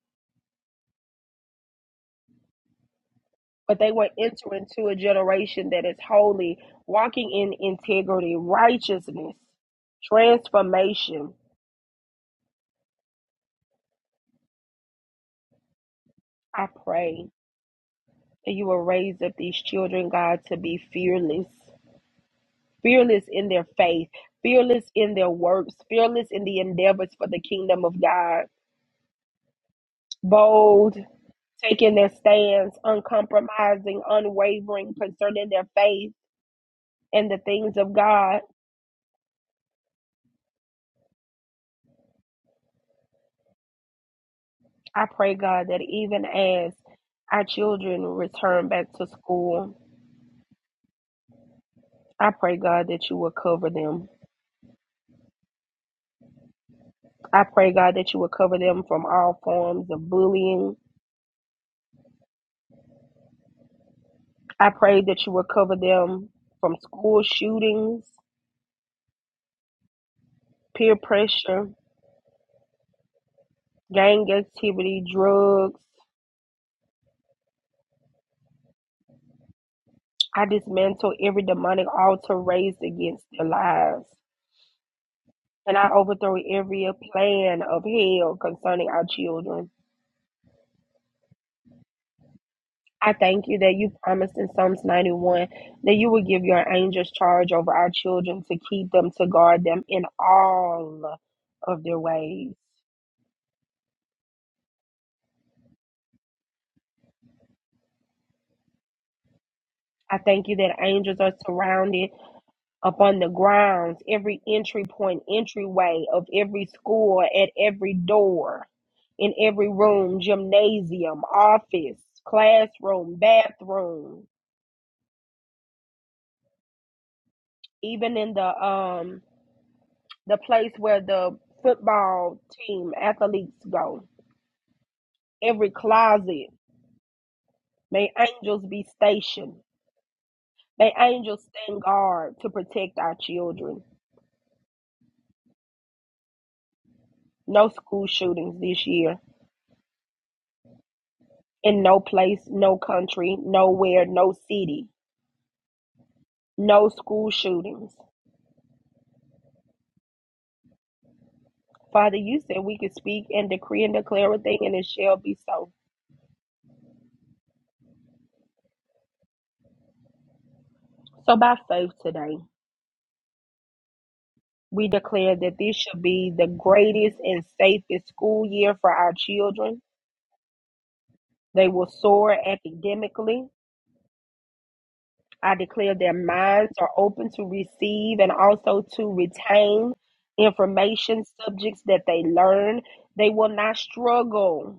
[SPEAKER 1] but they will enter into a generation that is holy, walking in integrity, righteousness, transformation. I pray. that you will raise up these children, God, to be fearless, fearless in their faith, fearless in their works, fearless in the endeavors for the kingdom of God, bold, taking their stands, uncompromising, unwavering concerning their faith and the things of God. I pray, God, that even as our children return back to school, I pray, God, that you will cover them. I pray, God, that you will cover them from all forms of bullying, I pray that you will cover them from school shootings, peer pressure, gang activity, drugs. I dismantle every demonic altar raised against their lives. And I overthrow every plan of hell concerning our children. I thank you that you promised in Psalms 91 that you will give your angels charge over our children to keep them, to guard them in all of their ways. I thank you that angels are surrounded upon the grounds, every entry point, entryway of every school, at every door, in every room, gymnasium, office, classroom, bathroom, even in the um the place where the football team athletes go. Every closet, may angels be stationed. May angels stand guard to protect our children. No school shootings this year in no place, no country, nowhere, no city no school shootings. Father, you said we could speak and decree and declare a thing, and it shall be so. So, by faith today, we declare that this shall be the greatest and safest school year for our children. They will soar academically. I declare their minds are open to receive and also to retain information, subjects that they learn. They will not struggle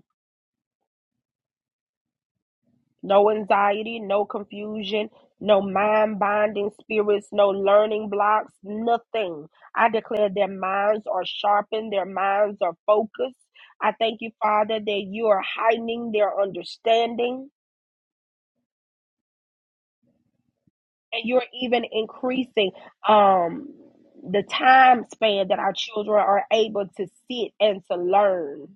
[SPEAKER 1] no anxiety, no confusion, no mind binding spirits, no learning blocks, nothing. I declare their minds are sharpened, their minds are focused. I thank you, Father, that you are heightening their understanding and you're even increasing um the time span that our children are able to sit and to learn.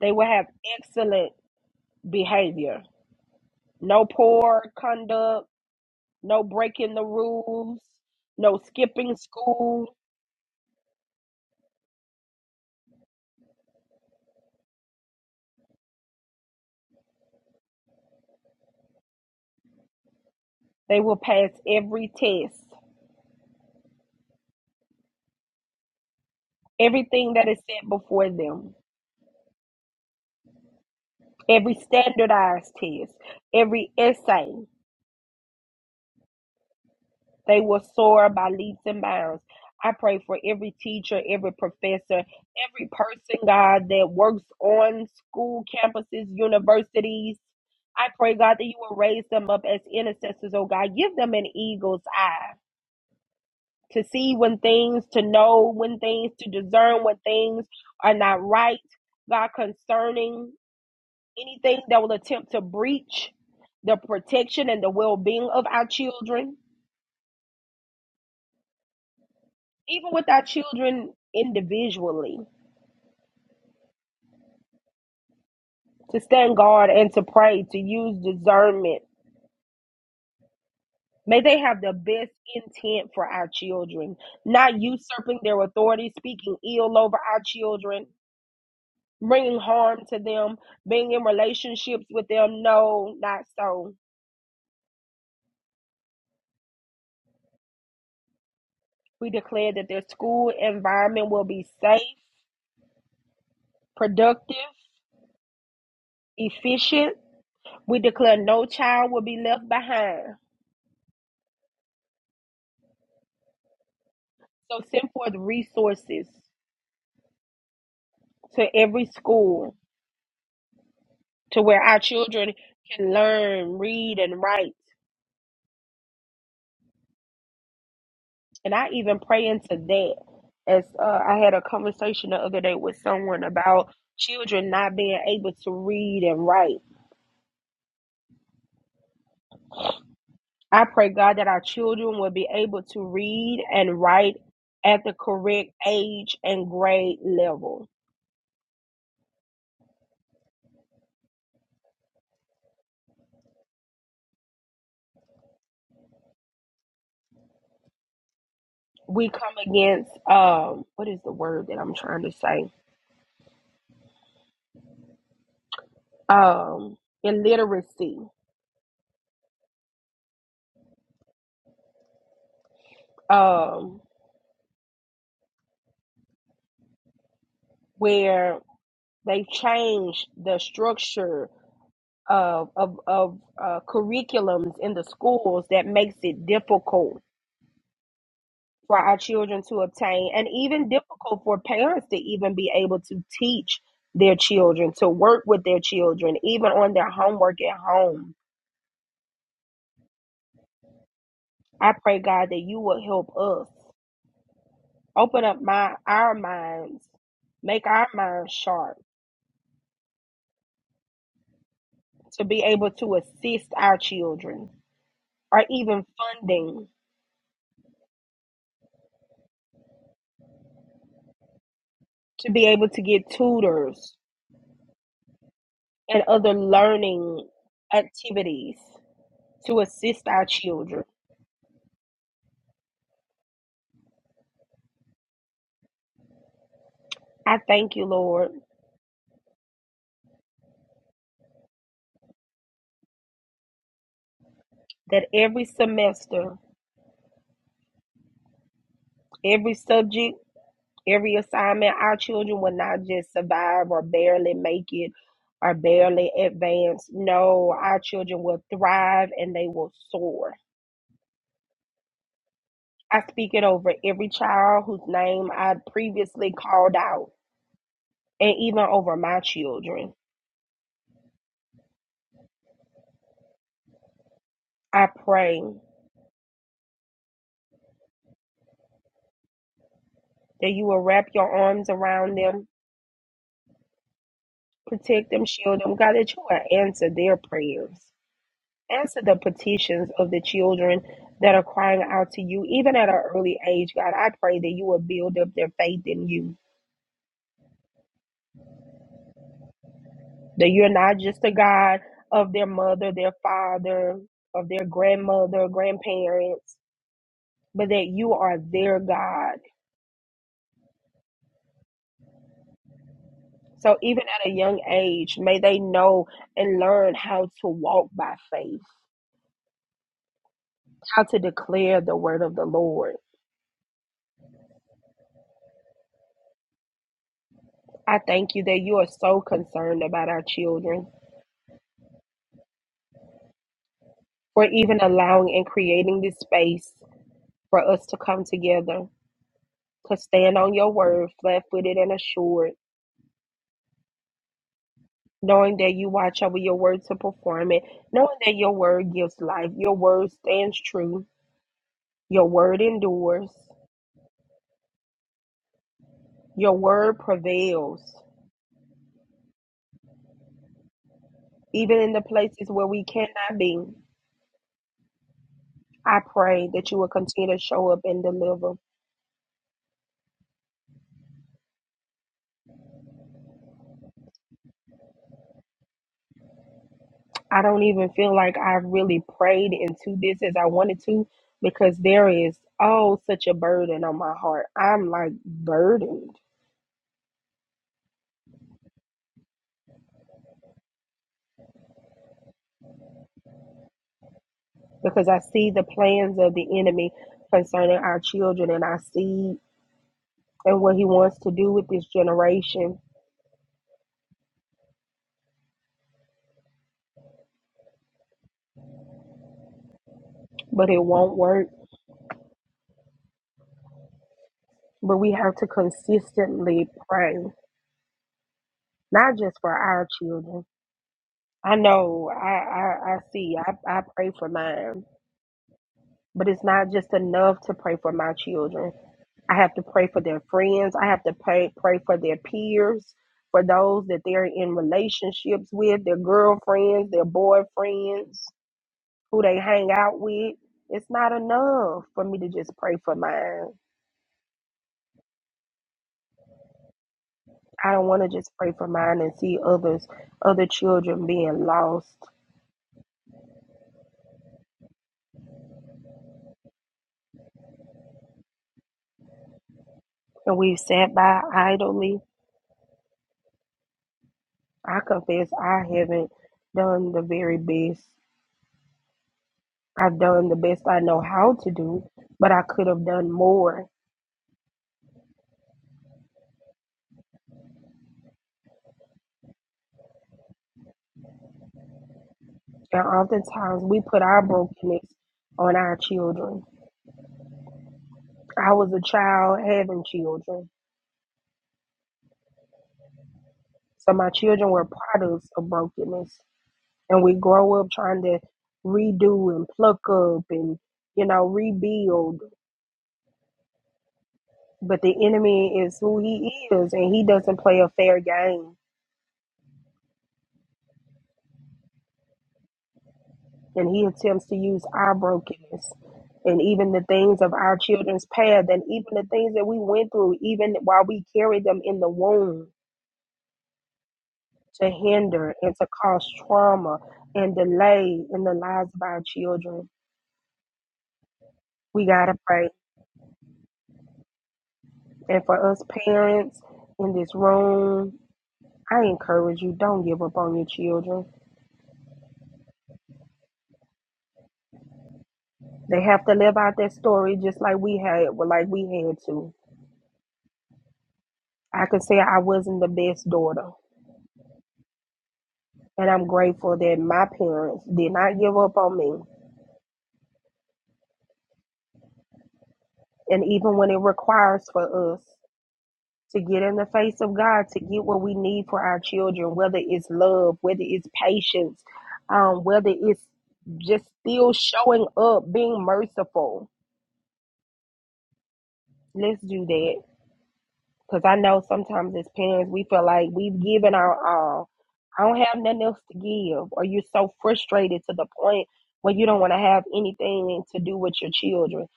[SPEAKER 1] They will have excellent behavior, no poor conduct no breaking the rules, no skipping school. They will pass every test, everything that is set before them, every standardized test, every essay. They will soar by leaps and bounds. I pray for every teacher, every professor, every person, God, that works on school campuses, universities. I pray, God, that you will raise them up as intercessors, oh God. Give them an eagle's eye to see when things, to know when things, to discern when things are not right. God, concerning anything that will attempt to breach the protection and the well being of our children, even with our children individually, to stand guard and to pray, to use discernment. May they have the best intent for our children, not usurping their authority, speaking ill over our children, bringing harm to them, being in relationships with them. No, not so. We declare that their school environment will be safe, productive, efficient. We declare no child will be left behind. So send forth resources to every school to where our children can learn, read, and write. And I even pray into that. As uh, I had a conversation the other day with someone about children not being able to read and write I pray, God, that our children will be able to read and write at the correct age and grade level. We come against um what is the word that I'm trying to say? Um illiteracy. Um where they've changed the structure of of, of uh, curriculums in the schools that makes it difficult for our children to obtain, and even difficult for parents to even be able to teach their children, to work with their children, even on their homework at home. I pray, God, that you will help us open up my our minds, make our minds sharp to be able to assist our children, or even funding to be able to get tutors and other learning activities to assist our children. I thank you, Lord. that every semester, every subject, every assignment, our children will not just survive or barely make it or barely advance. No, our children will thrive and they will soar. I speak it over every child whose name I previously called out and even over my children. I pray that you will wrap your arms around them, protect them, shield them. God, that you will answer their prayers. Answer the petitions of the children that are crying out to you, even at an early age, God. I pray that you will build up their faith in you, that you're not just a God of their mother, their father, of their grandmother, grandparents, but that you are their God. So even at a young age, may they know and learn how to walk by faith, how to declare the word of the Lord. I thank you that you are so concerned about our children. for even allowing and creating this space for us to come together, to stand on your word, flat footed and assured, knowing that you watch over your word to perform it, knowing that your word gives life, your word stands true, your word endures, your word prevails, even in the places where we cannot be. I pray that you will continue to show up and deliver. I don't even feel like I really prayed into this as I wanted to because there is oh such a burden on my heart. I'm like burdened because I see the plans of the enemy concerning our children and I see and what he wants to do with this generation, but it won't work. But we have to consistently pray, not just for our children. I know I I, I see I, I pray for mine, but it's not just enough to pray for my children I have to pray for their friends. I have to pray, pray for their peers, for those that they're in relationships with, their girlfriends, their boyfriends, who they hang out with. It's not enough for me to just pray for mine. I don't want to just pray for mine and see others, other children being lost. And we've sat by idly. I confess I haven't done the very best. I've done the best I know how to do, but I could have done more And oftentimes we put our brokenness on our children. I was a child having children. So my children were products of brokenness. And we grow up trying to redo and pluck up and, you know, rebuild. But the enemy is who he is and he doesn't play a fair game. And he attempts to use our brokenness and even the things of our children's past and even the things that we went through, even while we carried them in the womb to hinder and to cause trauma and delay in the lives of our children. We got to pray. And for us parents in this room, I encourage you don't give up on your children. They have to live out that story just like we had, well, like we had to. I can say I wasn't the best daughter, and I'm grateful that my parents did not give up on me. And even when it requires for us to get in the face of God, to get what we need for our children, whether it's love, whether it's patience, um, whether it's just still showing up, being merciful. Let's do that. Because I know sometimes as parents, we feel like we've given our all. I don't have nothing else to give. Or you're so frustrated to the point where you don't want to have anything to do with your children.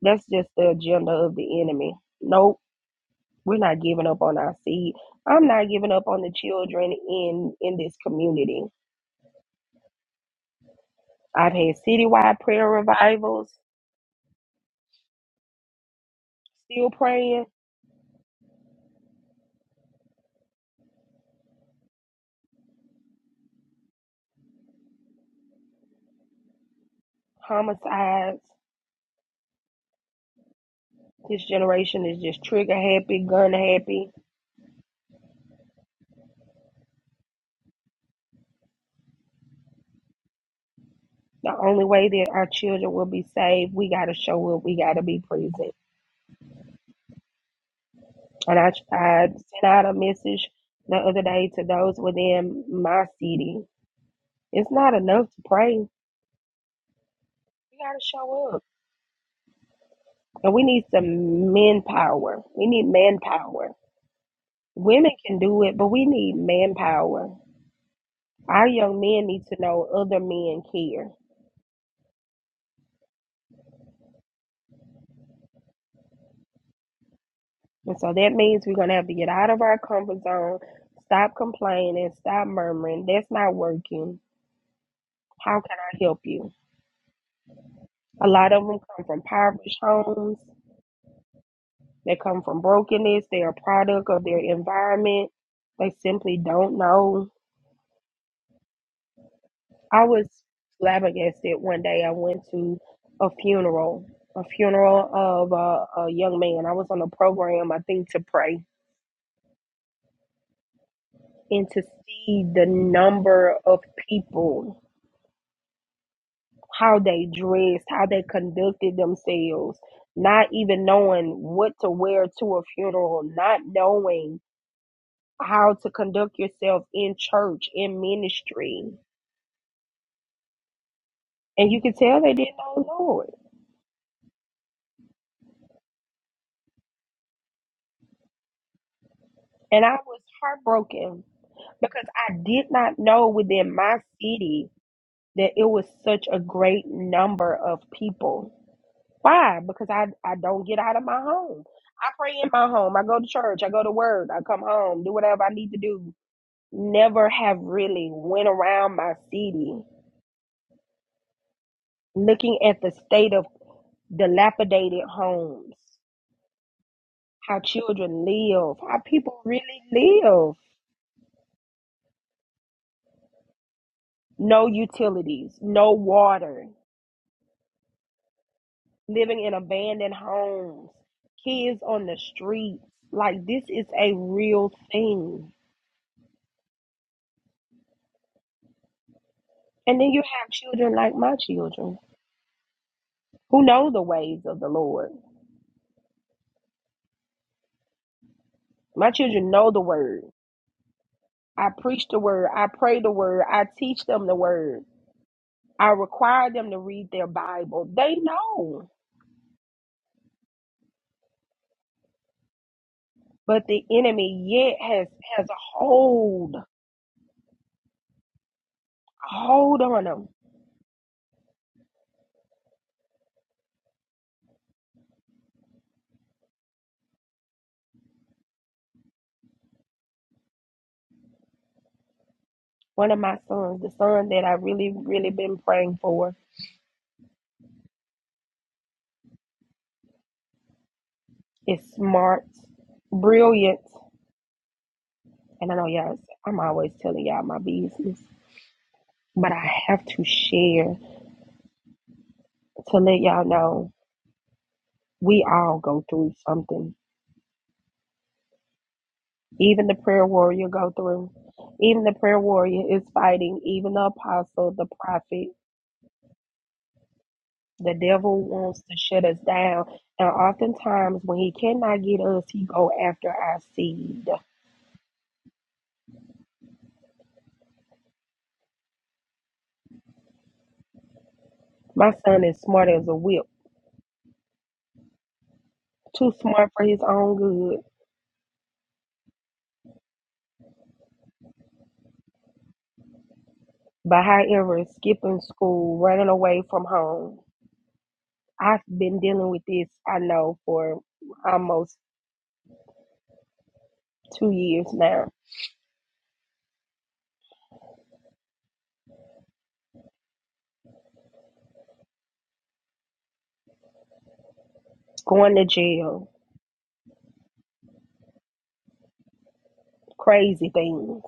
[SPEAKER 1] That's just the agenda of the enemy. Nope We're not giving up on our seed. I'm not giving up on the children in in this community. I've had citywide prayer revivals, still praying, homicides. This generation is just trigger happy, gun happy. The only way that our children will be saved, we got to show up. We got to be present. And I, I sent out a message the other day to those within my city. It's not enough to pray. We got to show up. And we need some manpower. We need manpower Women can do it, but we need manpower. Our young men need to know other men care. And so that means we're going to have to get out of our comfort zone, stop complaining, stop murmuring. That's not working. How can I help you? A lot of them come from impoverished homes. They come from brokenness. They're a product of their environment. They simply don't know I was flabbergasted one day. I went to a funeral, a funeral of a, a young man. I was on a program, I think, to pray and to see the number of people, how they dressed, how they conducted themselves, not even knowing what to wear to a funeral, not knowing how to conduct yourself in church, in ministry. And you could tell they didn't know the Lord. And I was heartbroken because I did not know within my city that it was such a great number of people. Why? Because I, I don't get out of my home. I pray in my home. I go to church. I go to work. I come home, do whatever I need to do. Never have really went around my city looking at the state of dilapidated homes, how children live, how people really live. No utilities, no water. living in abandoned homes, kids on the streets. Like this is a real thing. And then you have children like my children who know the ways of the Lord. My children know the word. I preach the word. I pray the word. I teach them the word. I require them to read their Bible. They know. But the enemy yet has has a hold, a hold on them. One of my sons, the son that I really, really been praying for, is smart, brilliant, and I know y'all, I'm always telling y'all my business, but I have to share to let y'all know we all go through something. Even the prayer warrior go through. Even the prayer warrior is fighting. Even the apostle, the prophet, the devil wants to shut us down. And oftentimes when he cannot get us, he go after our seed. My son is smart as a whip. Too smart for his own good But however, skipping school, running away from home, I've been dealing with this, I know, for almost two years now. Going to jail, crazy things.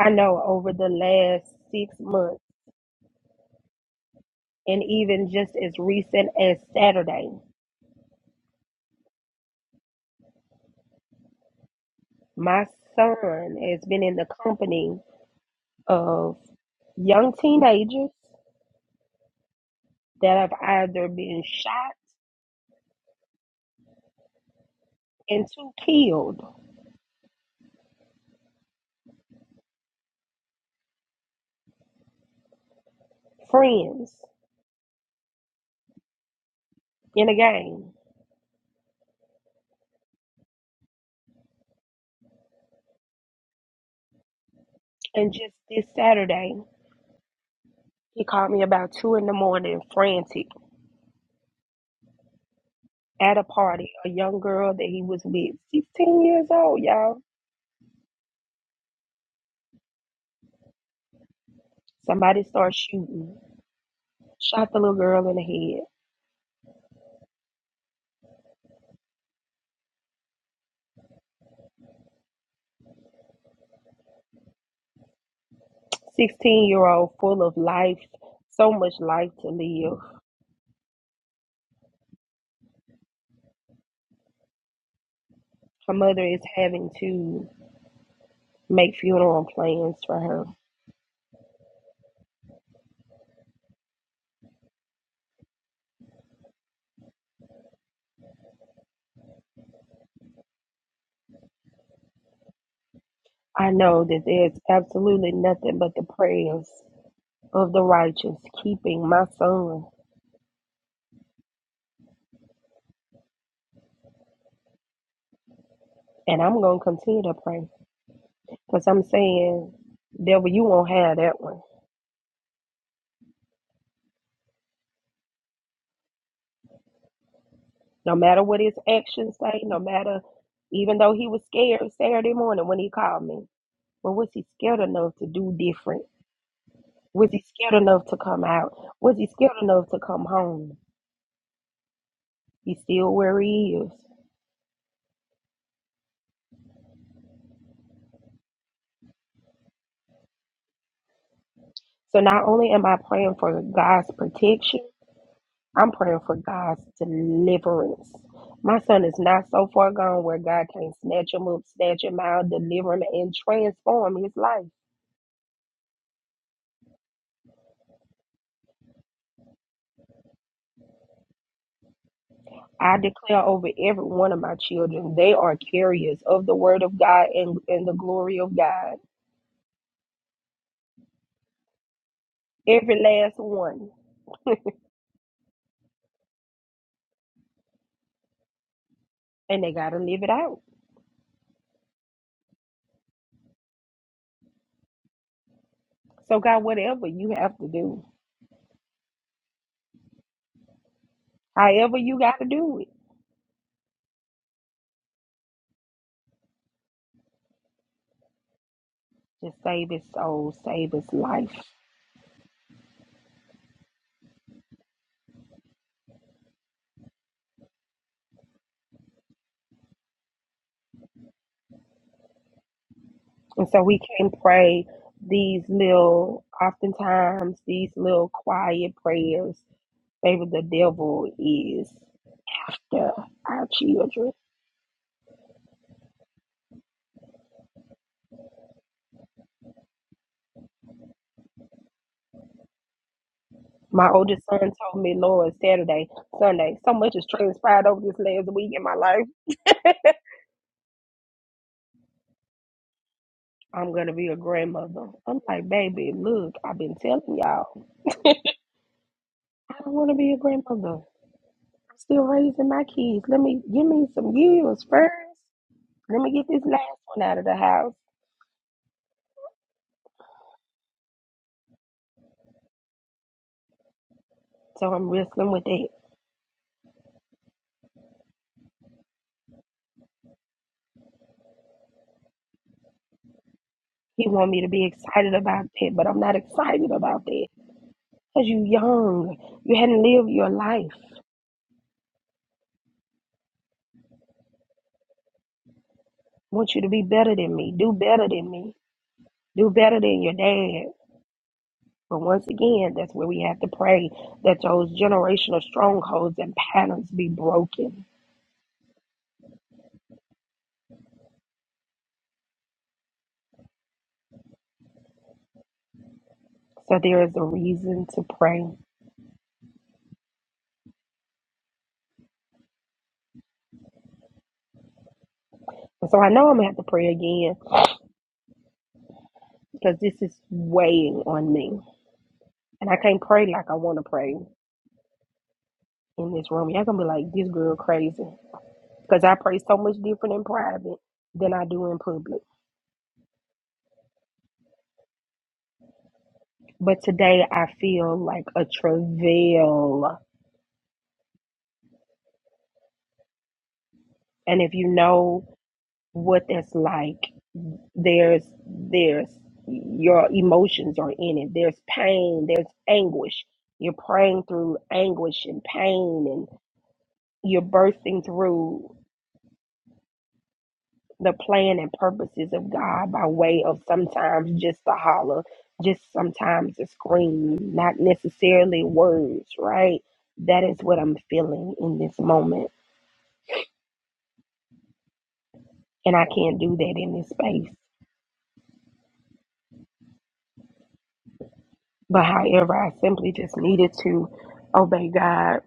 [SPEAKER 1] I know over the last six months, and even just as recent as Saturday, my son has been in the company of young teenagers that have either been shot and two killed friends in a game. And just this Saturday, he called me about two in the morning, frantic, at a party. A young girl that he was with, 16 years old, y'all. Somebody started shooting, shot the little girl in the head. 16 year old, full of life, so much life to live. Her mother is having to make funeral plans for her. I know that there's absolutely nothing but the prayers of the righteous keeping my son, and I'm going to continue to pray. Because I'm saying, devil, you won't have that one. No matter what his actions say, no matter, even though he was scared Saturday morning when he called me, but was he scared enough to do different? Was he scared enough to come out? Was he scared enough to come home? He's still where he is. So not only am I praying for God's protection, I'm praying for God's deliverance. My son is not so far gone where God can not snatch him up, snatch him out, deliver him, and transform his life. I declare over every one of my children, they are carriers of the word of God and, and the glory of God. Every last one. And they got to live it out. So, God, whatever you have to do, however you got to do it, just save his soul, save his life. And so we can pray these little, oftentimes, these little quiet prayers. Baby, the devil is after our children. My oldest son told me, Lord, Saturday, Sunday, so much has transpired over this last week in my life. I'm going to be a grandmother. I'm like, baby, look, I've been telling y'all, I don't want to be a grandmother. I'm still raising my kids. Let me give me some years first. Let me get this last one out of the house. So I'm wrestling with it. He want me to be excited about that, but I'm not excited about that because you young. You hadn't lived your life. I want you to be better than me. Do better than me. Do better than your dad. But once again, that's where we have to pray that those generational strongholds and patterns be broken. So there is a reason to pray. And so I know I'm gonna have to pray again because this is weighing on me. And I can't pray like I want to pray in this room. Y'all gonna be like, this girl crazy. Because I pray so much different in private than I do in public. But today I feel like a travail. And if you know what that's like, there's there's your emotions are in it there's pain there's anguish you're praying through anguish and pain and you're bursting through the plan and purposes of god by way of sometimes just a holler just sometimes a scream not necessarily words right that is what i'm feeling in this moment and i can't do that in this space but however i simply just needed to obey god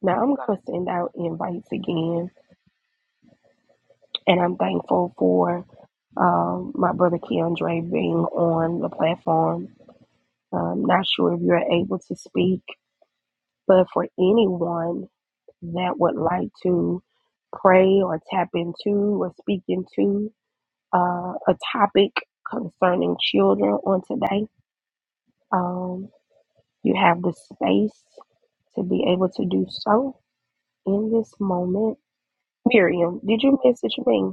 [SPEAKER 1] Now I'm gonna send out invites again, and I'm thankful for um, my brother Keandre being on the platform. I'm not sure if you're able to speak, but for anyone that would like to pray or tap into or speak into uh, a topic concerning children on today, um, you have the space to be able to do so in this moment. Miriam, did you message me?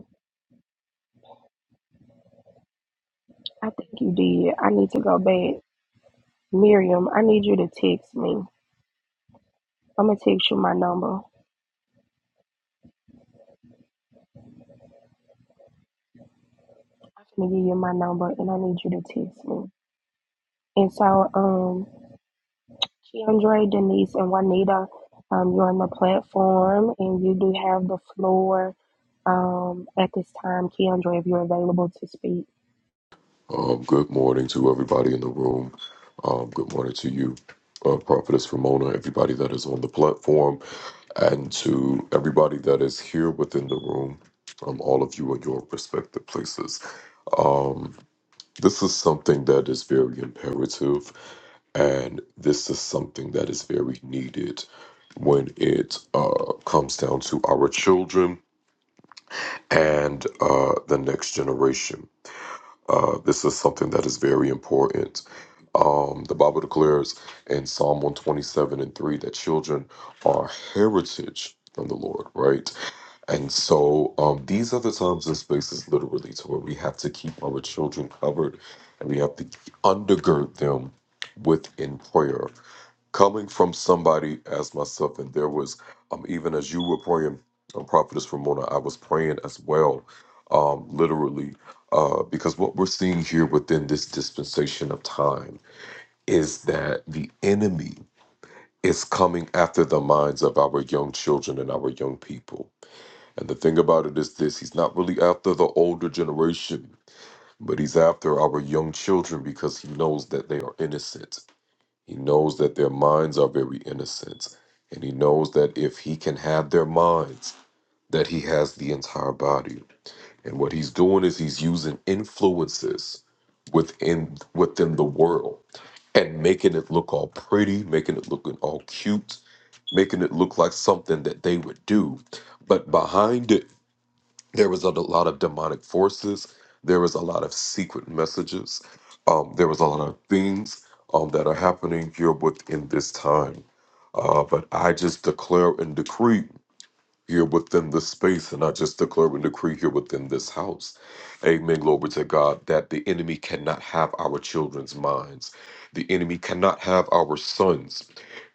[SPEAKER 1] I think you did. I need to go back. Miriam, I need you to text me. I'm gonna text you my number. I'm gonna give you my number and I need you to text me. And so, um, Keandre, Denise, and Juanita, um, you're on the platform and you do have the floor um at this time. Keandre, if you're available to speak.
[SPEAKER 2] Um, good morning to everybody in the room. Um, good morning to you, uh, Prophetess Ramona, everybody that is on the platform, and to everybody that is here within the room, um, all of you in your respective places. Um, this is something that is very imperative, and this is something that is very needed when it uh, comes down to our children and uh, the next generation uh, this is something that is very important. Um, the Bible declares in Psalm 127 and 3 that children are heritage from the Lord, right? And so um, these are the times and spaces literally to where we have to keep our children covered and we have to undergird them within prayer coming from somebody as myself, and there was um even as you were praying, um, Prophetess Ramona, I was praying as well, um, literally, uh, because what we're seeing here within this dispensation of time is that the enemy is coming after the minds of our young children and our young people. And the thing about it is this he's not really after the older generation, but he's after our young children because he knows that they are innocent he knows that their minds are very innocent. And he knows that if he can have their minds, that he has the entire body. And what he's doing is he's using influences within within the world and making it look all pretty, making it look all cute, making it look like something that they would do. But behind it there was a lot of demonic forces there was a lot of secret messages um, there was a lot of things um, that are happening here within this time uh, but i just declare and decree here within this space. And I just declare and decree here within this house. Amen. Glory to God that the enemy cannot have our children's minds. The enemy cannot have our sons.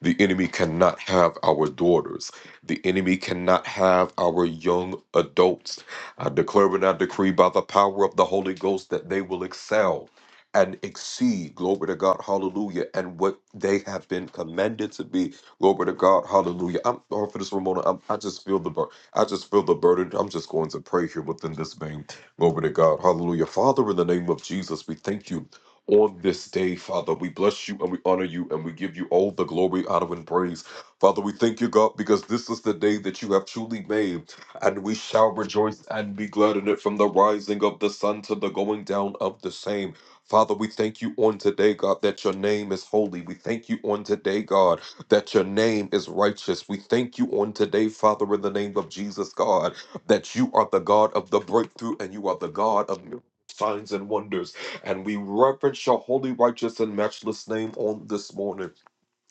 [SPEAKER 2] The enemy cannot have our daughters. The enemy cannot have our young adults. I declare and I decree by the power of the Holy Ghost that they will excel and exceed, glory to God, hallelujah, and what they have been commanded to be Glory to God. Hallelujah. I'm sorry for this, Ramona. I'm, I just feel the bur- I just feel the burden. I'm just going to pray here within this vein. Glory to God. Hallelujah. Father, in the name of Jesus, we thank you. On this day, Father, we bless you and we honor you and we give you all the glory, honor, and praise. Father, we thank you, God, because this is the day that you have truly made, and we shall rejoice and be glad in it from the rising of the sun to the going down of the same. Father, we thank you on today, God, that your name is holy. We thank you on today, God, that your name is righteous. We thank you on today, Father, in the name of Jesus, God, that you are the God of the breakthrough and you are the God of miracles, signs and wonders and we reverence your holy righteous and matchless name on this morning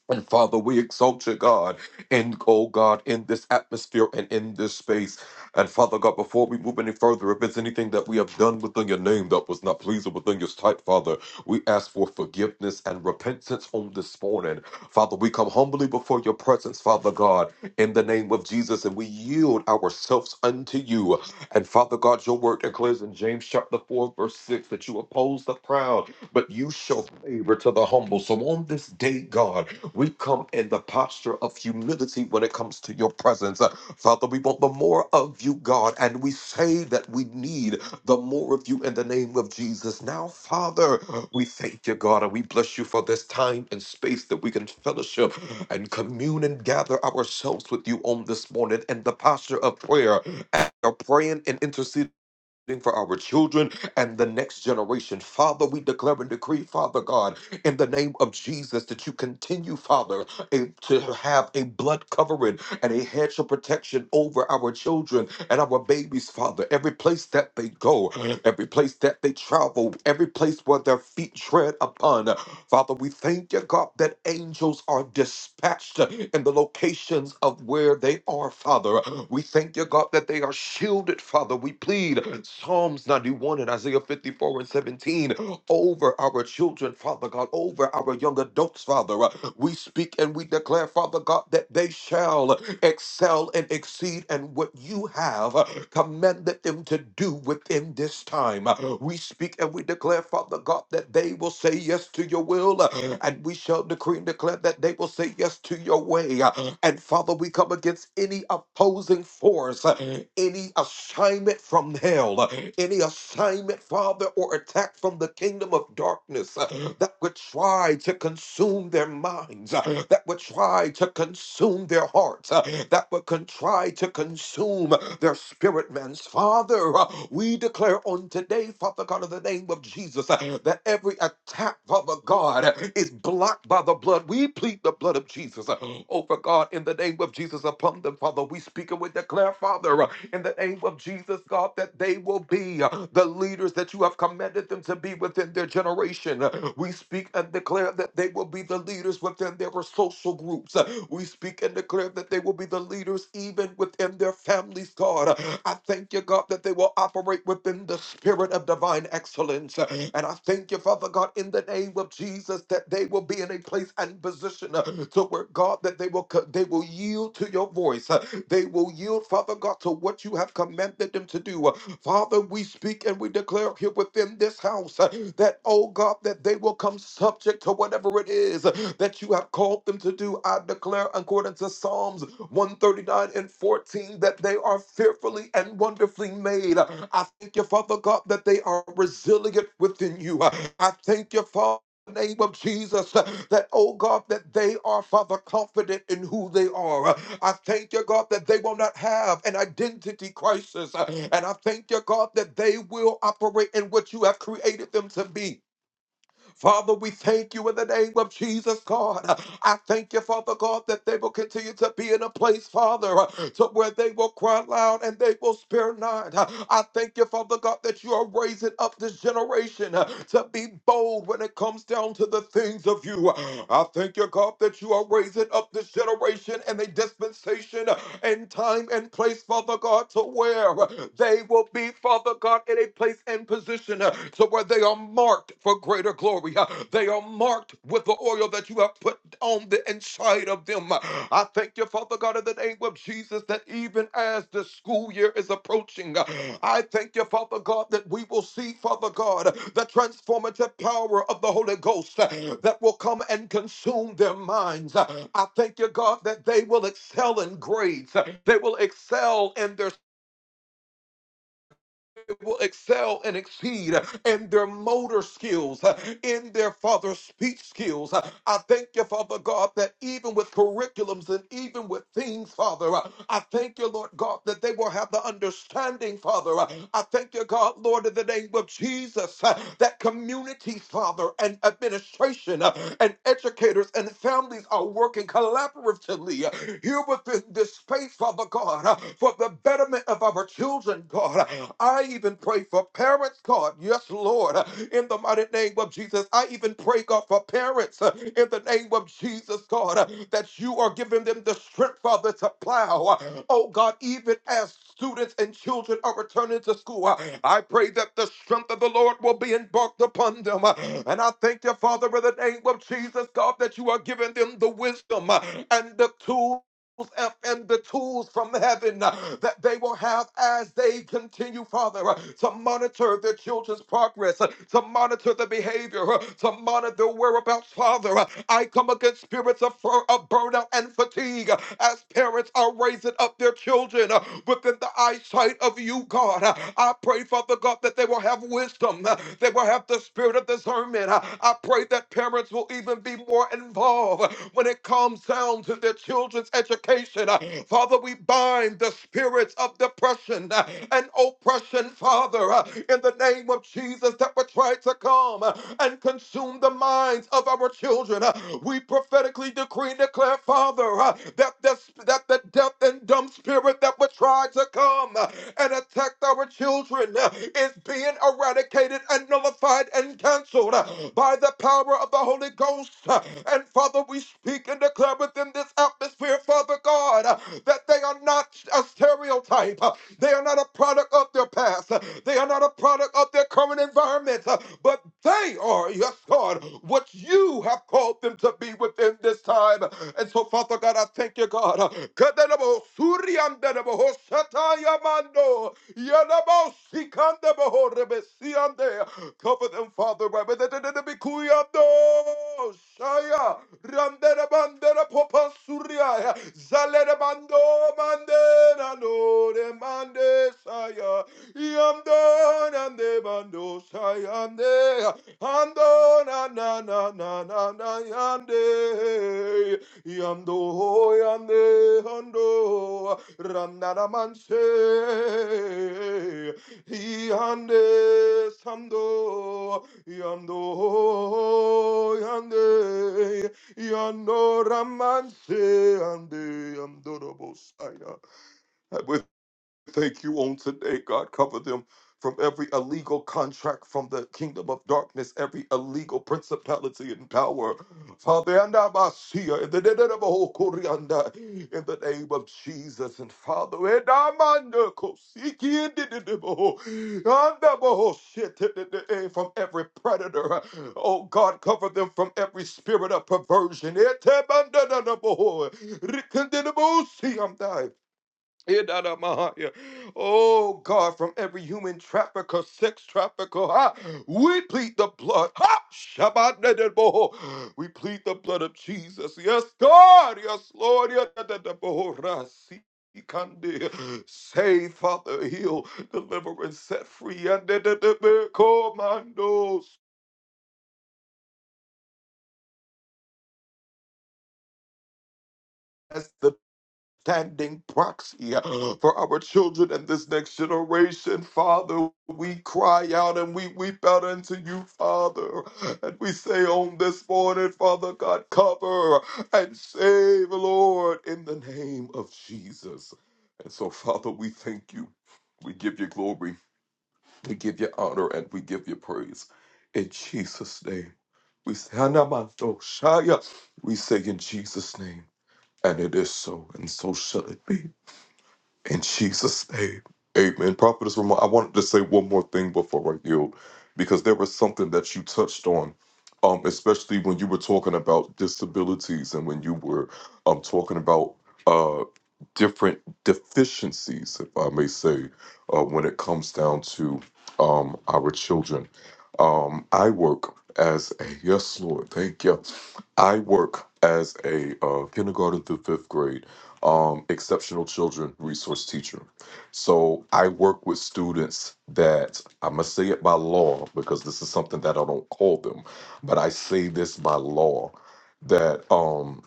[SPEAKER 2] and Father, we exalt you, God, in oh God, in this atmosphere and in this space. And Father God, before we move any further, if there's anything that we have done within your name that was not pleasing within your sight, Father, we ask for forgiveness and repentance on this morning. Father, we come humbly before your presence, Father God, in the name of Jesus, and we yield ourselves unto you. And Father God, your word declares in James chapter 4, verse 6, that you oppose the proud, but you shall favor to the humble. So on this day, God, we come in the posture of humility when it comes to your presence. Uh, Father, we want the more of you, God, and we say that we need the more of you in the name of Jesus. Now, Father, we thank you, God, and we bless you for this time and space that we can fellowship and commune and gather ourselves with you on this morning in the posture of prayer. And you're praying and interceding for our children and the next generation. Father, we declare and decree, Father God, in the name of Jesus, that you continue, Father, a, to have a blood covering and a hedge of protection over our children and our babies, Father. Every place that they go, every place that they travel, every place where their feet tread upon. Father, we thank you, God, that angels are dispatched in the locations of where they are, Father. We thank you, God, that they are shielded, Father. We plead Psalms 91 and Isaiah 54 and 17 over our children, Father God, over our young adults, Father. We speak and we declare, Father God, that they shall excel and exceed and what you have uh, commanded them to do within this time. Uh, We speak and we declare, Father God, that they will say yes to your will, uh, and we shall decree and declare that they will say yes to your way. Uh, And Father, we come against any opposing force, uh, any assignment from hell, uh, any assignment, Father, or attack from the kingdom of darkness uh, that would try to consume their minds, uh, that would try to consume their hearts, uh, that would con- try to consume their spirit, man's Father. uh, We declare on today, Father God, in the name of Jesus, uh, that every attack, Father God, uh, is blocked by the blood. We plead the blood of Jesus uh, over God in the name of Jesus. Jesus upon them, Father. We speak and we declare, Father, uh, in the name of Jesus, God, that they will be uh, the leaders that you have commanded them to be within their generation. Uh, We speak and declare that they will be the leaders within their social groups. Uh, We speak and declare that they will be the leaders even within their families, God. Uh, I thank you, God, that they will operate within the spirit of divine excellence. Uh, And I thank you, Father God, in the name of Jesus, that they will be in a place and position devotion uh, to where God that they will co- they will yield to your voice. uh, They will yield, Father God, to what you have commanded them to do. Uh, Father, we speak and we declare here within this house uh, that, oh God, that they will come subject to whatever it is uh, that you have called them to do. I declare according to Psalms 139 and 14 that they are fearfully and wonderfully made. Uh, I thank you, Father God, that they are resilient within you. Uh, I thank you, Father name of Jesus uh, that, oh God, that they are, Father, confident in who they are. Uh, I thank you, God, that they will not have an identity crisis. Uh, And I thank you, God, that they will operate in what you have created them to be. Father, we thank you in the name of Jesus, God. I thank you, Father God, that they will continue to be in a place, Father, to where they will cry loud and they will spare not. I thank you, Father God, that you are raising up this generation to be bold when it comes down to the things of you. I thank you, God, that you are raising up this generation and a dispensation and time and place, Father God, to where they will be, Father God, in a place place and position uh, to where they are marked for greater glory. Uh, They are marked with the oil that you have put on the inside of them. Uh, I thank you, Father God, in the name of Jesus, that even as the school year is approaching, uh, I thank you, Father God, that we will see, Father God, the transformative power of the Holy Ghost uh, that will come and consume their minds. Uh, I thank you, God, that they will excel in grades. Uh, They will excel in their will excel and exceed in their motor skills, uh, in their father speech skills. Uh, I thank you, Father God, that even with curriculums and even with things, Father, uh, I thank you, Lord God, that they will have the understanding, Father. Uh, I thank you, God, Lord, in the name of Jesus, uh, that communities, Father, and administration uh, and educators and families are working collaboratively uh, here within this space, Father God, uh, for the the betterment of our children, God. I even pray for parents, God. Yes, Lord, in the mighty name of Jesus. I even pray, God, for parents uh, in the name of Jesus, God, uh, that you are giving them the strength, Father, to plow. Oh, God, even as students and children are returning to school, uh, I pray that the strength of the Lord will be embarked upon them. uh, And I thank you, Father, in the name of Jesus, God, that you are giving them the wisdom uh, and the tools up and the tools from heaven uh, that they will have as they continue, Father, uh, to monitor their children's progress, uh, to monitor the behavior, uh, to monitor their whereabouts, Father. Uh, I come against spirits of, fur- of burnout and fatigue uh, as parents are raising up their children uh, within the eyesight of you, God. Uh, I pray, Father God, that they will have wisdom, uh, they will have the spirit of discernment. Uh, I pray that parents will even be be more involved when it comes down to their children's education. Uh, Father, we bind the spirits of depression uh, and oppression, Father, uh, in the name of Jesus that would try to come uh, and consume the minds of our children. Uh, We prophetically decree and declare, Father, uh, that the, that the deaf and dumb spirit that would try to come uh, and attack our children uh, is being eradicated and nullified nullified and canceled uh, by the power of the Holy Ghost. uh, And Father, we speak and declare within this atmosphere, Father God, uh, that they are not a stereotype. uh, They are not a product of their past. uh, They are not a product of their current environment. uh, But they are, yes, God, what you have called them to be within this time. And so, Father God, I thank you, God. uh, Yadabausikande bohorebesiande. Cover them, Father. Shaya Randera bandera Shaya. Randerabandera popasuria. Zalerebando mandera no de Mande Yamdonande bandosha yande, andona na na na na na yande, yamdo yande ando, randana manse, yande sando, yamdo yande, yando ramanse, yande I'm. Thank you on today, God. Cover them from every illegal contract from the kingdom of darkness, every illegal principality and power. Father, and I must see in the name of all Koreanda, in the name of Jesus and Father. and I mind the Kosiki and the name of all- and the whole shit, the- the- the- eh, From every predator, oh God, cover them from every spirit of perversion. Eh, te- man, the- the- the- the whole- Rikindinable, see, I'm dying. Idadamahaya. Oh God, from every human trafficker, sex trafficker, ha, we plead the blood. Ha! Shabbatadadaboho. We plead the blood of Jesus. Yes, God. Yes, Lord. Yadadadaboho. Rasi. Ikande. Save, Father, heal, deliver, and set free. Yadadadabe. Commandos. as the. standing proxy uh, for our children and this next generation. Father, we cry out and we weep out unto you, Father. And we say on this morning, Father God, cover and save, Lord, in the name of Jesus. And so, Father, we thank you. We give you glory, we give you honor, and we give you praise. In Jesus' name, we say, Hanamato Shaya. We say in Jesus' name, and it is so, and so shall it be. In Jesus' name. Amen. Prophetess Ramon, I wanted to say one more thing before I yield, because there was something that you touched on, um, especially when you were talking about disabilities and when you were um, talking about uh, different deficiencies, if I may say, uh, when it comes down to um, our children. Um, I work as a, yes, Lord, thank you. I work as a uh, kindergarten through fifth grade um, exceptional children resource teacher. So I work with students that I must say it by law because this is something that I don't call them, but I say this by law that um,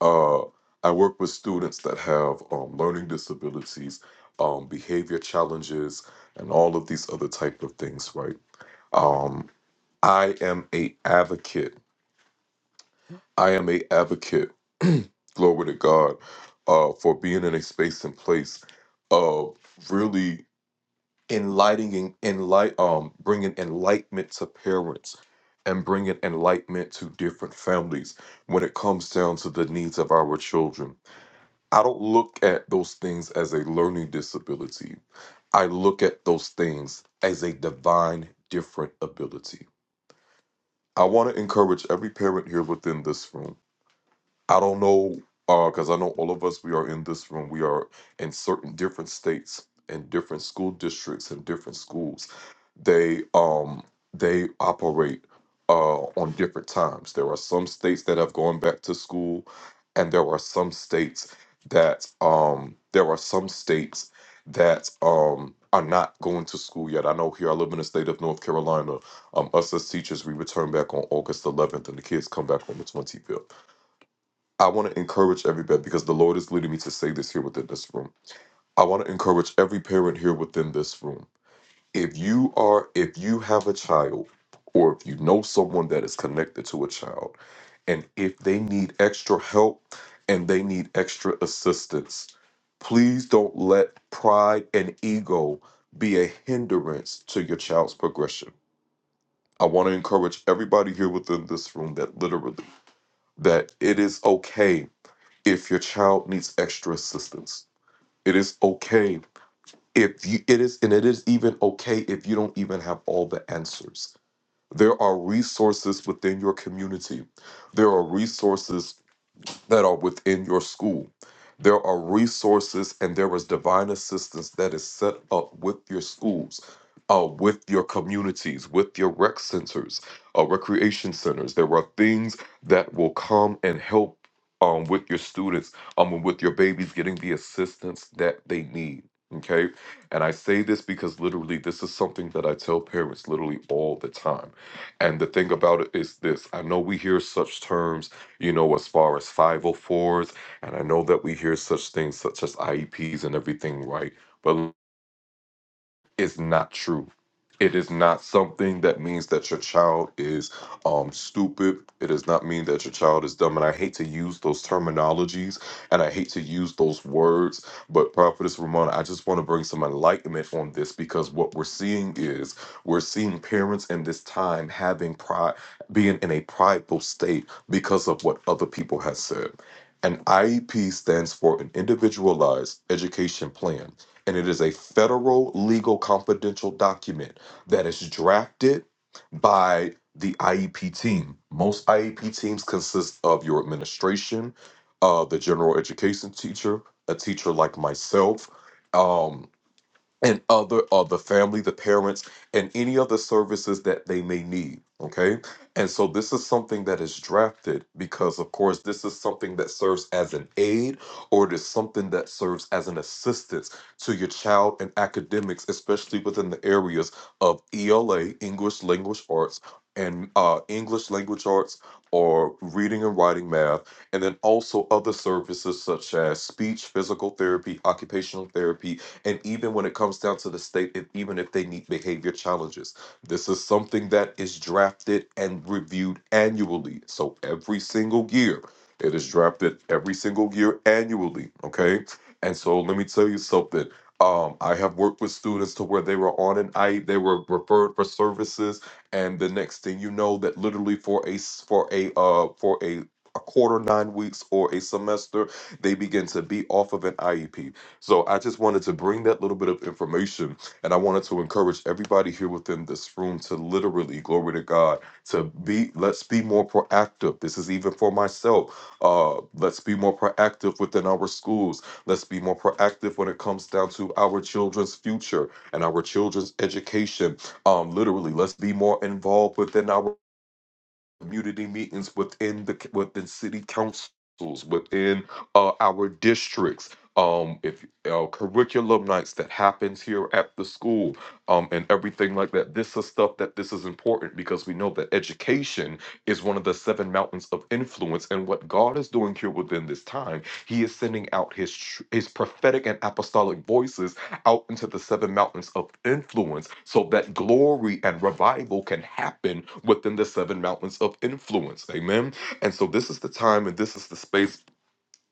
[SPEAKER 2] uh, I work with students that have um, learning disabilities, um, behavior challenges, and all of these other type of things. Right? Um, I am a advocate I am a advocate, glory to God, uh, for being in a space and place of really enlightening, enlight, um, bringing enlightenment to parents and bringing enlightenment to different families when it comes down to the needs of our children. I don't look at those things as a learning disability. I look at those things as a divine different ability. I want to encourage every parent here within this room I don't know, because I know all of us, we are in this room, we are in certain different states and different school districts and different schools. They um they operate uh on different times. There are some states that have gone back to school, and there are some states that um there are some states that um are not going to school yet. I know here I live in the state of North Carolina. Um, us as teachers, we return back on August 11th, and the kids come back on the 25th. I want to encourage everybody because the Lord is leading me to say this here within this room. I want to encourage every parent here within this room. If you are, if you have a child, or if you know someone that is connected to a child, and if they need extra help and they need extra assistance, please don't let pride and ego be a hindrance to your child's progression. I want to encourage everybody here within this room that literally that it is okay if your child needs extra assistance. It is okay if you it is and it is even okay if you don't even have all the answers. There are resources within your community. There are resources that are within your school. There are resources and there is divine assistance that is set up with your schools, uh, with your communities, with your rec centers, uh, recreation centers. There are things that will come and help um, with your students, um, and with your babies getting the assistance that they need. Okay. And I say this because literally, this is something that I tell parents literally all the time. And the thing about it is this I know we hear such terms you know, as far as 504s. And I know that we hear such things such as IEPs and everything, right? But is not true. It is not something that means that your child is um, stupid. It does not mean that your child is dumb. And I hate to use those terminologies and I hate to use those words. But Prophetess Ramona, I just want to bring some enlightenment on this because what we're seeing is we're seeing parents in this time having pride, being in a prideful state because of what other people have said. An IEP stands for an individualized education plan and it is a federal legal confidential document that is drafted by the IEP team. Most IEP teams consist of your administration, uh, the general education teacher, a teacher like myself. um, and other of the family, the parents, and any other services that they may need. Okay. And so this is something that is drafted because, of course, this is something that serves as an aid or it is something that serves as an assistance to your child in academics, especially within the areas of ELA, English Language Arts, and uh, English Language Arts or reading and writing math, and then also other services such as speech, physical therapy, occupational therapy, and even when it comes down to the state, if, even if they need behavior challenges, this is something that is drafted and reviewed annually. So every single year, it is drafted every single year annually. Okay. And so let me tell you something. Um, I have worked with students to where they were on an I, they were referred for services, and the next thing you know, that literally for a s- for a uh for a a quarter, nine weeks, or a semester, they begin to be off of an IEP so I just wanted to bring that little bit of information and I wanted to encourage everybody here within this room to literally, glory to God, to be, let's be more proactive. This is even for myself. Uh, let's be more proactive within our schools. Let's be more proactive when it comes down to our children's future and our children's education. Um, literally, let's be more involved within our community meetings within the within city councils within uh, our districts um if uh, curriculum nights that happens here at the school um and everything like that this is stuff that this is important because we know that education is one of the seven mountains of influence and what god is doing here within this time he is sending out his tr- his prophetic and apostolic voices out into the seven mountains of influence so that glory and revival can happen within the seven mountains of influence. Amen. And so this is the time and this is the space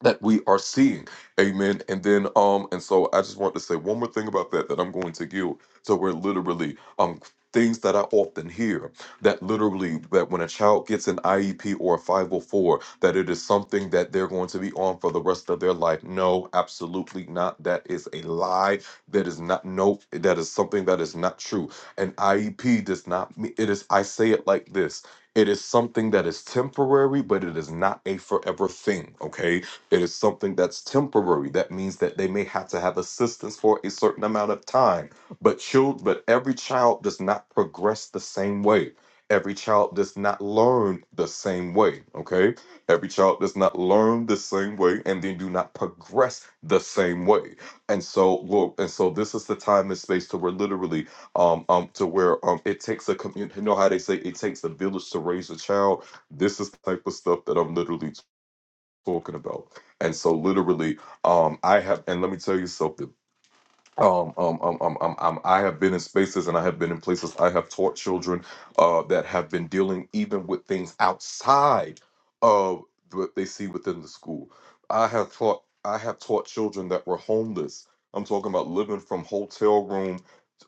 [SPEAKER 2] that we are seeing. Amen. And then um and so I just want to say one more thing about that that I'm going to give so we're literally um things that I often hear that literally that when a child gets an IEP or a 504 that it is something that they're going to be on for the rest of their life. No, absolutely not. That is a lie. That is not no that is something that is not true. An IEP does not mean it is I say it like this. It is something that is temporary, but it is not a forever thing. Okay it is something that's temporary. That means that they may have to have assistance for a certain amount of time. But child, but every child does not progress the same way. Every child does not learn the same way. Okay. Every child does not learn the same way and they do not progress the same way. And so Lord, and so this is the time and space to where literally um um to where um it takes a community you know how they say it takes a village to raise a child. This is the type of stuff that I'm literally talking about. And so literally, um, I have, and let me tell you something. Um, um, um, um, um, um, I have been in spaces and I have been in places. I have taught children uh, that have been dealing even with things outside of what they see within the school. I have taught, I have taught children that were homeless. I'm talking about living from hotel room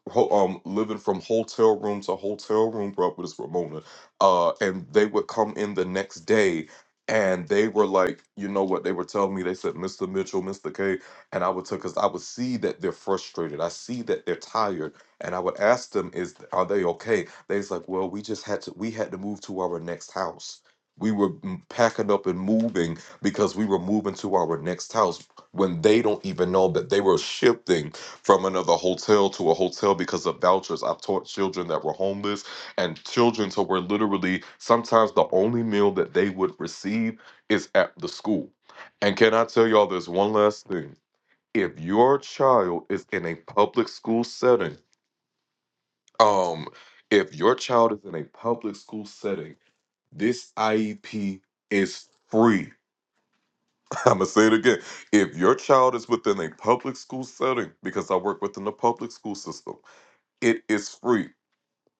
[SPEAKER 2] ho- um, living from hotel room to hotel room, bro, with this Ramona. Uh, and they would come in the next day and they were like, you know what? They were telling me, they said, Mr. Mitchell, Mr. K. And I would tell, because I would see that they're frustrated. I see that they're tired. And I would ask them, is are they okay? They was like, well, we just had to, we had to move to our next house. We were mm, packing up and moving because we were moving to our next house when they don't even know that they were shifting from another hotel to a hotel because of vouchers. I've taught children that were homeless and children who were literally sometimes the only meal that they would receive is at the school. And can I tell y'all this one last thing? If your child is in a public school setting, um, if your child is in a public school setting, this IEP is free. I'm gonna say it again. If your child is within a public school setting, because I work within the public school system it is free.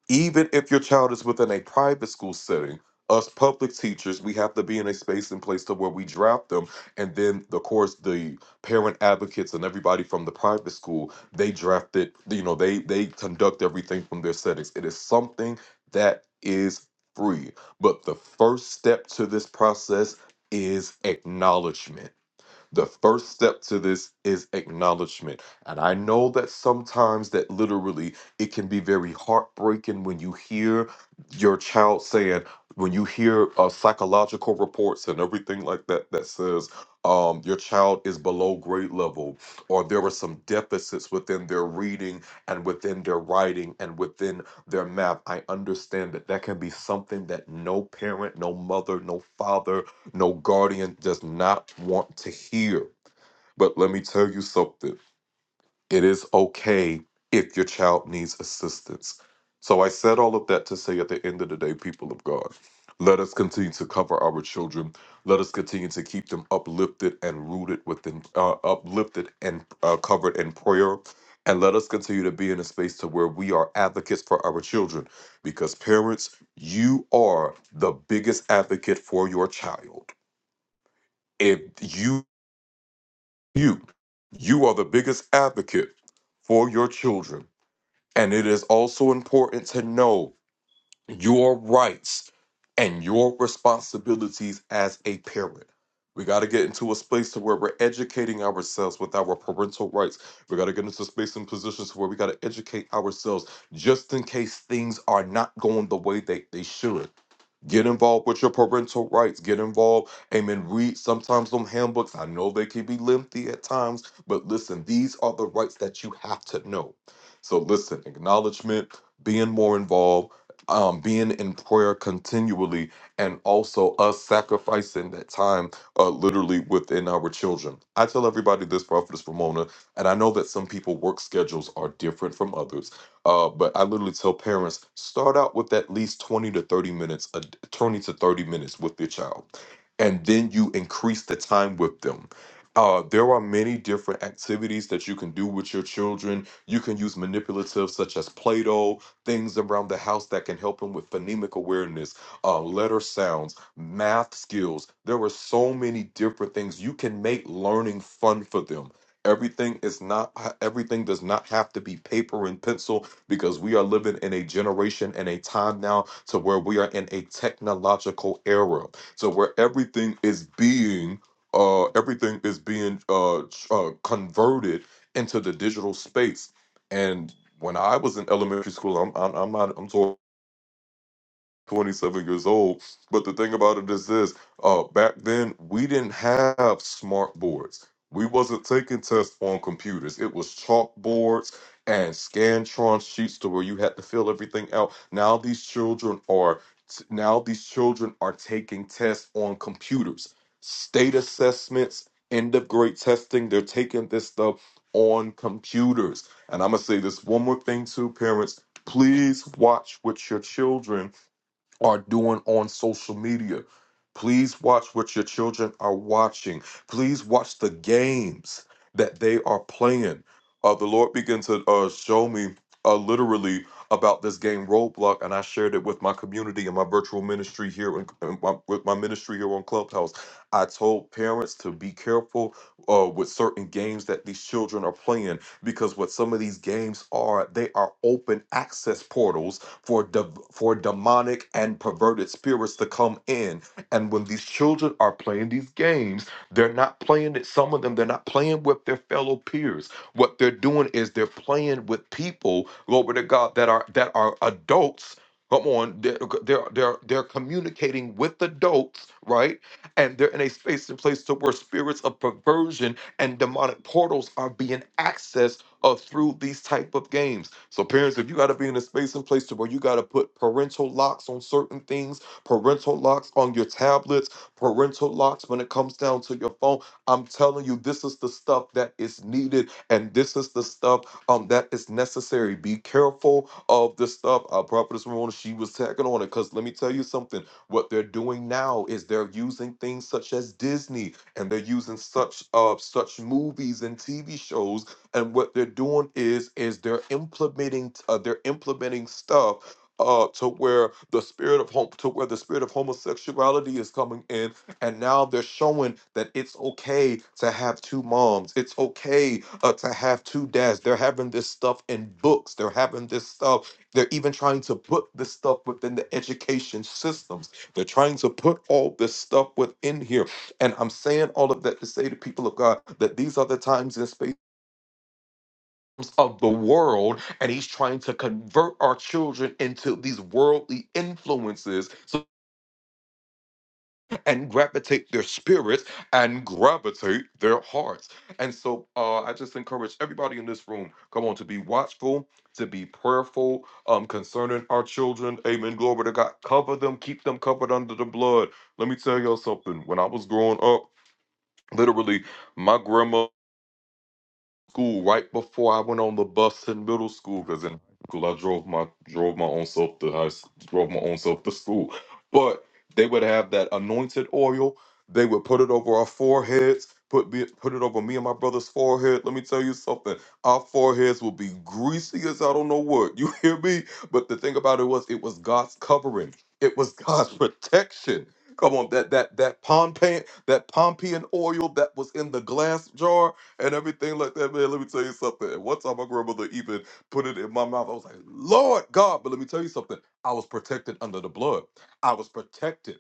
[SPEAKER 2] Even if your child is within a private school setting, us public teachers, we have to be in a space and place to where we draft them. And then, of course, the parent advocates and everybody from the private school, they draft it, you know, they they conduct everything from their settings. It is something that is free. But the first step to this process is acknowledgement the first step to this is acknowledgement. And I know that sometimes that literally it can be very heartbreaking when you hear your child saying, when you hear uh, psychological reports and everything like that that says um, your child is below grade level or there are some deficits within their reading and within their writing and within their math. I understand that that can be something that no parent, no mother, no father no guardian does not want to hear. But let me tell you something it is okay if your child needs assistance. So I said all of that to say at the end of the day, people of God, let us continue to cover our children. Let us continue to keep them uplifted and rooted within, uh, uplifted and uh, covered in prayer. And let us continue to be in a space to where we are advocates for our children. Because parents, you are the biggest advocate for your child if you you you are the biggest advocate for your children and it is also important to know your rights and your responsibilities as a parent we got to get into a space to where we're educating ourselves with our parental rights we got to get into space and positions where we got to educate ourselves just in case things are not going the way they, they should Get involved with your parental rights. Get involved. Amen. Read sometimes them handbooks. I know they can be lengthy at times, but listen, these are the rights that you have to know. So listen, acknowledgement, being more involved, um, being in prayer continually, and also us sacrificing that time uh, literally within our children. I tell everybody this, Prophetess Ramona, and I know that some people work schedules are different from others. Uh, but I literally tell parents start out with at least 20 to 30 minutes, a, d- 20 to 30 minutes with your child, and then you increase the time with them. Uh, there are many different activities that you can do with your children. You can use manipulatives such as Play Doh, things around the house that can help them with phonemic awareness, uh, letter sounds, math skills. There are so many different things. You can make learning fun for them everything is not everything does not have to be paper and pencil because we are living in a generation and a time now to where we are in a technological era so where everything is being uh everything is being uh, ch- uh converted into the digital space and when i was in elementary school i'm i'm, I'm not i'm talking 27 years old. But the thing about it is this: uh, back then we didn't have smart boards. We wasn't taking tests on computers. It was chalkboards and Scantron sheets to where you had to fill everything out. Now these children are now these children are taking tests on computers, state assessments, end of grade testing. They're taking this stuff on computers. And I'm gonna say this one more thing too, parents. Please watch with your children are doing on social media. Please watch what your children are watching. Please watch the games that they are playing. Uh, the Lord began to uh, show me uh, literally about this game Roadblock, and I shared it with my community and my virtual ministry here in, in my, with my ministry here on Clubhouse. I told parents to be careful uh, with certain games that these children are playing because what some of these games are, they are open access portals for de- for demonic and perverted spirits to come in. And when these children are playing these games, they're not playing it. Some of them they're not playing with their fellow peers. What they're doing is they're playing with people, glory to God, that are that are adults. Come on, they're they're they're, they're communicating with adults, right? And they're in a space and place to where spirits of perversion and demonic portals are being accessed uh, through these type of games. So parents, if you got to be in a space and place to where you got to put parental locks on certain things, parental locks on your tablets, parental locks when it comes down to your phone, I'm telling you, this is the stuff that is needed, and this is the stuff um that is necessary. Be careful of the stuff. Our prophetess Ramona, she was tagging on it because let me tell you something. What they're doing now is they're using things such as Disney, and they're using such uh such movies and TV shows and what they're doing is is they're implementing uh, they're implementing stuff uh, to where the spirit of home to where the spirit of homosexuality is coming in and now they're showing that it's okay to have two moms it's okay uh, to have two dads they're having this stuff in books they're having this stuff they're even trying to put this stuff within the education systems they're trying to put all this stuff within here and i'm saying all of that to say to people of god that these are the times and spaces of the world and he's trying to convert our children into these worldly influences so, and gravitate their spirits and gravitate their hearts and so uh, i just encourage everybody in this room come on to be watchful to be prayerful um, concerning our children amen glory to god cover them keep them covered under the blood let me tell y'all something when i was growing up literally my grandma school right before I went on the bus in middle school because in high school I drove my drove my own self to high s- drove my own self to school. But they would have that anointed oil. They would put it over our foreheads. Put me, put it over me and my brother's forehead. Let me tell you something. Our foreheads will be greasy as I don't know what. You hear me? But the thing about it was, it was God's covering. It was God's protection. Come on, that that that Pompeian that Pompeian oil that was in the glass jar and everything like that, man. Let me tell you something. And one time my grandmother even put it in my mouth. I was like, Lord God, but let me tell you something. I was protected under the blood. I was protected.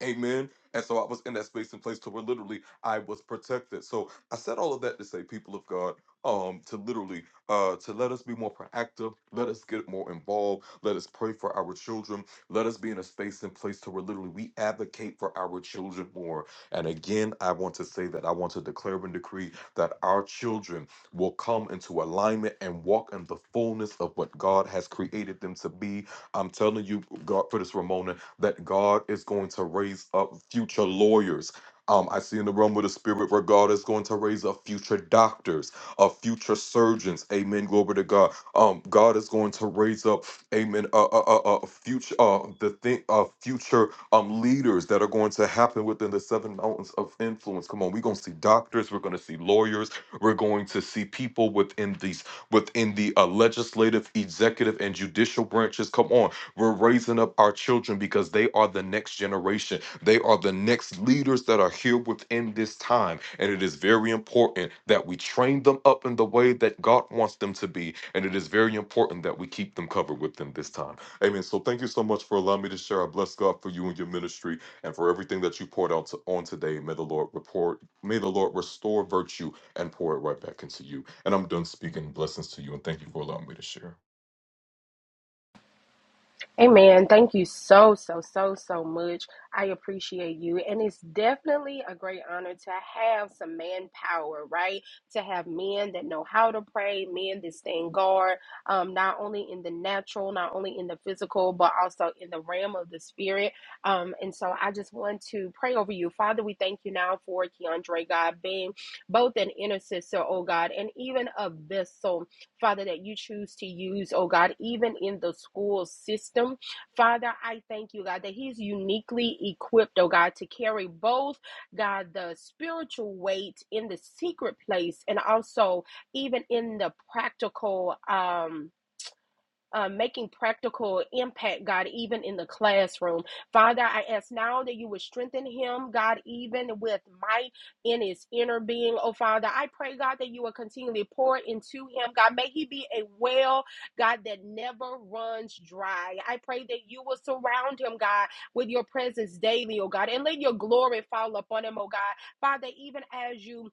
[SPEAKER 2] Amen. And so I was in that space and place to where literally I was protected. So I said all of that to say, people of God, um, to literally uh to let us be more proactive, let us get more involved, let us pray for our children, let us be in a space and place to where literally we advocate for our children more. And again, I want to say that I want to declare and decree that our children will come into alignment and walk in the fullness of what God has created them to be. I'm telling you, God, for this Ramona, that God is going to raise up future lawyers. Um, I see in the realm of the spirit where God is going to raise up future doctors, uh, future surgeons. Amen. Glory to God. Um, God is going to raise up, Amen. Uh, uh, uh, uh future, uh, the thing, uh, future um, leaders that are going to happen within the seven mountains of influence. Come on, we're going to see doctors, we're going to see lawyers, we're going to see people within these within the uh, legislative, executive, and judicial branches. Come on, we're raising up our children because they are the next generation. They are the next leaders that are here within this time, and it is very important that we train them up in the way that God wants them to be, and it is very important that we keep them covered within this time. Amen. So thank you so much for allowing me to share. I bless God for you and your ministry and for everything that you poured out to, on today. May the Lord report, may the Lord restore virtue and pour it right back into you. And I'm done speaking. Blessings to you and thank you for allowing me to share.
[SPEAKER 1] Amen. Thank you so, so, so, so much. I appreciate you. And it's definitely a great honor to have some manpower, right? To have men that know how to pray, men that stand guard, um, not only in the natural, not only in the physical, but also in the realm of the spirit. Um, and so I just want to pray over you. Father, we thank you now for Keandre, God, being both an intercessor, oh God, and even a vessel, Father, that you choose to use, oh God, even in the school system. Father, I thank you, God, that he's uniquely equipped, oh God, to carry both, God, the spiritual weight in the secret place and also even in the practical um um, making practical impact, God, even in the classroom. Father, I ask now that you would strengthen him, God, even with might in his inner being. Oh, Father, I pray, God, that you will continually pour into him. God, may he be a well, God, that never runs dry. I pray that you will surround him, God, with your presence daily, oh God, and let your glory fall upon him, oh God. Father, even as you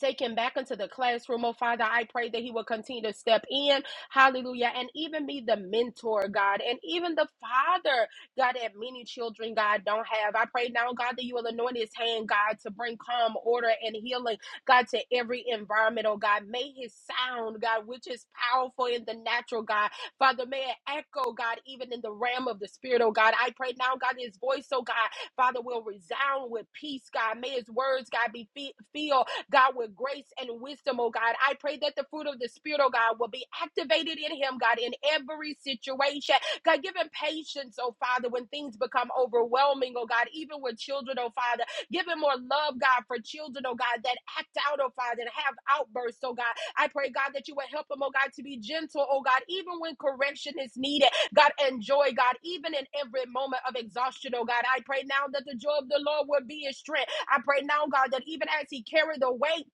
[SPEAKER 1] Take him back into the classroom. Oh, Father, I pray that he will continue to step in. Hallelujah. And even be the mentor, God, and even the father, God, that many children, God, don't have. I pray now, God, that you will anoint his hand, God, to bring calm, order, and healing, God, to every environment, oh, God. May his sound, God, which is powerful in the natural, God, Father, may it echo, God, even in the realm of the spirit, oh, God. I pray now, God, that his voice, oh, God, Father, will resound with peace, God. May his words, God, be fe- filled God, with grace and wisdom, oh God. I pray that the fruit of the Spirit, oh God, will be activated in him, God, in every situation. God, give him patience, oh Father, when things become overwhelming, oh God, even with children, oh Father. Give him more love, God, for children, oh God, that act out, oh Father, and have outbursts, oh God. I pray, God, that you would help him, oh God, to be gentle, oh God, even when correction is needed. God, enjoy, God, even in every moment of exhaustion, oh God. I pray now that the joy of the Lord would be his strength. I pray now, God, that even as he carried the weight,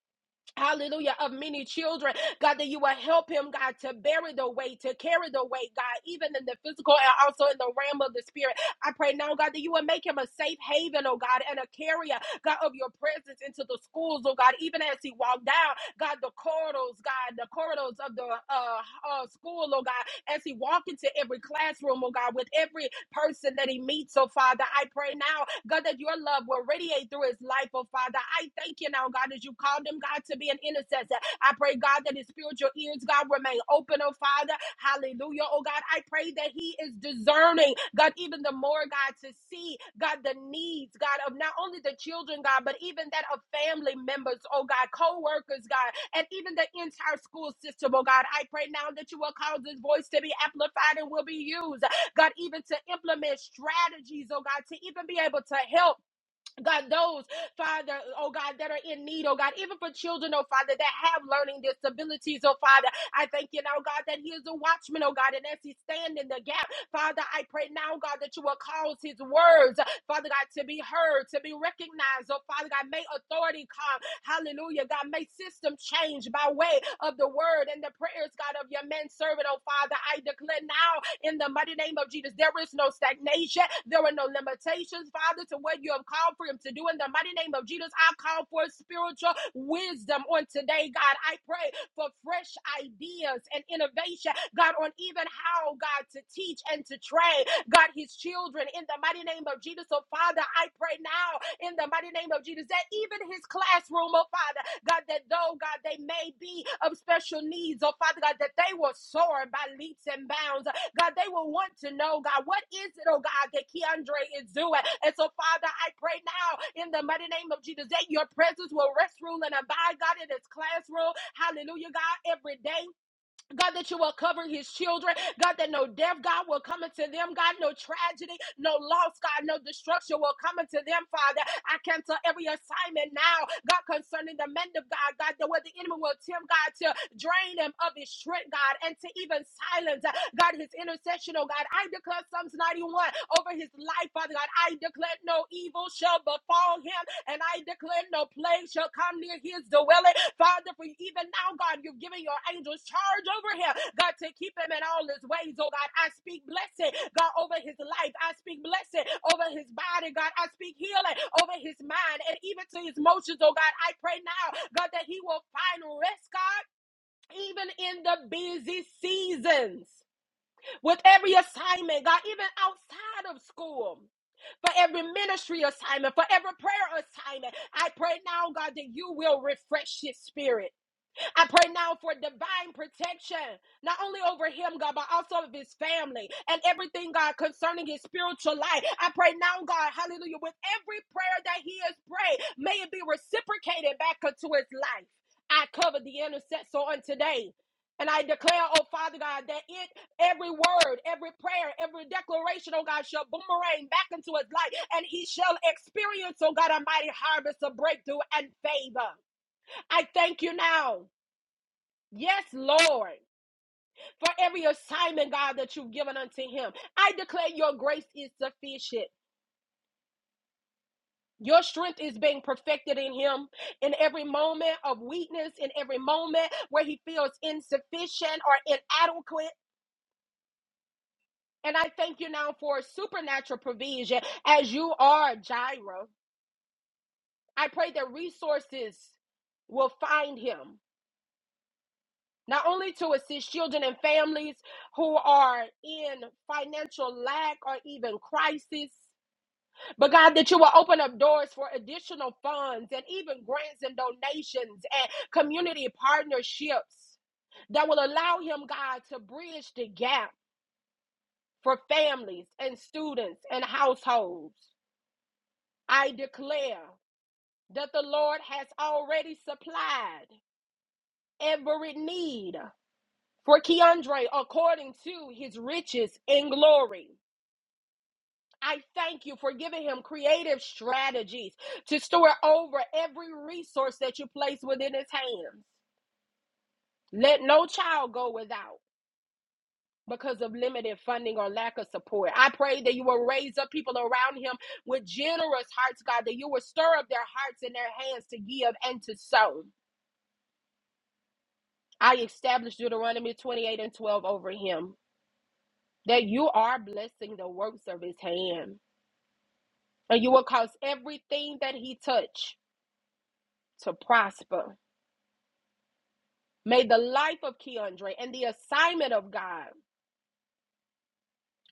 [SPEAKER 1] hallelujah, of many children, God, that you will help him, God, to bear the weight, to carry the weight, God, even in the physical and also in the realm of the spirit. I pray now, God, that you will make him a safe haven, oh God, and a carrier, God, of your presence into the schools, oh God, even as he walked down. God, the corridors, God, the corridors of the uh, uh, school, oh God, as he walk into every classroom, oh God, with every person that he meets, oh Father, I pray now, God, that your love will radiate through his life, oh Father. I thank you now, God, as you called him, God, to be an intercessor. I pray, God, that his spiritual ears, God, remain open open, oh Father. Hallelujah. Oh God, I pray that He is discerning, God, even the more, God, to see, God, the needs, God, of not only the children, God, but even that of family members, oh God, co workers, God, and even the entire school system, oh God. I pray now that you will cause this voice to be amplified and will be used, God, even to implement strategies, oh God, to even be able to help. God, those, Father, oh God, that are in need, oh God, even for children, oh Father, that have learning disabilities, oh Father, I thank you now, God, that He is a watchman, oh God, and as He stand in the gap, Father, I pray now, God, that you will cause His words, Father God, to be heard, to be recognized, oh Father God, may authority come, hallelujah, God, may system change by way of the word and the prayers, God, of your men servant, oh Father, I declare now, in the mighty name of Jesus. There is no stagnation. There are no limitations, Father, to what you have called for him to do. In the mighty name of Jesus, I call for spiritual wisdom on today, God. I pray for fresh ideas and innovation, God, on even how, God, to teach and to train, God, his children in the mighty name of Jesus. So, Father, I pray now in the mighty name of Jesus that even his classroom, oh Father, God, that though, God, they may be of special needs, oh Father, God, that they will soar by leaps and bounds God, they will want to know, God, what is it, oh God, that Keandre is doing? And so, Father, I pray now in the mighty name of Jesus that your presence will rest, rule, and abide, God, in this classroom. Hallelujah, God, every day. God, that you will cover his children. God, that no death, God, will come into them. God, no tragedy, no loss, God, no destruction will come into them, Father. I cancel every assignment now, God, concerning the men of God, God, that where the enemy will attempt, God, to drain him of his strength, God, and to even silence, uh, God, his intercession, oh God. I declare Psalms 91 over his life, Father God. I declare that no evil shall befall him, and I declare no plague shall come near his dwelling. Father, for even now, God, you're giving your angels charge over him, God, to keep him in all his ways. Oh God, I speak blessing, God, over his life. I speak blessing over his body, God. I speak healing over his mind and even to his emotions, oh God. I pray now, God, that he will find rest, God, even in the busy seasons with every assignment, God, even outside of school for every ministry assignment, for every prayer assignment. I pray now, God, that you will refresh his spirit. I pray now for divine protection, not only over him, God, but also of his family and everything, God, concerning his spiritual life. I pray now, God, hallelujah, with every prayer that he has prayed, may it be reciprocated back unto his life. I cover the intercessor on today. And I declare, oh Father God, that it, every word, every prayer, every declaration, oh God, shall boomerang back into his life, and he shall experience, oh God, a mighty harvest of breakthrough and favor. I thank you now. Yes, Lord, for every assignment, God, that you've given unto him. I declare your grace is sufficient. Your strength is being perfected in him in every moment of weakness, in every moment where he feels insufficient or inadequate. And I thank you now for supernatural provision as you are Jireh. I pray that resources will find him, not only to assist children and families who are in financial lack or even crisis, But God, that you will open up doors for additional funds and even grants and donations and community partnerships that will allow Him, God, to bridge the gap for families and students and households. I declare that the Lord has already supplied every need for Keandre according to His riches in glory. I thank you for giving him creative strategies to store over every resource that you place within his hands. Let no child go without because of limited funding or lack of support. I pray that you will raise up people around him with generous hearts, God, that you will stir up their hearts and their hands to give and to sow. I establish Deuteronomy 28 and 12 over him, that you are blessing the works of his hand, and you will cause everything that he touch to prosper. May the life of Keandre and the assignment of God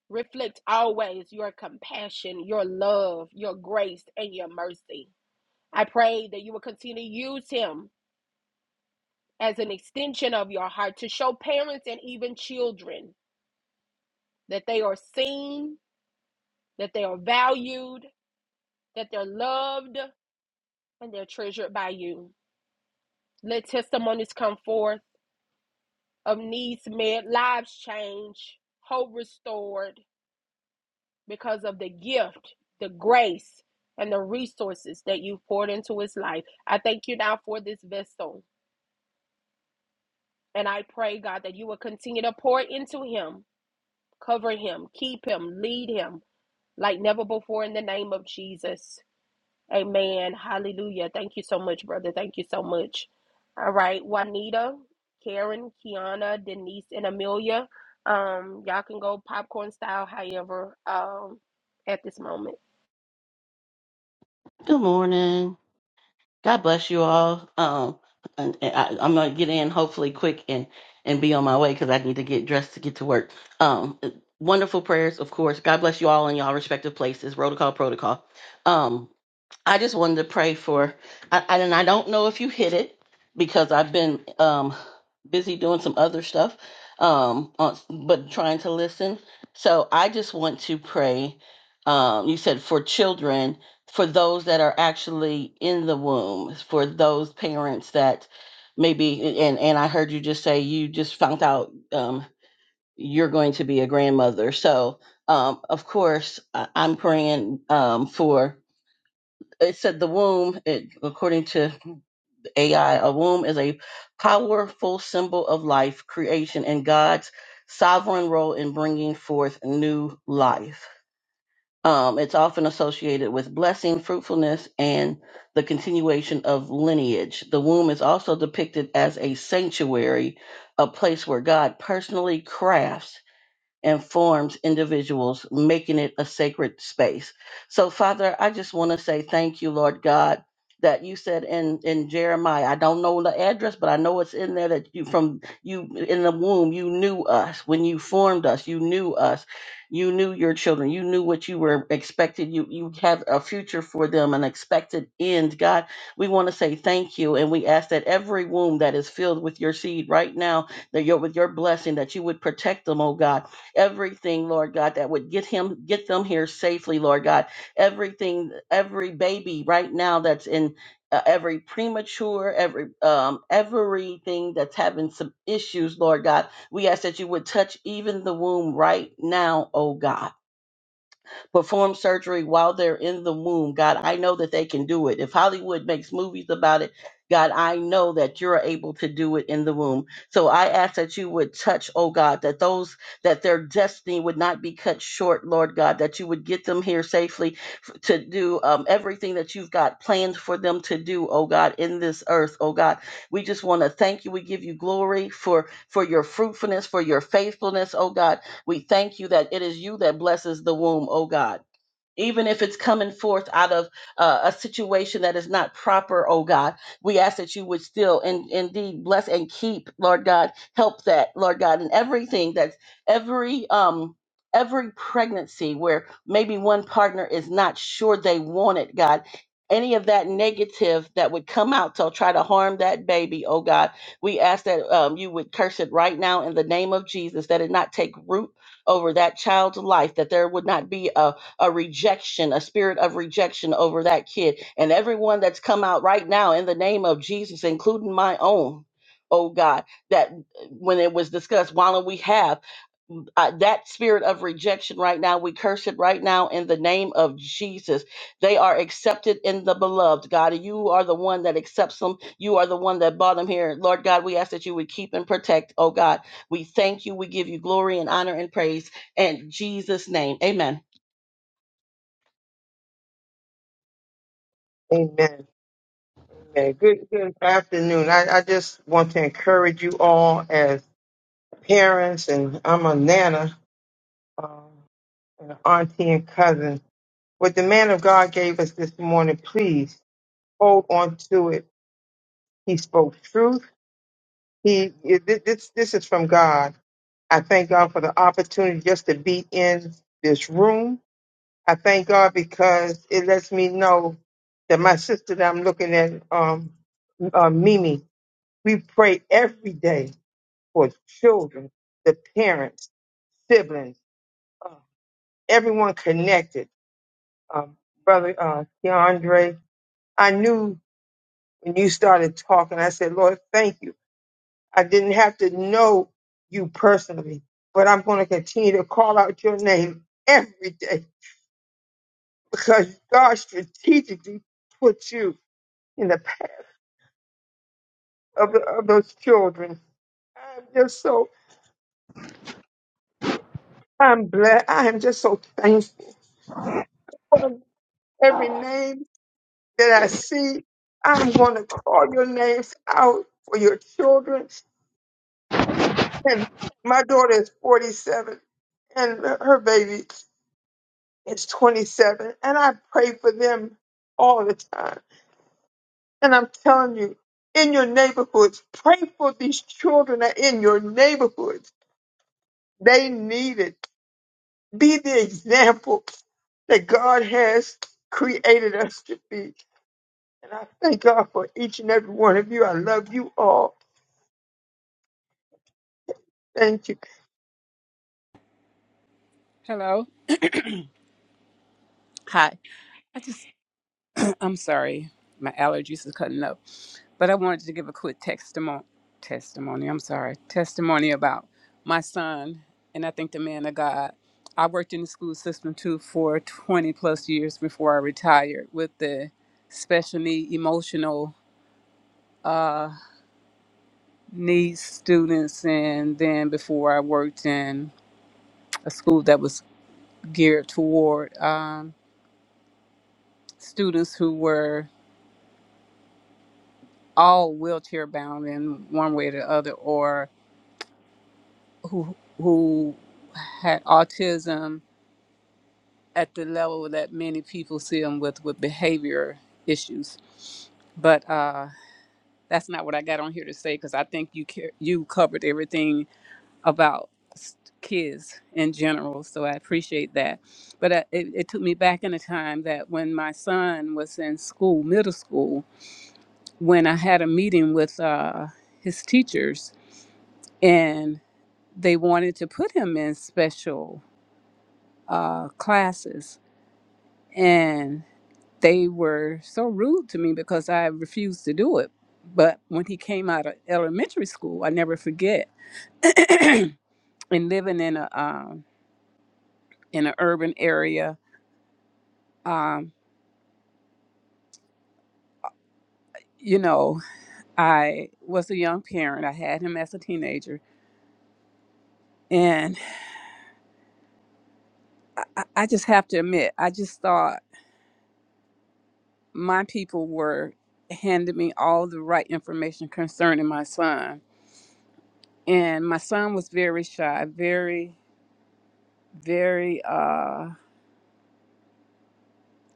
[SPEAKER 1] reflect always your compassion, your love, your grace, and your mercy. I pray that you will continue to use him as an extension of your heart to show parents and even children that they are seen, that they are valued, that they're loved, and they're treasured by you. Let testimonies come forth of needs met, lives changed, hope restored, because of the gift, the grace, and the resources that you've poured into his life. I thank you now for this vessel. And I pray, God, that you will continue to pour into him, cover him, keep him, lead him like never before in the name of Jesus. Amen. Hallelujah. Thank you so much, brother. Thank you so much. All right. Juanita, Karen, Kiana, Denise, and Amelia. Um, y'all can go popcorn style, however, um, at this moment.
[SPEAKER 3] Good morning. God bless you all. Um, and, and I, I'm gonna get in hopefully quick and and be on my way because I need to get dressed to get to work. Um, wonderful prayers, of course. God bless you all in y'all respective places. Protocol, protocol. Um, I just wanted to pray for, I, I- and I don't know if you hit it because I've been um, busy doing some other stuff, um, on, but trying to listen. So I just want to pray. Um, you said for children, for those that are actually in the womb, for those parents that maybe, and and I heard you just say you just found out um, you're going to be a grandmother. So um, of course I, I'm praying um, for it said the womb, it, according to AI, a womb is a powerful symbol of life, creation, and God's sovereign role in bringing forth new life. Um, it's often associated with blessing, fruitfulness, and the continuation of lineage. The womb is also depicted as a sanctuary, a place where God personally crafts and forms individuals, making it a sacred space. So, Father, I just want to say thank you, Lord God, that you said in in Jeremiah. I don't know the address, but I know it's in there that you from you in the womb, you knew us when you formed us, you knew us, you knew your children, you knew what you were expected. You you have a future for them, an expected end. God, we want to say thank you, and we ask that every womb that is filled with your seed right now, that you're with your blessing, that you would protect them, oh God everything, Lord God, that would get him, get them here safely, Lord God. Everything, every baby right now that's in uh, every premature, every um, everything that's having some issues, Lord God, we ask that you would touch even the womb right now, oh God perform surgery while they're in the womb. God, I know that they can do it. If Hollywood makes movies about it, God, I know that you're able to do it in the womb. So I ask that you would touch, oh God, that those that their destiny would not be cut short, Lord God, that you would get them here safely f- to do um, everything that you've got planned for them to do, oh God, in this earth, oh God. We just want to thank you. We give you glory for for your fruitfulness, for your faithfulness, oh God. We thank you that it is you that blesses the womb, O God even if it's coming forth out of uh, a situation that is not proper, oh God, we ask that you would still and indeed bless and keep, Lord God, help that, Lord God, and everything that's every um every pregnancy where maybe one partner is not sure they want it, God. Any of that negative that would come out to try to harm that baby, oh God, we ask that um, you would curse it right now in the name of Jesus, that it not take root over that child's life, that there would not be a a rejection, a spirit of rejection over that kid. And everyone that's come out right now in the name of Jesus, including my own, oh God, that when it was discussed, why don't we have uh, that spirit of rejection right now? We curse it right now in the name of Jesus. They are accepted in the beloved, God. And you are the one that accepts them. You are the one that brought them here. Lord God, we ask that you would keep and protect, oh God. We thank you. We give you glory and honor and praise. In Jesus' name, amen.
[SPEAKER 4] Amen. Amen. Good good afternoon. I, I just want to encourage you all as parents, and I'm a nana, um, and an auntie and cousin. What the man of God gave us this morning, please hold on to it. He spoke truth. He it- thi- this this is from God. I thank God for the opportunity just to be in this room. I thank God because it lets me know that my sister that I'm looking at, um, uh, Mimi, We pray every day for children, the parents, siblings, uh, everyone connected. Um, Brother uh, Keandre, I knew when you started talking, I said, Lord, thank you. I didn't have to know you personally, but I'm going to continue to call out your name every day because God strategically put you in the path of, of those children. I'm just so, I'm blessed. I am just so thankful Every name that I see, I'm going to call your names out for your children.
[SPEAKER 5] Thank
[SPEAKER 4] And my daughter is 47 and her baby is 27. And I pray for them all the time. And I'm telling you, in your neighborhoods, pray for these children that are in your neighborhoods. They need it. Be the example that God has created us to be. And I thank God for each and every one of you. I love you all. Thank you.
[SPEAKER 6] Hello. Hi. I just, I'm sorry, my allergies are cutting up, but I wanted to give a quick testimony. Testimony. I'm sorry. Testimony about my son, and I think the man of God. I worked in the school system too for 20 plus years before I retired with the special need, emotional uh, needs students, and then before I worked in a school that was geared toward um, students who were all wheelchair bound in one way or the other, or who who had autism at the level that many people see them with with behavior issues. But uh, that's not what I got on here to say because I think you ca- you covered everything about s- kids in general. So I appreciate that. But uh, it, it took me back in a time that when my son was in school, middle school, when I had a meeting with uh, his teachers they wanted to put him in special uh, classes and they were so rude to me because I refused to do it. But when he came out of elementary school, I never forget. and living in a um, in an urban area, um, you know, I was a young parent. I had him as a teenager, and I, I I just have to admit, I just thought my people were handing me all the right information concerning my son and my son was very shy very very uh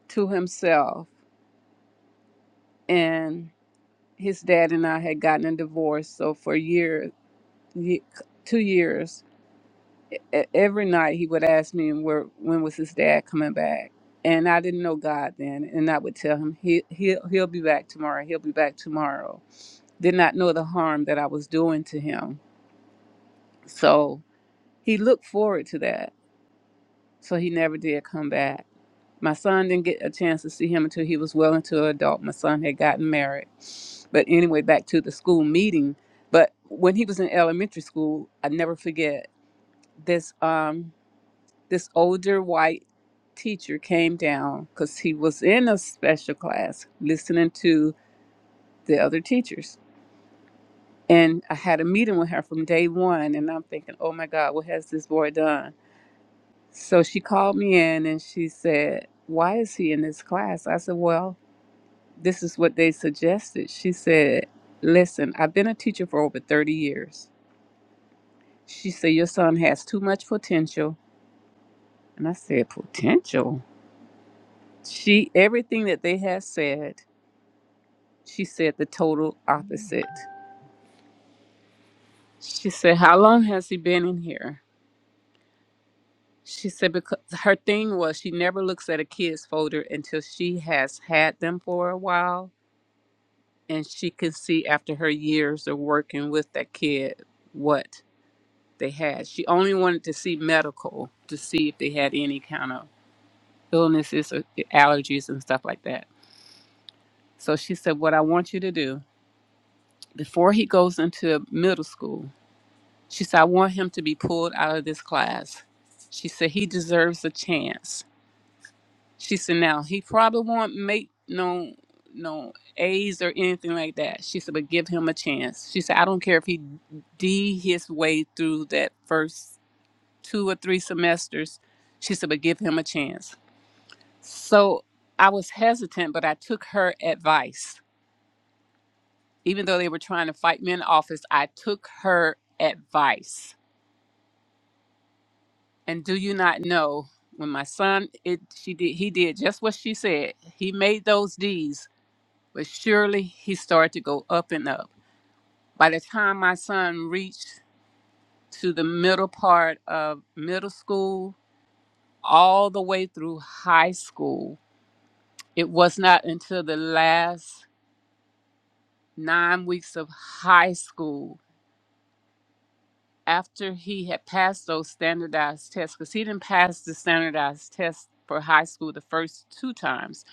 [SPEAKER 6] to himself and his dad and i had gotten a divorce so for years two years e- e, every night he would ask me where when was his dad coming back and i didn't know god then and i would tell him he he'll, he'll be back tomorrow he'll be back tomorrow did not know the harm that i was doing to him so he looked forward to that so he never did come back My son didn't get a chance to see him until he was well into adult. My son had gotten married. But anyway, back to the school meeting. But when he was in elementary school, I never forget this um this older white teacher came down because he was in a special class listening to the other teachers. And I had a meeting with her from day one and I'm thinking, oh my God, what has this boy done? So she called me in and she said, Why is he in this class? I said, Well, This is what they suggested. She said, Listen, I've been a teacher for over 30 years. She said, Your son has too much potential. And I said, Potential? She, everything that they had said, she said the total opposite. She said, How long has he been in here? She said, Because her thing was she never looks at a kid's folder until she has had them for a while and she can see after her years of working with that kid what they had. She only wanted to see medical to see if they had any kind of illnesses or allergies and stuff like that. So she said, What I want you to do before he goes into middle school, she said, I want him to be pulled out of this class. She said, He deserves a chance. She said, Now, he probably won't make no no A's or anything like that. She said, but give him a chance. She said, I don't care if he D his way through that first two or three semesters. She said, but give him a chance. So I was hesitant, but I took her advice. Even though they were trying to fight me in office, I took her advice. And do you not know when my son it she did he did just what she said. He made those D's, but surely he started to go up and up. By the time my son reached to the middle part of middle school, all the way through high school, It was not until the last nine weeks of high school after he had passed those standardized tests, because he didn't pass the standardized test for high school the first two times.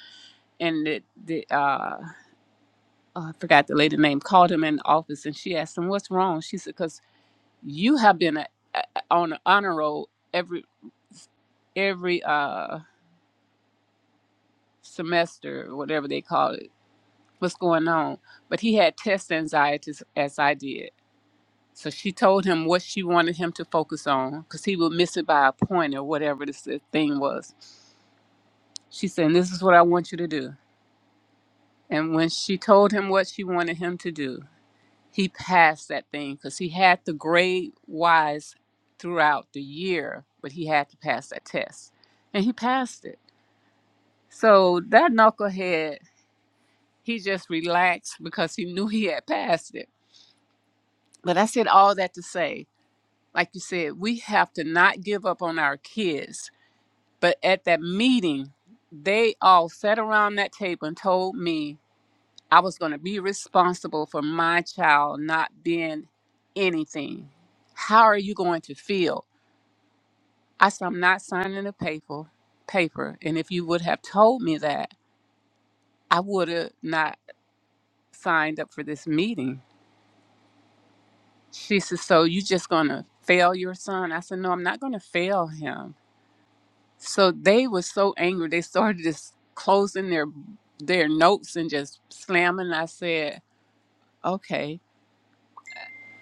[SPEAKER 6] And the, the uh, oh, I forgot the lady name called him in the office and she asked him, What's wrong? She said, Because you have been a, a, on an honor roll every every uh semester or whatever they call it what's going on but he had test anxieties as i did So she told him what she wanted him to focus on because he would miss it by a point or whatever this the thing was. She said, This is what I want you to do. And when she told him what she wanted him to do, he passed that thing because he had the grade wise throughout the year, but he had to pass that test. And he passed it. So that knucklehead, he just relaxed because he knew he had passed it. But I said all that to say, like you said, we have to not give up on our kids But at that meeting, they all sat around that table and told me I was going to be responsible for my child not being anything. How are you going to feel? I said, I'm not signing the paper. Paper, and if you would have told me that, I would have not signed up for this meeting. She said, "So you just gonna fail your son?" I said, "No, I'm not gonna fail him. So they were so angry. They started just closing their their notes and just slamming. I said, "Okay."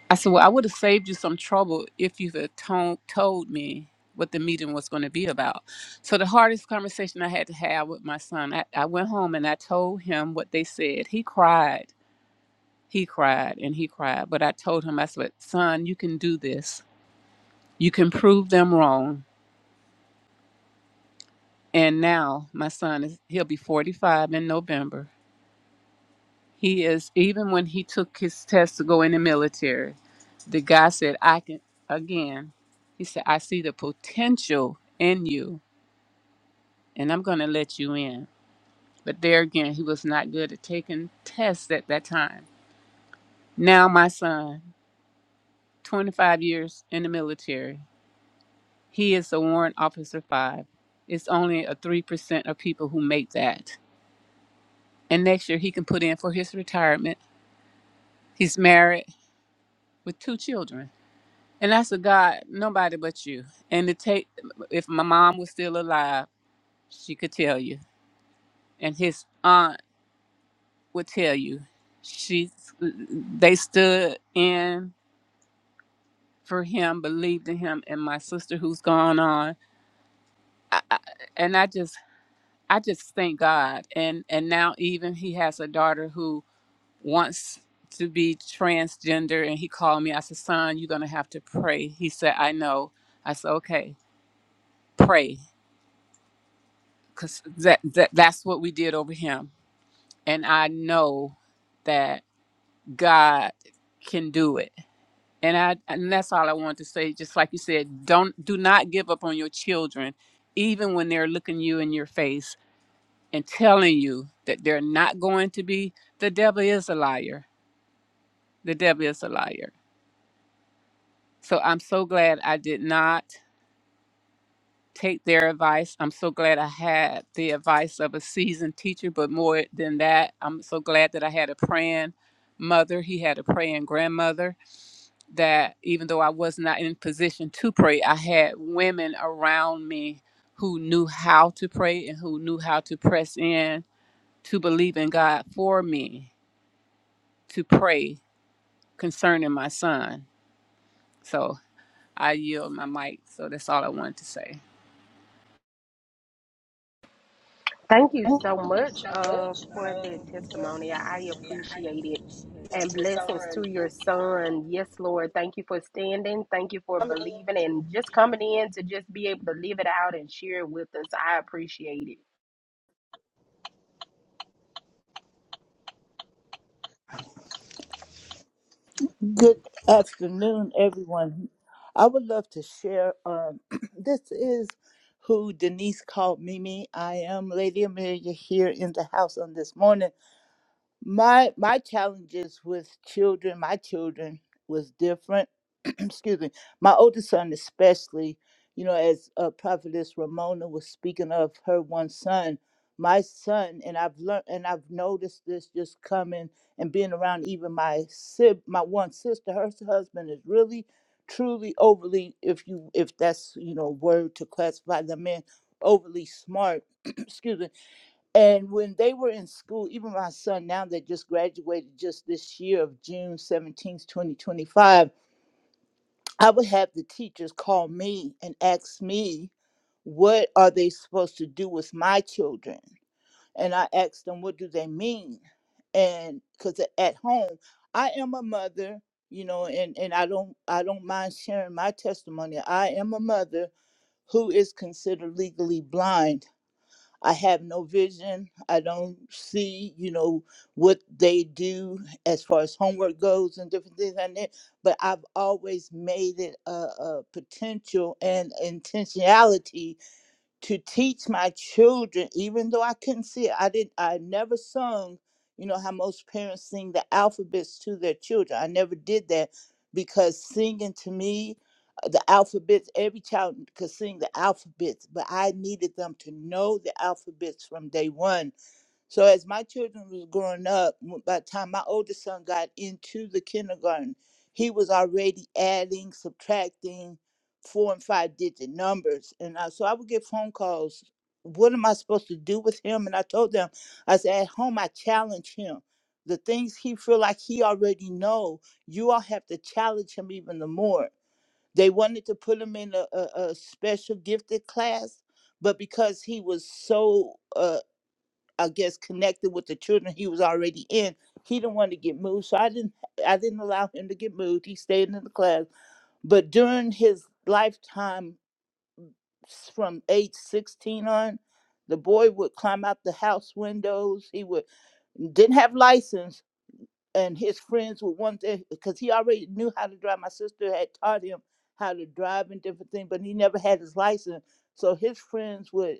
[SPEAKER 6] I said, "Well, I would have saved you some trouble if you had told told me what the meeting was going to be about." So the hardest conversation I had to have with my son, I, I went home and I told him what they said. He cried. He cried and he cried, but I told him, I said, "Son, you can do this. You can prove them wrong." And now my son is—he'll be 45 in November He is even when he took his test to go in the military, the guy said, I can again, he said, I see the potential in you and I'm gonna let you in. But there again, he was not good at taking tests at that time. Now my son, twenty five years in the military, he is a warrant officer five. It's only a three percent of people who make that. And next year he can put in for his retirement. He's married with two children And that's a God, nobody but you. And to take, if my mom was still alive, she could tell you, and his aunt would tell you. She, they stood in for him, believed in him, and my sister who's gone on. I, I, and I just, I just thank God. And and now even he has a daughter who wants to be transgender, and he called me. I said, son, you're gonna have to pray. He said, I know. I said, okay, pray because that, that that's what we did over him and i know that god can do it and i and that's all i want to say just like you said don't do not give up on your children even when they're looking you in your face and telling you that they're not going to be the devil is a liar the devil is a liar so i'm so glad i did not take their advice. I'm so glad I had the advice of a seasoned teacher, but more than that, I'm so glad that I had a praying mother. He had a praying grandmother that even though I was not in position to pray, I had women around me who knew how to pray and who knew how to press in to believe in God for me to pray concerning my son. So I yield my mic. So that's all I wanted to say.
[SPEAKER 1] Thank you so
[SPEAKER 5] you
[SPEAKER 1] much
[SPEAKER 5] so
[SPEAKER 1] uh,
[SPEAKER 5] much
[SPEAKER 1] for the
[SPEAKER 5] um, for
[SPEAKER 1] testimony. I I
[SPEAKER 5] this. Yeah, I
[SPEAKER 1] appreciate it.
[SPEAKER 5] appreciate
[SPEAKER 1] And
[SPEAKER 5] it. Miss
[SPEAKER 1] blessings to
[SPEAKER 5] Lauren.
[SPEAKER 1] your
[SPEAKER 5] Yes, Lord. Thank
[SPEAKER 1] son.
[SPEAKER 5] you
[SPEAKER 1] Yes, Lord. Thank you for standing. Thank you for
[SPEAKER 5] for coming in.
[SPEAKER 1] believing and just coming in to just be able to live it out and share it with us. I appreciate it.
[SPEAKER 7] Good afternoon, everyone. I would love to share. Um, this is who Denise called Mimi. I am Lady Amelia here in the house on this morning. My my challenges with children, my children was different. Excuse me. My oldest son especially, you know, as uh, prophetess Ramona was speaking of her one son, my son and I've learned and I've noticed this just coming and being around even my sib my one sister, her s- husband is really truly overly if you if that's, you know, word to classify the man overly smart. Excuse me and when they were in school, even my son now that just graduated just this year of June 17th, 2025, I would have the teachers call me and ask me, what are they supposed to do with my children? And I asked them, what do they mean? And because at home, I am a mother, you know, and, and I don't I don't mind sharing my testimony. I am a mother who is considered legally blind I have no vision. I don't see, you know, what they do as far as homework goes and different things like that. But I've always made it a, a potential and intentionality to teach my children, even though I couldn't see it, I did I never sung, you know, how most parents sing the alphabets to their children. I never did that because singing to me, uh, the alphabets, every child could sing the alphabets, but I needed them to know the alphabets from day one so as my children was growing up, w- by the time my oldest son got into the kindergarten, he was already adding, subtracting four and five digit numbers. And I, so I would get phone calls. What am I supposed to do with him? And I told them, I said, at home, I challenge him. The things he feel like he already know, you all have to challenge him even the more. They wanted to put him in a, a, a special gifted class, but because he was so uh. I guess connected with the children he was already in. He didn't want to get moved, so I didn't I didn't allow him to get moved. He stayed in the class. But during his lifetime s- from age 16 on, the boy would climb out the house windows. He would didn't have license and his friends would want to because he already knew how to drive. My sister had taught him how to drive and different things, but he never had his license. So his friends would,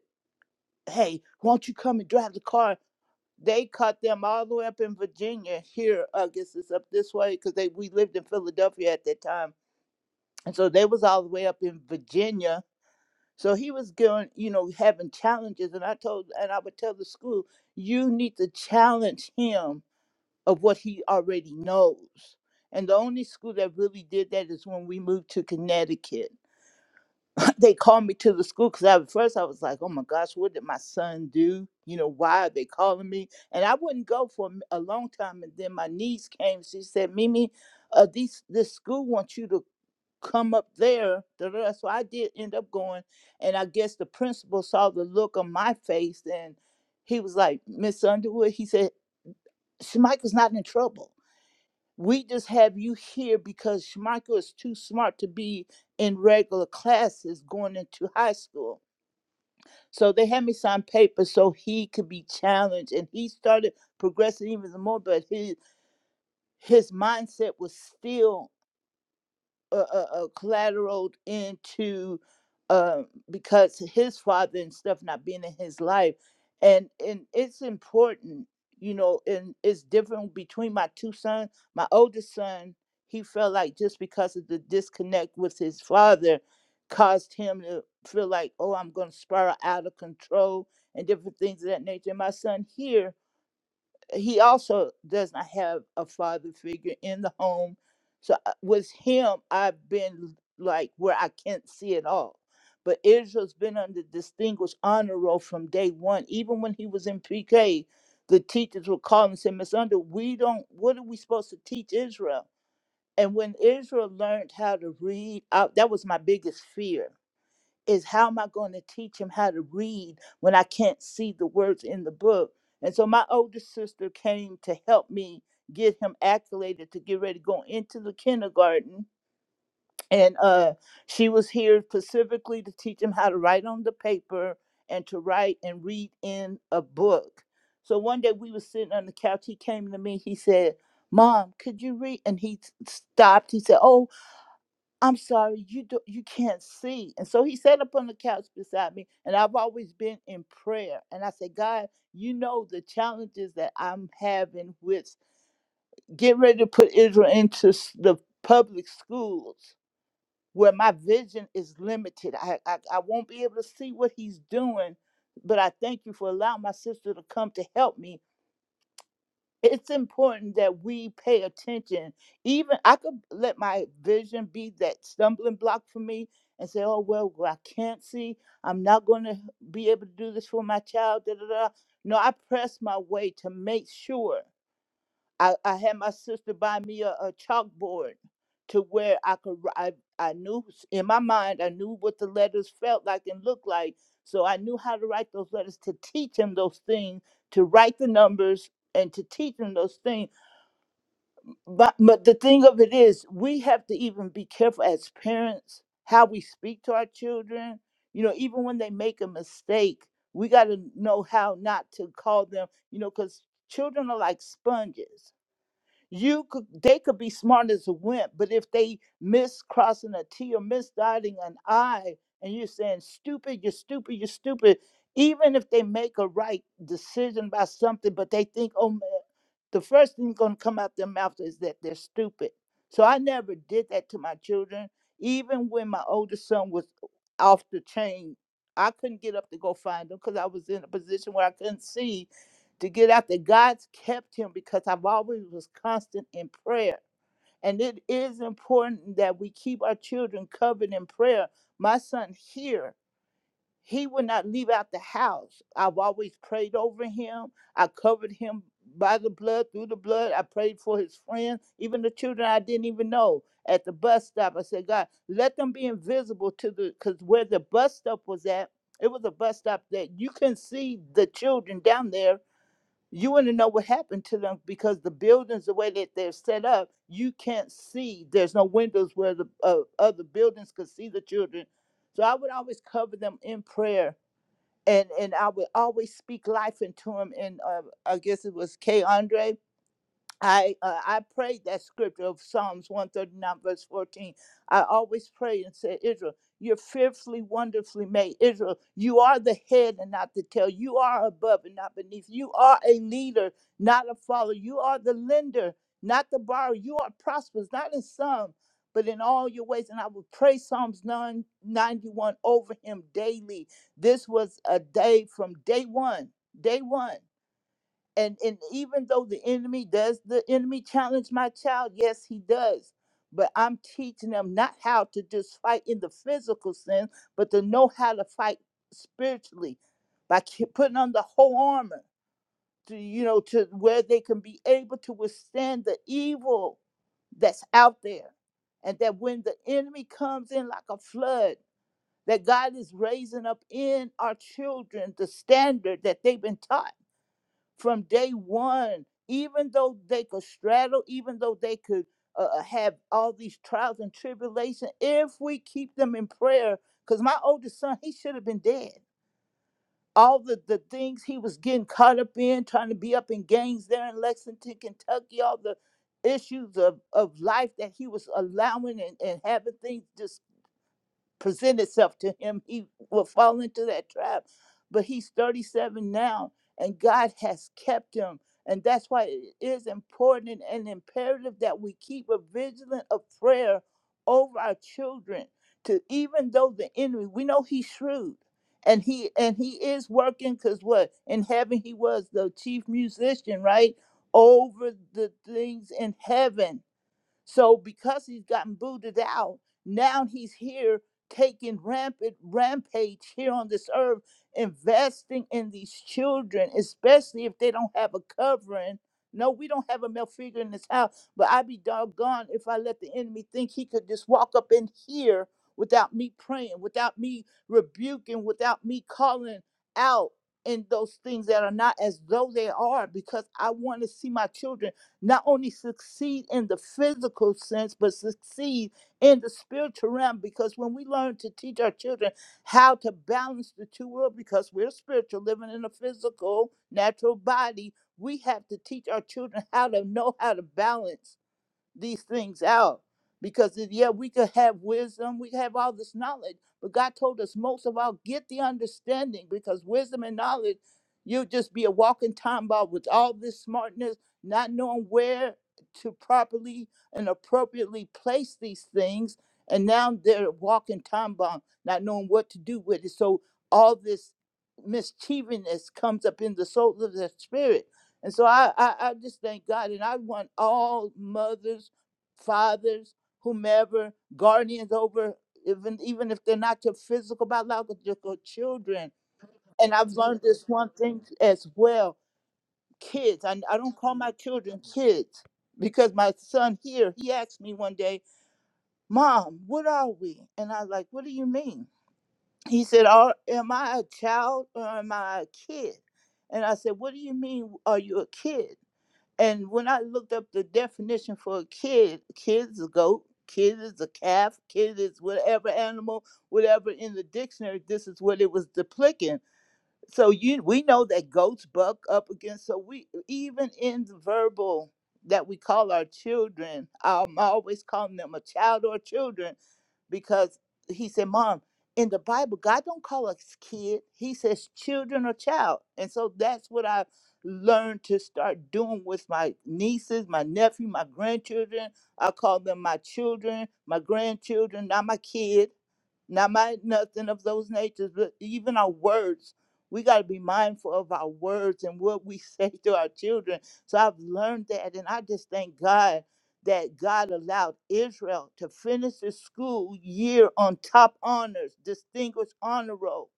[SPEAKER 7] hey, won't you come and drive the car? they caught them all the way up in Virginia. Here, I guess it's up this way because they we lived in Philadelphia at that time, and so they was all the way up in Virginia. So he was going, you know, having challenges, and I told, and I would tell the school, you need to challenge him of what he already knows. And the only school that really did that is when we moved to Connecticut they called me to the school because at first I was like, oh my gosh, what did my son do? You know, why are they calling me? And I wouldn't go for a m- a long time. And then my niece came. She said, Mimi, uh, these, this school wants you to come up there. da, da, da. So I did end up going. And I guess the principal saw the look on my face and he was like, Miss Underwood, he said, Schmeichel's not in trouble. We just have you here because Schmeichel is too smart to be in regular classes going into high school. So they had me sign papers so he could be challenged, and he started progressing even more. But his his mindset was still uh, uh, uh, collateraled into uh, because his father and stuff not being in his life, and and it's important, you know, and it's different between my two sons. My oldest son, he felt like just because of the disconnect with his father, caused him to feel like, oh, I'm going to spiral out of control and different things of that nature. And my son here, he also does not have a father figure in the home. So I- with him, I've been like where I can't see it all. But Israel's been on the distinguished honor roll from day one. Even when he was in PK, the teachers would call and say, Miss Under, we don't, what are we supposed to teach Israel? And when Israel learned how to read, I, that was my biggest fear is how am I going to teach him how to read when I can't see the words in the book? And so my older sister came to help me get him acclimated to get ready to go into the kindergarten. And uh, she was here specifically to teach him how to write on the paper and to write and read in a book. So one day we were sitting on the couch. He came to me. He said, Mom, could you read? And he stopped. He said, Oh, I'm sorry, you do, you can't see. And so he sat up on the couch beside me, and I've always been in prayer. And I said, God, you know the challenges that I'm having with getting ready to put Israel into s- the public schools where my vision is limited. I, I, I won't be able to see what he's doing, but I thank you for allowing my sister to come to help me it's important that we pay attention. Even I could let my vision be that stumbling block for me and say, oh, well, well, I can't see. I'm not going to be able to do this for my child. Da, da, da. No, I press my way to make sure. I, I had my sister buy me a, a chalkboard to where I could wri- I, I knew s- in my mind I knew what the letters felt like and looked like. So I knew how to write those letters to teach him those things, to write the numbers and to teach him those things. But but the thing of it is we have to even be careful as parents how we speak to our children. You know, even when they make a mistake, we gotta know how not to call them, you know, because children are like sponges you could they could be smart as a wimp but if they miss crossing a t or miss dotting an i and you're saying stupid you're stupid you're stupid even if they make a right decision about something but they think oh man the first thing going to come out their mouth is that they're stupid so i never did that to my children even when my oldest son was off the chain i couldn't get up to go find him because i was in a position where i couldn't see to get out there. God's kept him because I've always was constant in prayer. And it is important that we keep our children covered in prayer. My son here, he would not leave out the house. I've always prayed over him. I covered him by the blood, through the blood. I prayed for his friends, even the children I didn't even know at the bus stop. I said, God, let them be invisible to the, because where the bus stop was at, it was a bus stop that you can see the children down there you want to know what happened to them because the buildings the way that they're set up you can't see there's no windows where the uh, other buildings could see the children so i would always cover them in prayer and and i would always speak life into them and uh, i guess it was k andre I uh, I prayed that scripture of Psalms 139 verse 14. I always pray and say, Israel, you're fearfully, wonderfully made. Israel, you are the head and not the tail. You are above and not beneath. You are a leader, not a follower. You are the lender, not the borrower. You are prosperous, not in some, but in all your ways. And I would pray Psalms 9 91 over him daily. This was a day from day one, day one and and even though the enemy does the enemy challenge my child yes he does but i'm teaching them not how to just fight in the physical sense but to know how to fight spiritually by ki- putting on the whole armor to you know to where they can be able to withstand the evil that's out there and that when the enemy comes in like a flood that god is raising up in our children the standard that they've been taught from day one, even though they could straddle, even though they could uh, uh, have all these trials and tribulation, if we keep them in prayer, because my oldest son, he should have been dead. All the, the things he was getting caught up in, trying to be up in gangs there in Lexington, Kentucky, all the issues of, of life that he was allowing and, and having things just present itself to him, he will fall into that trap. But he's 37 now, and God has kept him. And that's why it is important and imperative that we keep a vigilant of prayer over our children. To even though the enemy, we know he's shrewd, and he and he is working because what in heaven he was the chief musician, right? Over the things in heaven so because he's gotten booted out, now he's here taking rampant rampage here on this earth, investing in these children, especially if they don't have a covering. No, we don't have a male figure in this house, but I'd be doggone if I let the enemy think he could just walk up in here without me praying, without me rebuking, without me calling out in those things that are not as though they are, because I want to see my children not only succeed in the physical sense, but succeed in the spiritual realm. Because when we learn to teach our children how to balance the two worlds, because we're spiritual, living in a physical, natural body, we have to teach our children how to know how to balance these things out because if, yeah we could have wisdom we have all this knowledge but god told us most of all get the understanding because wisdom and knowledge you'll just be a walking time bomb with all this smartness not knowing where to properly and appropriately place these things and now they're a walking time bomb not knowing what to do with it so all this mischievousness comes up in the soul of the spirit and so I, I, I just thank God. And I want all mothers, fathers, whomever, guardians over, even even if they're not your physical, biological children. And I've learned this one thing as well kids. I, I don't call my children kids because my son here, he asked me one day, Mom, what are we? And I was like, What do you mean? He said, are, Am I a child or am I a kid? And I said, What do you mean? Are you a kid? And when I looked up the definition for a kid, kid is a goat, kid is a calf, kid is whatever animal, whatever in the dictionary, this is what it was depicting. So you we know that goats buck up against so we even in the verbal that we call our children, I'm always calling them a child or children because he said, Mom, in the Bible, God don't call us kid. He says children or child. And so that's what I learned to start doing with my nieces, my nephew, my grandchildren. I call them my children, my grandchildren, not my kid not my nothing of those natures, but even our words. We got to be mindful of our words and what we say to our children. So I've learned that, and I just thank God that God allowed Israel to finish the school year on top honors, distinguished honor roll,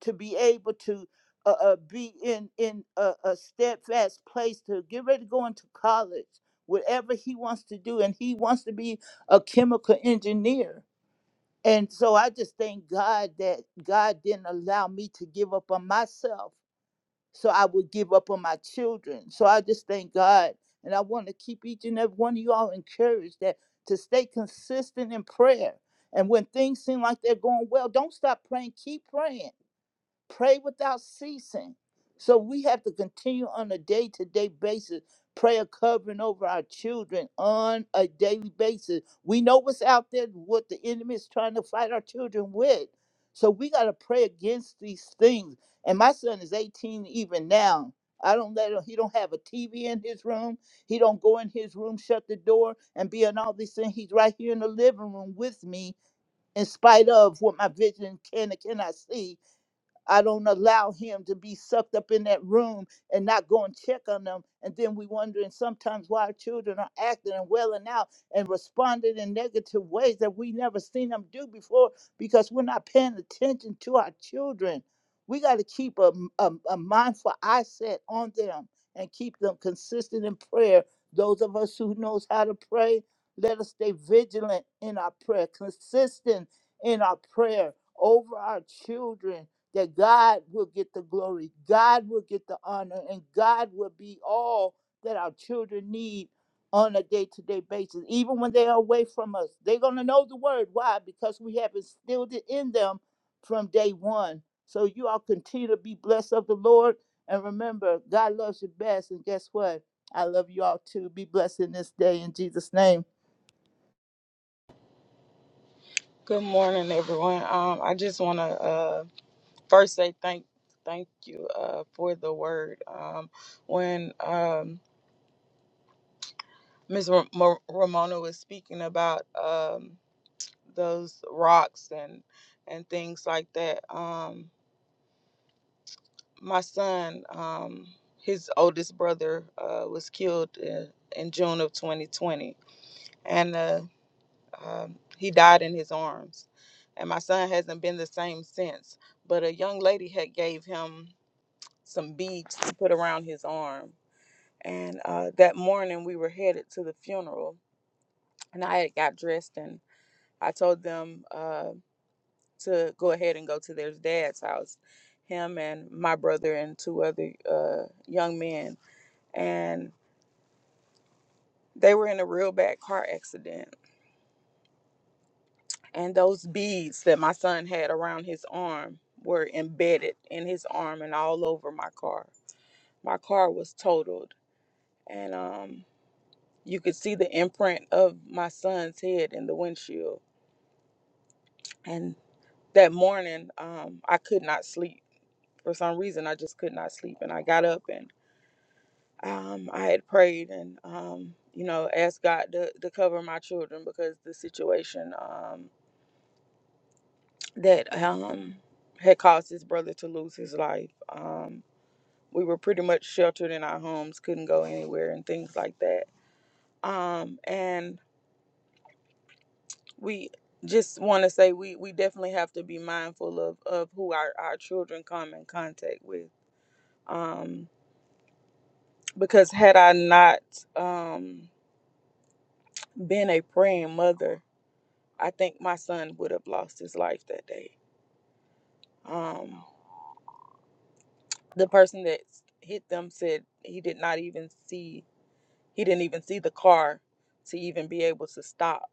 [SPEAKER 7] to be able to uh, uh, be in in a, a steadfast place to get ready to go into college, whatever he wants to do, and he wants to be a chemical engineer and so I just thank God that God didn't allow me to give up on myself so I would give up on my children. So I just thank God. And I want to keep each and every one of you all encouraged that to stay consistent in prayer. And when things seem like they're going well, don't stop praying. Keep praying pray without ceasing. So we have to continue on a day to day basis, prayer covering over our children on a daily basis. We know what's out there, what the enemy is trying to fight our children with. So we got to pray against these things. And my son is 18 even now. I don't let him, he don't have a TV in his room. He don't go in his room, shut the door, and be on all these things. He's right here in the living room with me in spite of what my vision can and cannot see I don't allow him to be sucked up in that room and not go and check on them. And then we wondering sometimes why our children are acting and welling out and responding in negative ways that we never seen them do before because we're not paying attention to our children. We got to keep a a a mindful eye set on them and keep them consistent in prayer. Those of us who knows how to pray, let us stay vigilant in our prayer, consistent in our prayer over our children that God will get the glory, God will get the honor, and God will be all that our children need on a day to day basis. Even when they are away from us, they're going to know the word. Why? Because we have instilled it in them from day one. So you all continue to be blessed of the Lord. And remember, God loves you best. And guess what? I love you all too. Be blessed in this day in Jesus' name.
[SPEAKER 5] Good morning, everyone. Um, I just want to uh, first say thank thank you uh, for the word. Um, when um, Ms. Ra- Mo- Ramona was speaking about um, those rocks and and things like that, um, my son, um, his oldest brother, uh, was killed in, in June of 2020, and uh, um, he died in his arms. And my son hasn't been the same since. But a young lady had gave him some beads to put around his arm. And uh, that morning we were headed to the funeral, and I had got dressed, and I told them uh, to go ahead and go to their dad's house. Him and my brother and two other uh, young men and they were in a real bad car accident. And those beads that my son had around his arm were embedded in his arm and all over my car. My car was totaled, and um, you could see the imprint of my son's head in the windshield. And that morning, um, I could not sleep for some reason I just could not sleep and I got up and um, I had prayed and um, you know asked God to, to cover my children because the situation. um, that um had caused his brother to lose his life. Um, we were pretty much sheltered in our homes, couldn't go anywhere, and things like that. Um, and we just want to say we we definitely have to be mindful of of who our our children come in contact with. Um, because had I not um been a praying mother, I think my son would have lost his life that day. Um, the person that hit them said he did not even see he didn't even see the car to even be able to stop.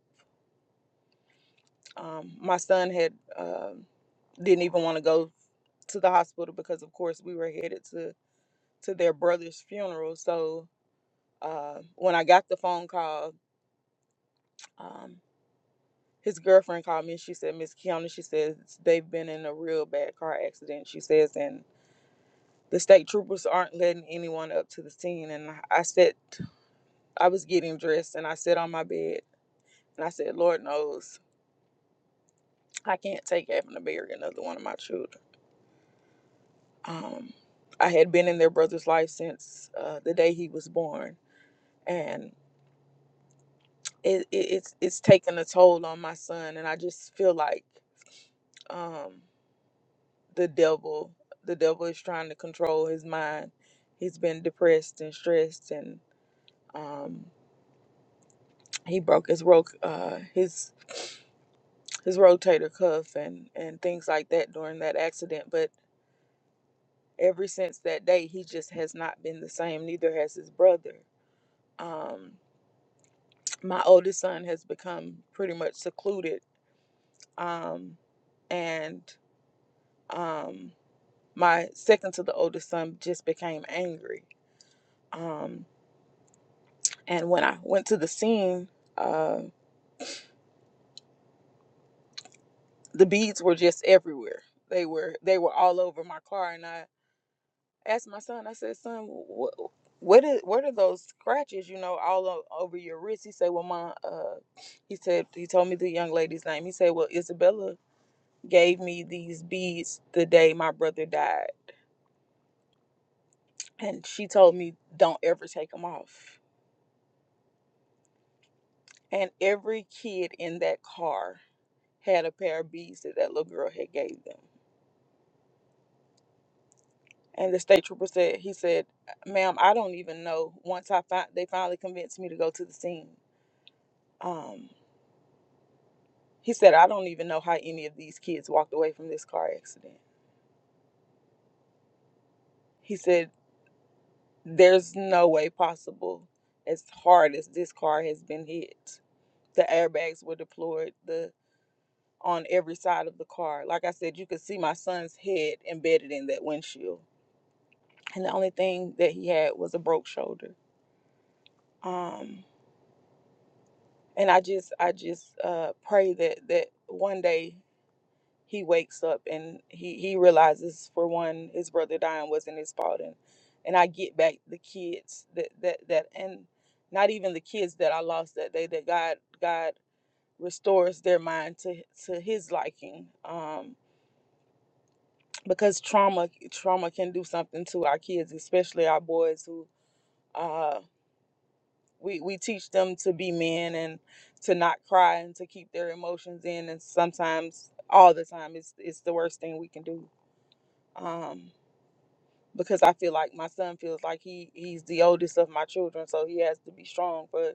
[SPEAKER 5] Um, my son had um didn't even want to go to the hospital because, of course, we were headed to to their brother's funeral. So uh, when I got the phone call, um, his girlfriend called me and she said, "Miss Kiana," she says they've been in a real bad car accident. She says, and the state troopers aren't letting anyone up to the scene. And I I said, I was getting dressed and I sat on my bed and I said, Lord knows. I can't take having to bury another one of my children. Um, I had been in their brother's life since uh, the day he was born, and it, it, it's it's taken a toll on my son. And I just feel like um, the devil, the devil is trying to control his mind. He's been depressed and stressed, and um, he broke his ro- uh, his his rotator cuff and and things like that during that accident. But ever since that day, he just has not been the same. Neither has his brother um, my oldest son has become pretty much secluded um, and um, my second to the oldest son just became angry um, and when i went to the scene uh, the beads were just everywhere they were they were all over my car and i asked my son i said son what what is, what are those scratches you know all o- over your wrist he said well my uh he said he told me the young lady's name he said well isabella gave me these beads the day my brother died. And she told me, don't ever take them off. And every kid in that car had a pair of beads that that little girl had gave them. And the state trooper said, he said, ma'am, I don't even know. Once I find, they finally convinced me to go to the scene. Um, he said, I don't even know how any of these kids walked away from this car accident. He said, there's no way possible as hard as this car has been hit. The airbags were deployed. The on every side of the car. Like I said, you could see my son's head embedded in that windshield. And the only thing that he had was a broke shoulder. Um, and I just I just uh, pray that that one day he wakes up and he, he realizes for one his brother dying wasn't his fault and and I get back the kids that that that and not even the kids that I lost that day that God God restores their mind to to his liking. Um because trauma trauma can do something to our kids, especially our boys who uh we, we teach them to be men and to not cry and to keep their emotions in and sometimes all the time it's it's the worst thing we can do. Um because I feel like my son feels like he he's the oldest of my children, so he has to be strong for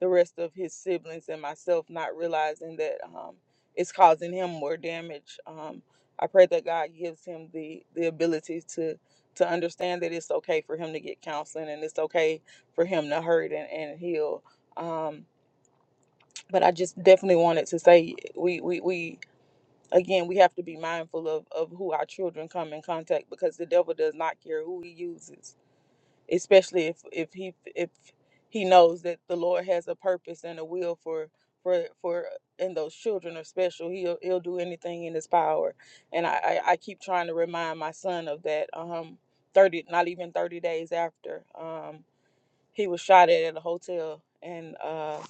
[SPEAKER 5] the rest of his siblings and myself, not realizing that um, it's causing him more damage. Um, I pray that God gives him the the ability to to understand that it's okay for him to get counseling and it's okay for him to hurt and, and heal. Um, but I just definitely wanted to say we we, we again we have to be mindful of, of who our children come in contact because the devil does not care who he uses especially if if he if he knows that the Lord has a purpose and a will for for for and those children are special. He'll he'll do anything in his power, and I I, I keep trying to remind my son of that. Um, thirty not even thirty days after um he was shot at at a hotel and uh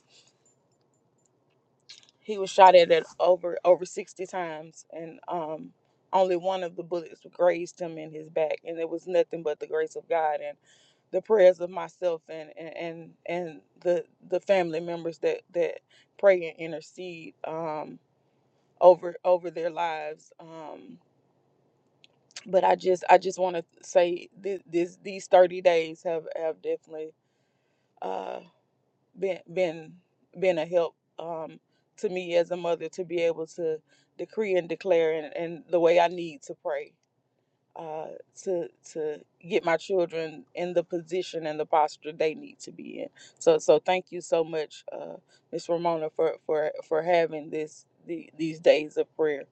[SPEAKER 5] he was shot at it over over 60 times, and um, only one of the bullets grazed him in his back, and it was nothing but the grace of God and the prayers of myself and and and, and the the family members that that pray and intercede um, over over their lives. Um, but I just I just want to say this, this these 30 days have have definitely. uh, been been been a help um, to me as a mother to be able to decree and declare and, and the way I need to pray uh, to to get my children in the position and the posture they need to be in. So so thank you so much, uh, Miss Ramona, for for for having this the, these days of prayer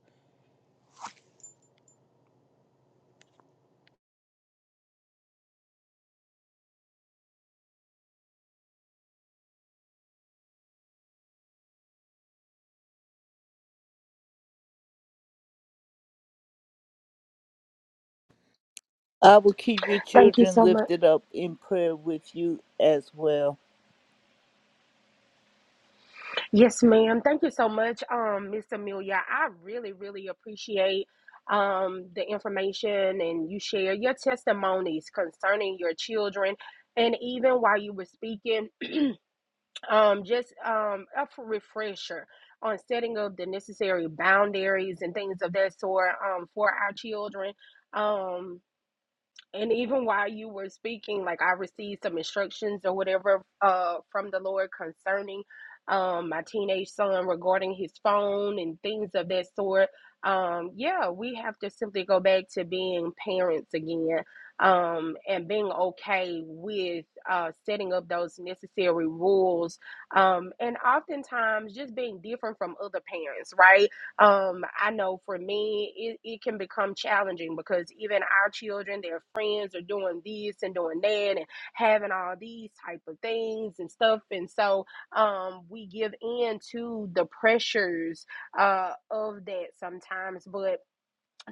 [SPEAKER 7] I will keep your
[SPEAKER 1] Thank you
[SPEAKER 7] children
[SPEAKER 1] so much.
[SPEAKER 7] lifted up in prayer with you as well.
[SPEAKER 1] Yes, ma'am. Thank you so much, um, Miss Amelia. I really, really appreciate um the information and you share your testimonies concerning your children. And even while you were speaking, um, just um, a f- refresher on setting up the necessary boundaries and things of that sort um, for our children. Um, and even while you were speaking like i received some instructions or whatever uh from the lord concerning um my teenage son regarding his phone and things of that sort um yeah we have to simply go back to being parents again um and being okay with uh setting up those necessary rules um and oftentimes just being different from other parents right um, I know for me, it, it can become challenging because even our children, their friends are doing this and doing that and having all these type of things and stuff. And so um, we give in to the pressures uh, of that sometimes. But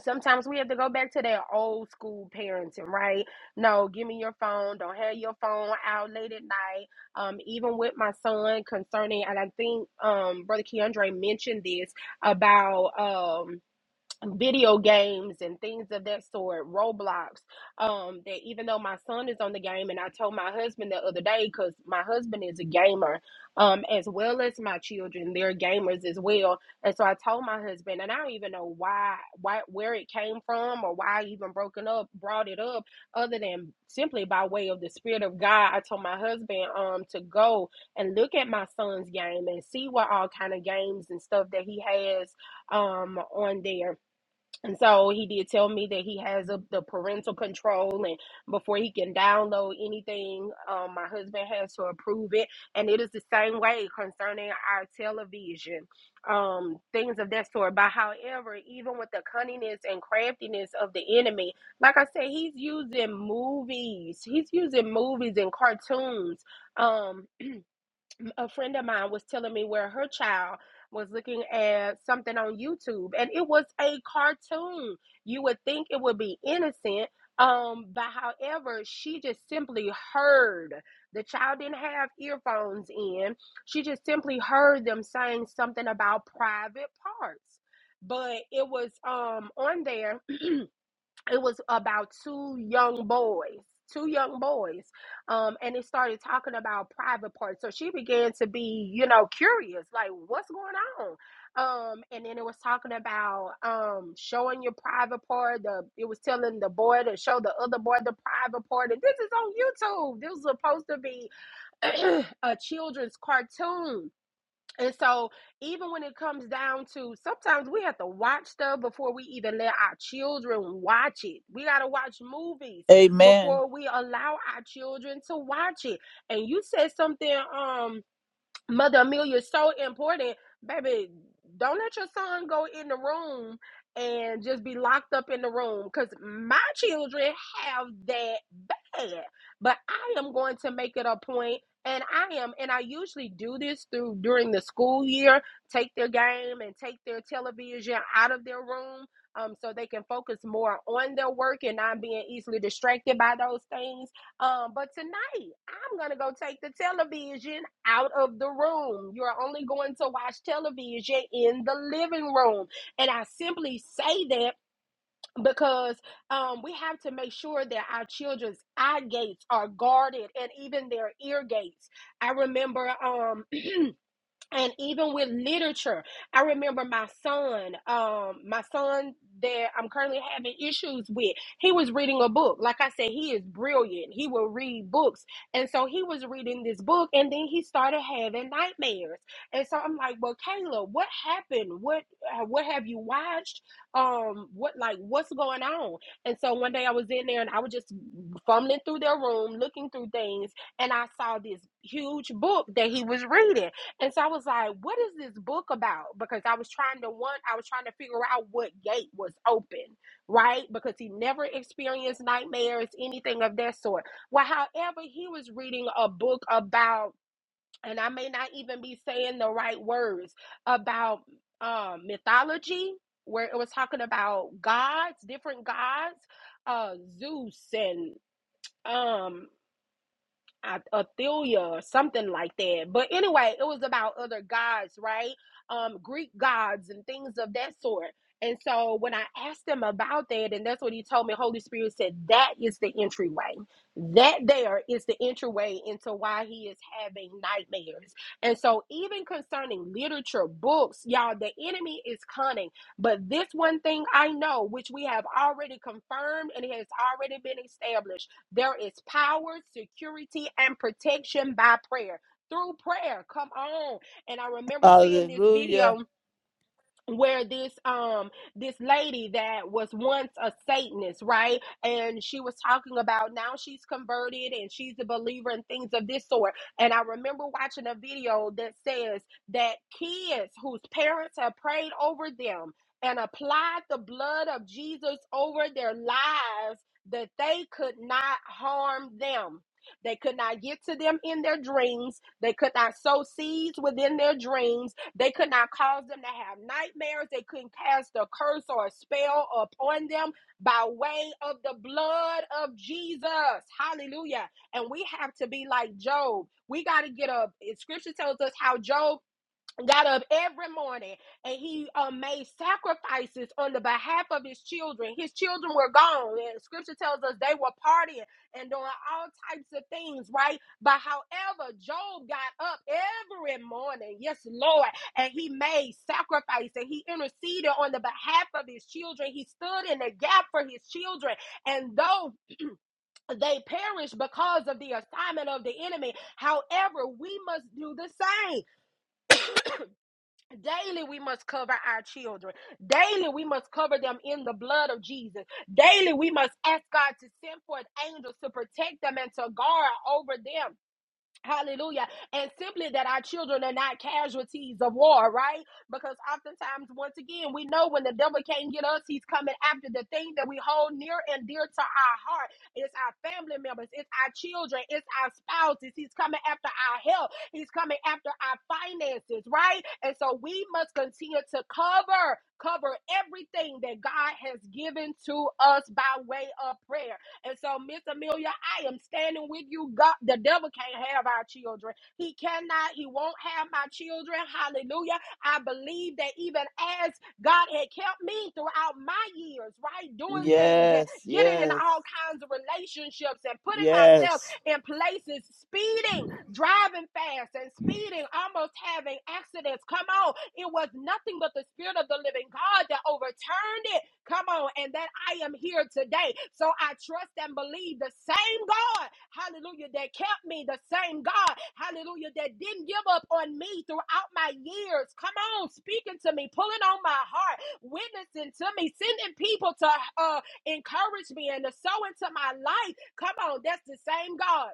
[SPEAKER 1] sometimes we have to go back to that old school parenting, right? No, give me your phone. Don't have your phone out late at night. Um, even with my son concerning, and I think um, Brother Keandre mentioned this about. Um, video games and things of that sort, Roblox. Um, that even though my son is on the game, and I told my husband the other day because my husband is a gamer, um, as well as my children, they're gamers as well. And so I told my husband, and I don't even know why, why, where it came from, or why I even broken up, brought it up, other than simply by way of the spirit of God. I told my husband, um, to go and look at my son's game and see what all kind of games and stuff that he has um on there and so he did tell me that he has a, the parental control, and before he can download anything, um, my husband has to approve it. And it is the same way concerning our television, um, things of that sort. But however, even with the cunningness and craftiness of the enemy, like I said, he's using movies, he's using movies and cartoons. Um, a friend of mine was telling me where her child was looking at something on YouTube and it was a cartoon. You would think it would be innocent. Um, but however, she just simply heard the child didn't have earphones in. She just simply heard them saying something about private parts. But it was um on there it was about two young boys two young boys um and it started talking about private parts so she began to be you know curious like what's going on um and then it was talking about um showing your private part the it was telling the boy to show the other boy the private part and this is on youtube this was supposed to be a children's cartoon and so, even when it comes down to sometimes we have to watch stuff before we even let our children watch it. We got to watch movies
[SPEAKER 7] Amen.
[SPEAKER 1] before we allow our children to watch it. And you said something, um, Mother Amelia is so important, baby. Don't let your son go in the room and just be locked up in the room because my children have that bad. But I am going to make it a point, and I am, and I usually do this through during the school year take their game and take their television out of their room um, so they can focus more on their work and not being easily distracted by those things um, but tonight I'm gonna go take the television out of the room. You're only going to watch television in the living room. And I simply say that because um, we have to make sure that our children's eye gates are guarded and even their ear gates. I remember um and even with literature i remember my son um my son that i'm currently having issues with he was reading a book like i said he is brilliant he will read books and so he was reading this book and then he started having nightmares and so i'm like well Kayla, what happened what uh, what have you watched um what like what's going on and so one day i was in there and i was just fumbling through their room looking through things and i saw this huge book that he was reading and so I was like, what is this book about? Because I was trying to want, I was trying to figure out what gate was open, right? Because he never experienced nightmares, anything of that sort. Well, however, he was reading a book about, and I may not even be saying the right words, about um, mythology, where it was talking about gods, different gods, uh, Zeus and um I- Athelia or something like that. But anyway, it was about other gods, right? Um, Greek gods and things of that sort. And so when I asked him about that, and that's what he told me, Holy Spirit said, that is the entryway. That there is the entryway into why he is having nightmares. And so, even concerning literature, books, y'all, the enemy is cunning. But this one thing I know, which we have already confirmed and it has already been established there is power, security, and protection by prayer. Through prayer, come on. And I remember seeing this video
[SPEAKER 7] Hallelujah.
[SPEAKER 1] where this um this lady that was once a satanist right and she was talking about now she's converted and she's a believer and things of this sort and i remember watching a video that says that kids whose parents have prayed over them and applied the blood of jesus over their lives that they could not harm them they could not get to them in their dreams they could not sow seeds within their dreams they could not cause them to have nightmares. They couldn't cast a curse or a spell upon them by way of the blood of Jesus. Hallelujah. And we have to be like Job. We got to get up. Scripture tells us how Job got up every morning and he uh, made sacrifices on the behalf of his children. His children were gone, and scripture tells us they were partying and doing all types of things, right? But however, Job got up every morning, yes, Lord, and he made sacrifice and he interceded on the behalf of his children. He stood in the gap for his children, and though they perished because of the assignment of the enemy, however, we must do the same Daily, we must cover our children. Daily, we must cover them in the blood of Jesus. Daily, we must ask God to send forth angels to protect them and to guard over them. Hallelujah. And simply that our children are not casualties of war, right? Because oftentimes, once again, we know when the devil can't get us, he's coming after the thing that we hold near and dear to our heart. It's our family members, it's our children, it's our spouses. He's coming after our health, he's coming after our finances, right? And so we must continue to cover. Cover everything that God has given to us by way of prayer. And so, Miss Amelia, I am standing with you. God, the devil can't have our children. He cannot, he won't have my children. Hallelujah. I believe that even as God had kept me throughout my years, right? Doing things and
[SPEAKER 7] Yes,
[SPEAKER 1] getting in
[SPEAKER 7] yes,
[SPEAKER 1] all kinds of relationships and putting myself
[SPEAKER 7] yes.
[SPEAKER 1] in places, speeding, driving fast and speeding, almost having accidents. Come on. It was nothing but the Spirit of the living God that overturned it Come on. And that I am here today. So I trust and believe the same God, hallelujah, that kept me, the same God, hallelujah, that didn't give up on me throughout my years. Come on, speaking to me, pulling on my heart, witnessing to me, sending people to uh, encourage me and to sow into my life. Come on, that's the same God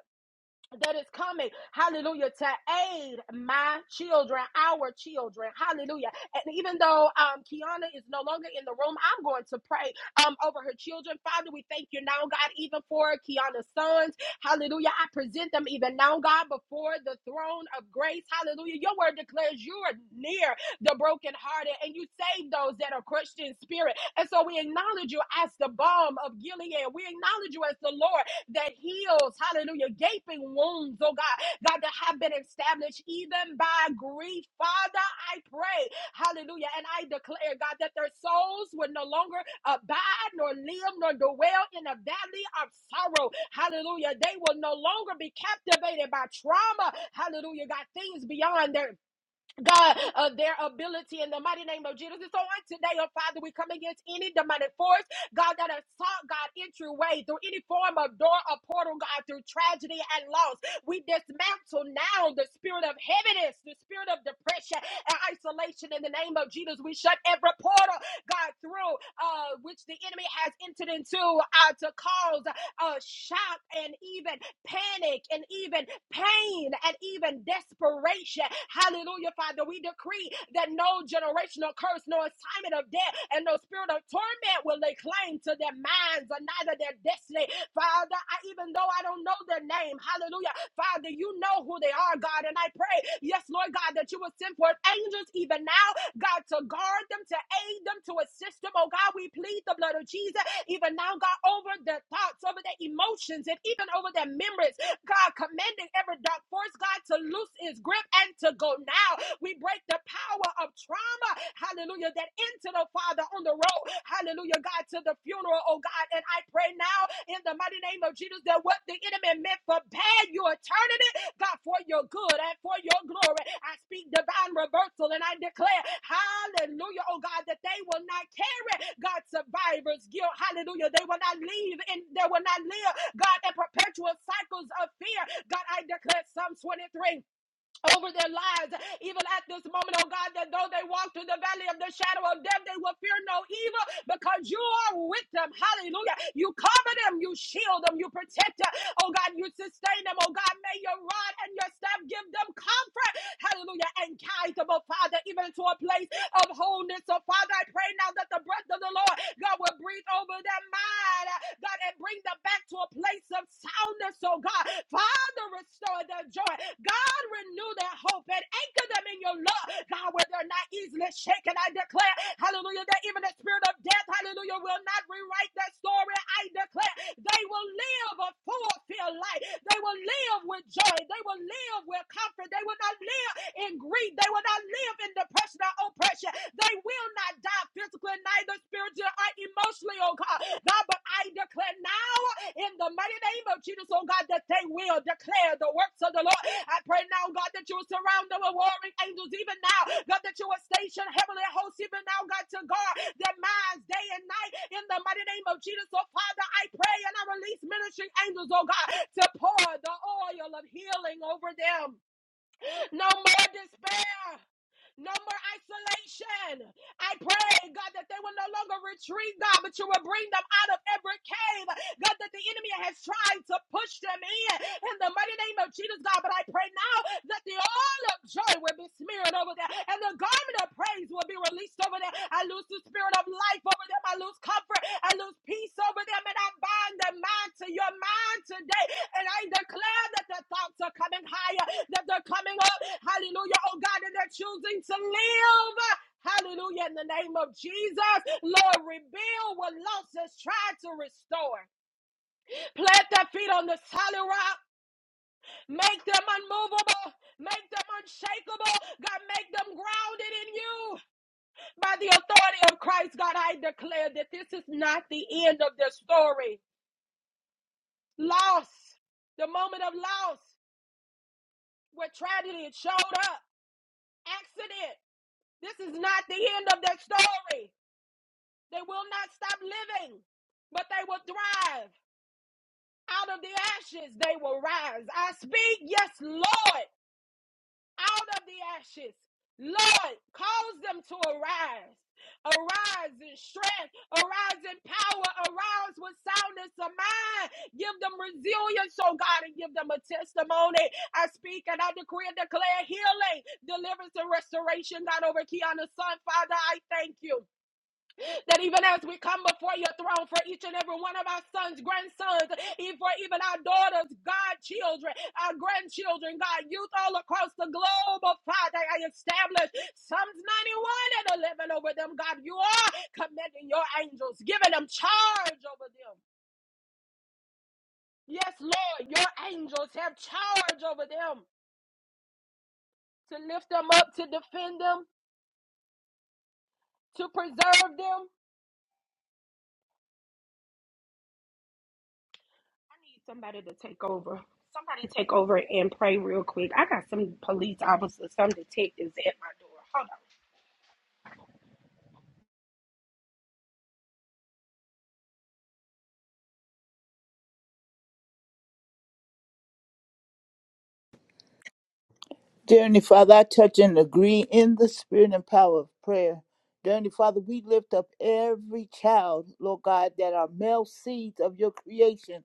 [SPEAKER 1] that is coming, hallelujah, to aid my children, our children, hallelujah. And even though um, Kiana is no longer in the room, I'm going to pray um, over her children. Father, we thank you now, God, even for Kiana's sons, hallelujah. I present them even now, God, before the throne of grace, hallelujah. Your word declares you are near the brokenhearted and you save those that are crushed in spirit. And so we acknowledge you as the balm of Gilead, we acknowledge you as the Lord that heals, hallelujah, gaping wounds, oh God, God, that have been established even by grief. Father, I pray, hallelujah, and I declare, God, that their souls will no longer abide, nor live, nor dwell in a valley of sorrow. Hallelujah. They will no longer be captivated by trauma. Hallelujah. God, things beyond their God, uh, their ability in the mighty name of Jesus. And so on today, oh Father, we come against any demonic force, God, that has sought God entryway through any form of door or portal, God, through tragedy and loss. We dismantle now the spirit of heaviness, the spirit of depression and isolation in the name of Jesus. We shut every portal, God, through uh, which the enemy has entered into uh, to cause uh, shock and even panic and even pain and even desperation. Hallelujah, Father. We decree that no generational curse, no assignment of death, and no spirit of torment will lay claim to their minds or neither their destiny. Father, I, even though I don't know their name, hallelujah, Father, you know who they are, God. And I pray, yes, Lord God, that you will send forth angels even even now, God, to guard them, to aid them, to assist them. Oh God, we plead the blood of Jesus, even now, God, over their thoughts, over their emotions, and even over their memories. God, commanding every dark force, God, to loose its grip and to go now. We break the power of trauma, hallelujah, that entered the Father on the road, hallelujah, God, to the funeral, oh God. And I. I pray now in the mighty name of Jesus that what the enemy meant for bad, you are turning it, God, for your good and for your glory. I speak divine reversal and I declare, hallelujah, oh God, that they will not carry God survivors' guilt. Hallelujah. They will not leave and they will not live, God, in perpetual cycles of fear. God, I declare Psalm 23 over their lives. Even at this moment, oh God, that though they walk through the valley of the shadow of death, they will fear no evil because you are with them. Hallelujah. You cover them, you shield them, you protect them. Oh God, you sustain them. Oh God, may your rod and your staff give them comfort. Hallelujah. And guide them, oh Father, even to a place of wholeness. So Father, I pray now that the breath of the Lord, God, will breathe over their mind. God, and bring them back to a place of soundness, oh God. Father, restore their joy. God, renew their hope and anchor them in your love. God, where they're not easily shaken, I declare, hallelujah, that even the spirit of death, hallelujah, will not rewrite their story. I declare they will live a fulfilled life. They will live with joy. They will live with comfort. They will not live in grief. They will not live in depression or oppression. They will not die physically, neither spiritually or emotionally, oh God. God, but I declare now in the mighty name of Jesus, oh God, that they will declare the works of the Lord. I pray now, God, that you will surround them with warring angels even now. God, that you will station heavenly hosts even now, God, to guard their minds day and night in the mighty name of Jesus. Oh Father, I pray and I release ministering angels, oh God, to pour the oil of healing over them. No more despair no more isolation. I pray, God, that they will no longer retreat, God, but you will bring them out of every cave, God, that the enemy has tried to push them in. In the mighty name of Jesus, God, but I pray now that the oil of joy will be smeared over there and the garment of praise will be released over there. I lose the spirit of life over them. I lose comfort. I lose peace over them and I bind their mind to your mind today. And I declare that their thoughts are coming higher, that they're coming up. Hallelujah. Oh God, and they're choosing to live. Hallelujah. In the name of Jesus, Lord, rebuild what lost has tried to restore. Plant their feet on the solid rock. Make them unmovable. Make them unshakable. God, make them grounded in you. By the authority of Christ, God, I declare that this is not the end of the story. Loss, the moment of loss where tragedy showed up, accident. This is not the end of their story. They will not stop living, but they will thrive. Out of the ashes, they will rise. I speak, yes, Lord. out of the ashes. Lord, cause them to arise. Arise in strength, arise in power, arise with soundness of mind. Give them resilience, oh God, and give them a testimony. I speak and I decree and declare healing, deliverance, and restoration, God, over Kiana's son. Father, I thank you. That even as we come before your throne for each and every one of our sons, grandsons, e- for even our daughters, God, children, our grandchildren, God, youth all across the globe, oh Father, I establish Psalms 91 and 11 over them, God. You are commanding your angels, giving them charge over them. Yes, Lord, your angels have charge over them to lift them up, to defend them, to preserve them. I need somebody to take over. Somebody take over and pray real quick. I got some police officers, some detectives at my door. Hold on.
[SPEAKER 7] Dear Heavenly Father, I touch and agree in the spirit and power of prayer. Dear Heavenly Father, we lift up every child, Lord God, that are male seeds of your creation.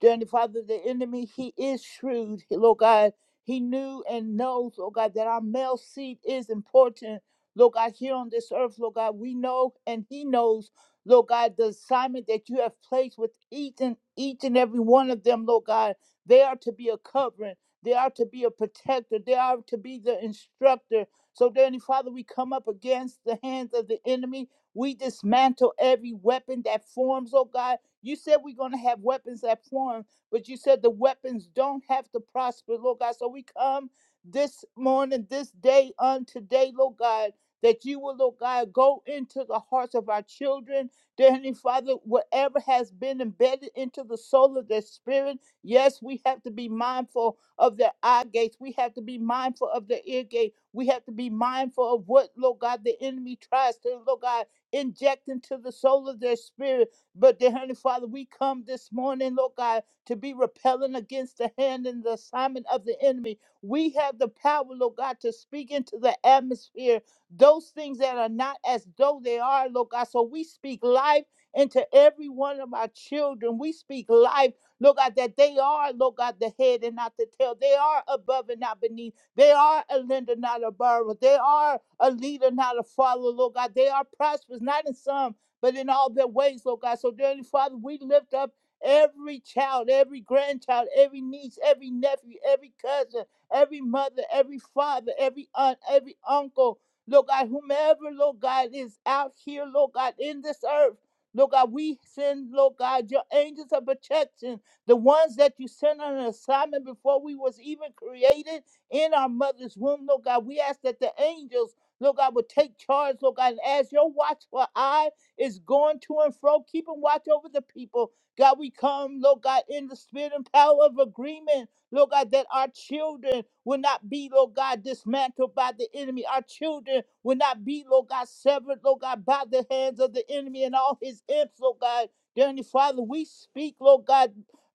[SPEAKER 7] Dear Heavenly Father, the enemy, he is shrewd, Lord God. He knew and knows, Lord God, that our male seed is important, Lord God, here on this earth, Lord God. We know and he knows, Lord God, the assignment that you have placed with each and, each and every one of them, Lord God. They are to be a covering. They are to be a protector. They are to be the instructor. So, dear Father, we come up against the hands of the enemy. We dismantle every weapon that forms, oh God. You said we're going to have weapons that form, but you said the weapons don't have to prosper, Lord God. So we come this morning, this day, on today, Lord God, that you will, Lord God, go into the hearts of our children. Dear Heavenly Father, whatever has been embedded into the soul of their spirit, yes, we have to be mindful of their eye gates. We have to be mindful of their ear gate. We have to be mindful of what, Lord God, the enemy tries to, Lord God, inject into the soul of their spirit. But, dear Heavenly Father, we come this morning, Lord God, to be repelling against the hand and the assignment of the enemy. We have the power, Lord God, to speak into the atmosphere those things that are not as though they are, Lord God. So we speak life into every one of our children. We speak life Lord God, that they are, Lord God, the head and not the tail. They are above and not beneath. They are a lender, not a borrower. They are a leader, not a follower, Lord God. They are prosperous, not in some, but in all their ways, Lord God. So, dearly Father, we lift up every child, every grandchild, every niece, every nephew, every cousin, every mother, every father, every aunt, every uncle. Lord God, whomever, Lord God, is out here, Lord God, in this earth, Lord God, we send, Lord God, your angels of protection the ones that you sent on an assignment before we was even created in our mother's womb, Lord God. We ask that the angels, Lord God, would take charge, Lord God, and as your watchful eye is going to and fro, keep and watch over the people. God, we come, Lord God, in the spirit and power of agreement, Lord God, that our children will not be, Lord God, dismantled by the enemy. Our children will not be, Lord God, severed, Lord God, by the hands of the enemy and all his imps, Lord God. Dear Heavenly Father, we speak, Lord God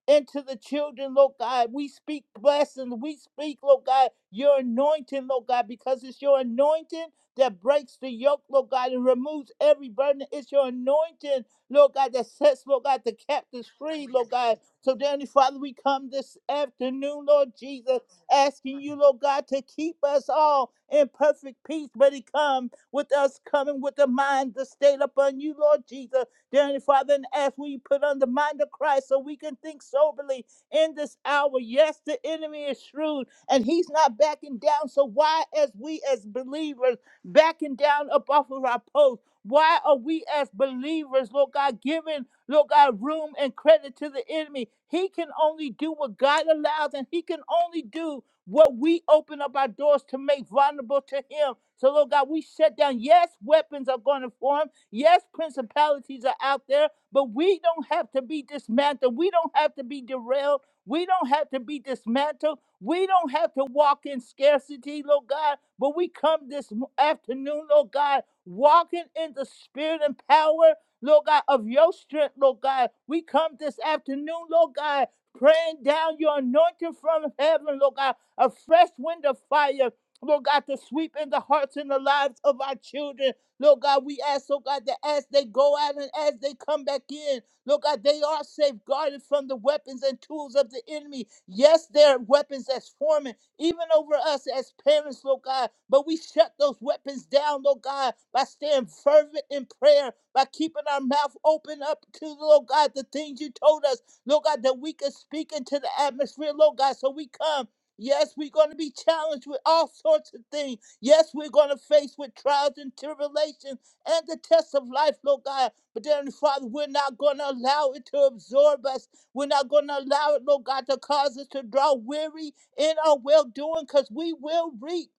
[SPEAKER 7] and to the children, Lord God. We speak blessings. We speak, Lord God, your anointing, Lord God, because it's your anointing that breaks the yoke, Lord God, and removes every burden. It's your anointing, Lord God, that sets, Lord God, the captives free, Lord God. So, Danny Father, we come this afternoon, Lord Jesus, asking you, Lord God, to keep us all in perfect peace. But it come with us coming with the mind to stay upon you, Lord Jesus. Dear Heavenly Father, and as we put on the mind of Christ so we can think soberly in this hour. Yes, the enemy is shrewd and he's not backing down. So why, as we as believers, backing down up off of our post? Why are we as believers, Lord God, giving, Lord God, room and credit to the enemy? He can only do what God allows, and he can only do what we open up our doors to make vulnerable to him. So, Lord God, we shut down. Yes, weapons are going to form. Yes, principalities are out there, but we don't have to be dismantled. We don't have to be derailed. We don't have to be dismantled. We don't have to walk in scarcity, Lord God, but we come this m- afternoon, Lord God, walking in the spirit and power, Lord God, of your strength, Lord God. We come this afternoon, Lord God, praying down your anointing from heaven, Lord God, a fresh wind of fire, Lord God, to sweep in the hearts and the lives of our children. Lord God, we ask, oh God, that as they go out and as they come back in, Lord God, they are safeguarded from the weapons and tools of the enemy. Yes, there are weapons that's forming, even over us as parents, Lord God. But we shut those weapons down, Lord God, by staying fervent in prayer, by keeping our mouth open up to, Lord God, the things you told us, Lord God, that we can speak into the atmosphere, Lord God. So we come. Yes, we're going to be challenged with all sorts of things. Yes, we're going to face with trials and tribulations and the test of life, Lord God. But then, Father, we're not going to allow it to absorb us. We're not going to allow it, Lord God, to cause us to draw weary in our well doing because we will reap.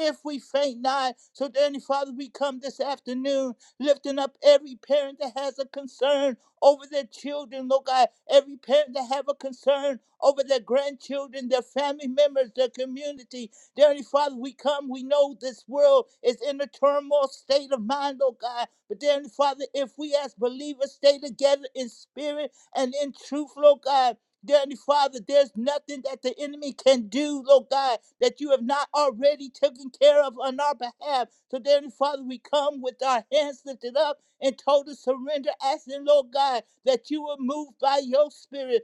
[SPEAKER 7] If we faint not, so then, Father, we come this afternoon lifting up every parent that has a concern over their children, Lord God. Every parent that have a concern over their grandchildren, their family members, their community, Dear Heavenly Father, we come. We know this world is in a turmoil state of mind, oh God. But dear Heavenly Father, if we as believers stay together in spirit and in truth, Lord God. Dear Heavenly Father, there's nothing that the enemy can do, Lord God, that you have not already taken care of on our behalf. So, dear Heavenly Father, we come with our hands lifted up in total surrender, asking, Lord God, that you will move by your spirit.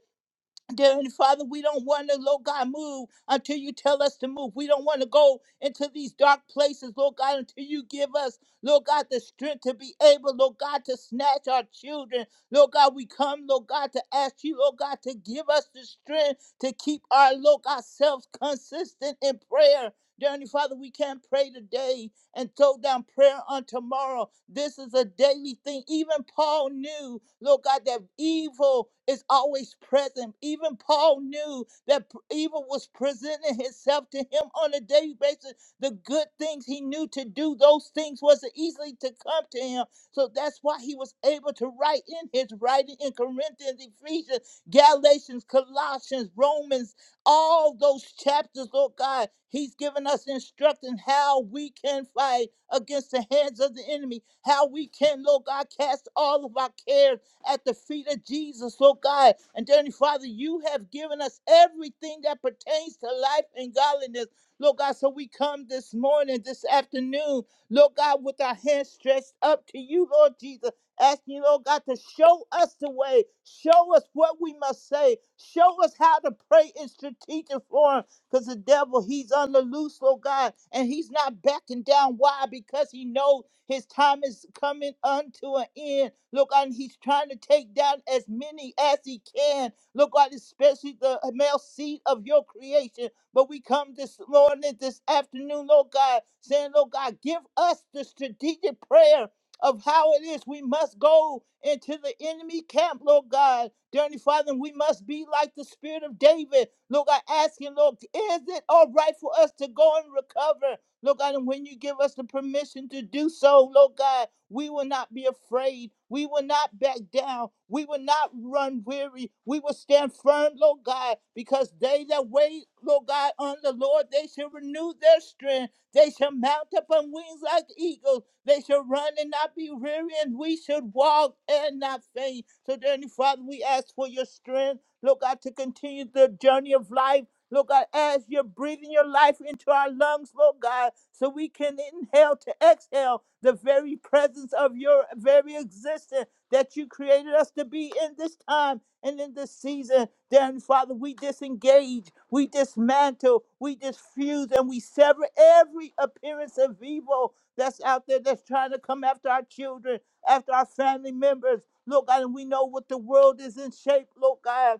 [SPEAKER 7] Dear Heavenly Father, we don't want to, Lord God, move until you tell us to move. We don't want to go into these dark places, Lord God, until you give us, Lord God, the strength to be able, Lord God, to snatch our children. Lord God, we come, Lord God, to ask you, Lord God, to give us the strength to keep our, Lord God, selves consistent in prayer. Dear Heavenly Father, we can't pray today and go down prayer on tomorrow. This is a daily thing. Even Paul knew, Lord God, that evil is always present. Even Paul knew that evil was presenting itself to him on a daily basis. The good things he knew to do, those things wasn't easily to come to him. So that's why he was able to write in his writing in Corinthians, Ephesians, Galatians, Colossians, Romans, all those chapters, Lord God. He's given us instruction how we can fight against the hands of the enemy, how we can, Lord God, cast all of our cares at the feet of Jesus, Lord God. And dearly Father, you have given us everything that pertains to life and godliness. Lord God, so we come this morning, this afternoon, Lord God, with our hands stretched up to you, Lord Jesus asking, Lord God, to show us the way, show us what we must say, show us how to pray in strategic form. Because the devil, he's on the loose, Lord God, and he's not backing down. Why? Because he knows his time is coming unto an end. Look, and he's trying to take down as many as he can. Look, God, especially the male seed of your creation. But we come this morning, this afternoon, Lord God, saying, Lord God, give us the strategic prayer of how it is. We must go into the enemy camp, Lord God. Dear Heavenly Father, we must be like the spirit of David. Lord God, you, Lord, is it all right for us to go and recover? Lord God, and when you give us the permission to do so, Lord God, we will not be afraid. We will not back down. We will not run weary. We will stand firm, Lord God, because they that wait, Lord God, on the Lord, they shall renew their strength. They shall mount up on wings like eagles. They shall run and not be weary, and we should walk and not faint. So, dearly Father, we ask for your strength, Lord God, to continue the journey of life. Lord God, as you're breathing your life into our lungs, Lord God, so we can inhale to exhale the very presence of your very existence that you created us to be in this time and in this season. Then, Father, we disengage, we dismantle, we disfuse, and we sever every appearance of evil that's out there that's trying to come after our children, after our family members. Lord God, and we know what the world is in shape, Lord God.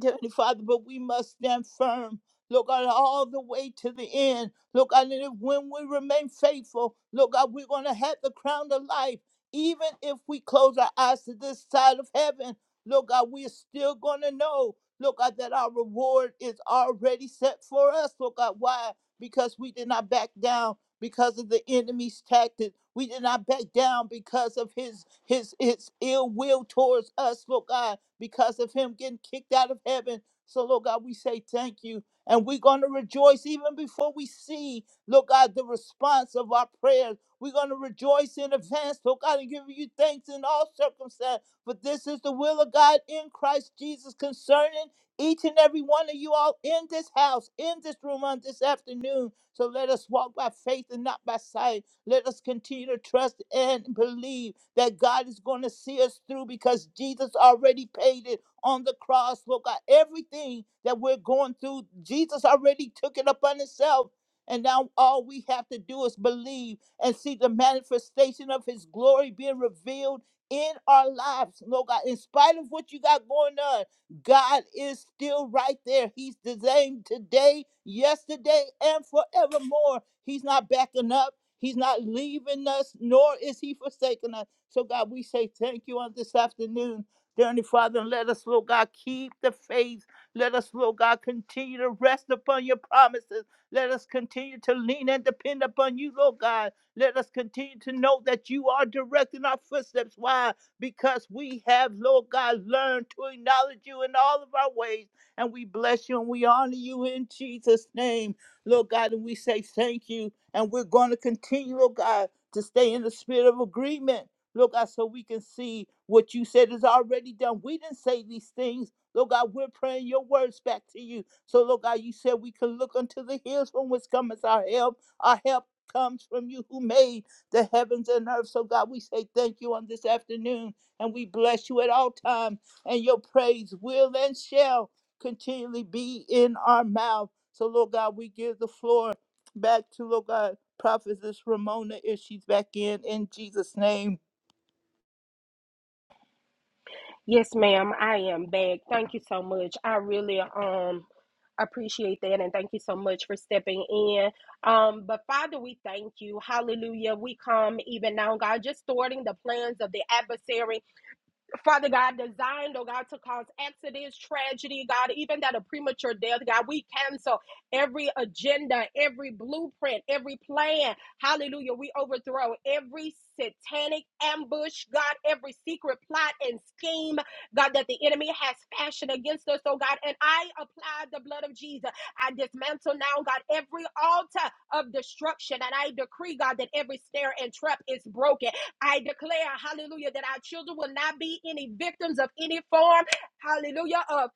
[SPEAKER 7] Dear Heavenly Father, but we must stand firm. Look God, all the way to the end. Look God, and if when we remain faithful, look God, we're gonna have the crown of life. Even if we close our eyes to this side of heaven, look God, we're still gonna know, look God, that our reward is already set for us. Look God, why? Because we did not back down because of the enemy's tactics, We did not back down because of his his his ill will towards us, Lord God, because of him getting kicked out of heaven. So, Lord God, we say thank you. And we're going to rejoice even before we see, Lord God, the response of our prayers. We're going to rejoice in advance, Lord God, and give you thanks in all circumstances. For this is the will of God in Christ Jesus concerning each and every one of you all in this house, in this room on this afternoon. So let us walk by faith and not by sight. Let us continue to trust and believe that God is going to see us through because Jesus already paid it on the cross. Lord God, everything that we're going through, Jesus already took it upon himself. And now all we have to do is believe and see the manifestation of his glory being revealed in our lives, Lord God, in spite of what you got going on. God is still right there. He's the same today, yesterday, and forevermore. He's not backing up. He's not leaving us, nor is he forsaking us. So, God, we say thank you on this afternoon. Dear Heavenly Father, and let us, Lord God, keep the faith. Let us, Lord God, continue to rest upon your promises. Let us continue to lean and depend upon you, Lord God. Let us continue to know that you are directing our footsteps. Why? because we have, Lord God, learned to acknowledge you in all of our ways. And we bless you and we honor you in Jesus' name, Lord God. And we say thank you. And we're going to continue, Lord God, to stay in the spirit of agreement, Lord God, so we can see what you said is already done. We didn't say these things. Lord God, we're praying your words back to you. So, Lord God, you said we can look unto the hills from which cometh our help. Our help comes from you who made the heavens and earth. So, God, we say thank you on this afternoon and we bless you at all times. And your praise will and shall continually be in our mouth. So, Lord God, we give the floor back to, Lord God, Prophetess Ramona if she's back in, in Jesus' name.
[SPEAKER 1] Yes, ma'am. I am back. Thank you so much. I really um appreciate that and thank you so much for stepping in. Um, but Father, we thank you. Hallelujah. We come even now, God, just thwarting the plans of the adversary. Father God, designed, oh God, to cause accidents, tragedy, God, even that a premature death, God, we cancel every agenda, every blueprint, every plan. Hallelujah. We overthrow every satanic ambush, God, every secret plot and scheme, God, that the enemy has fashioned against us, oh God. And I apply the blood of Jesus. I dismantle now, God, every altar of destruction. And I decree, God, that every snare and trap is broken I declare, hallelujah, that our children will not be any victims of any form, hallelujah, of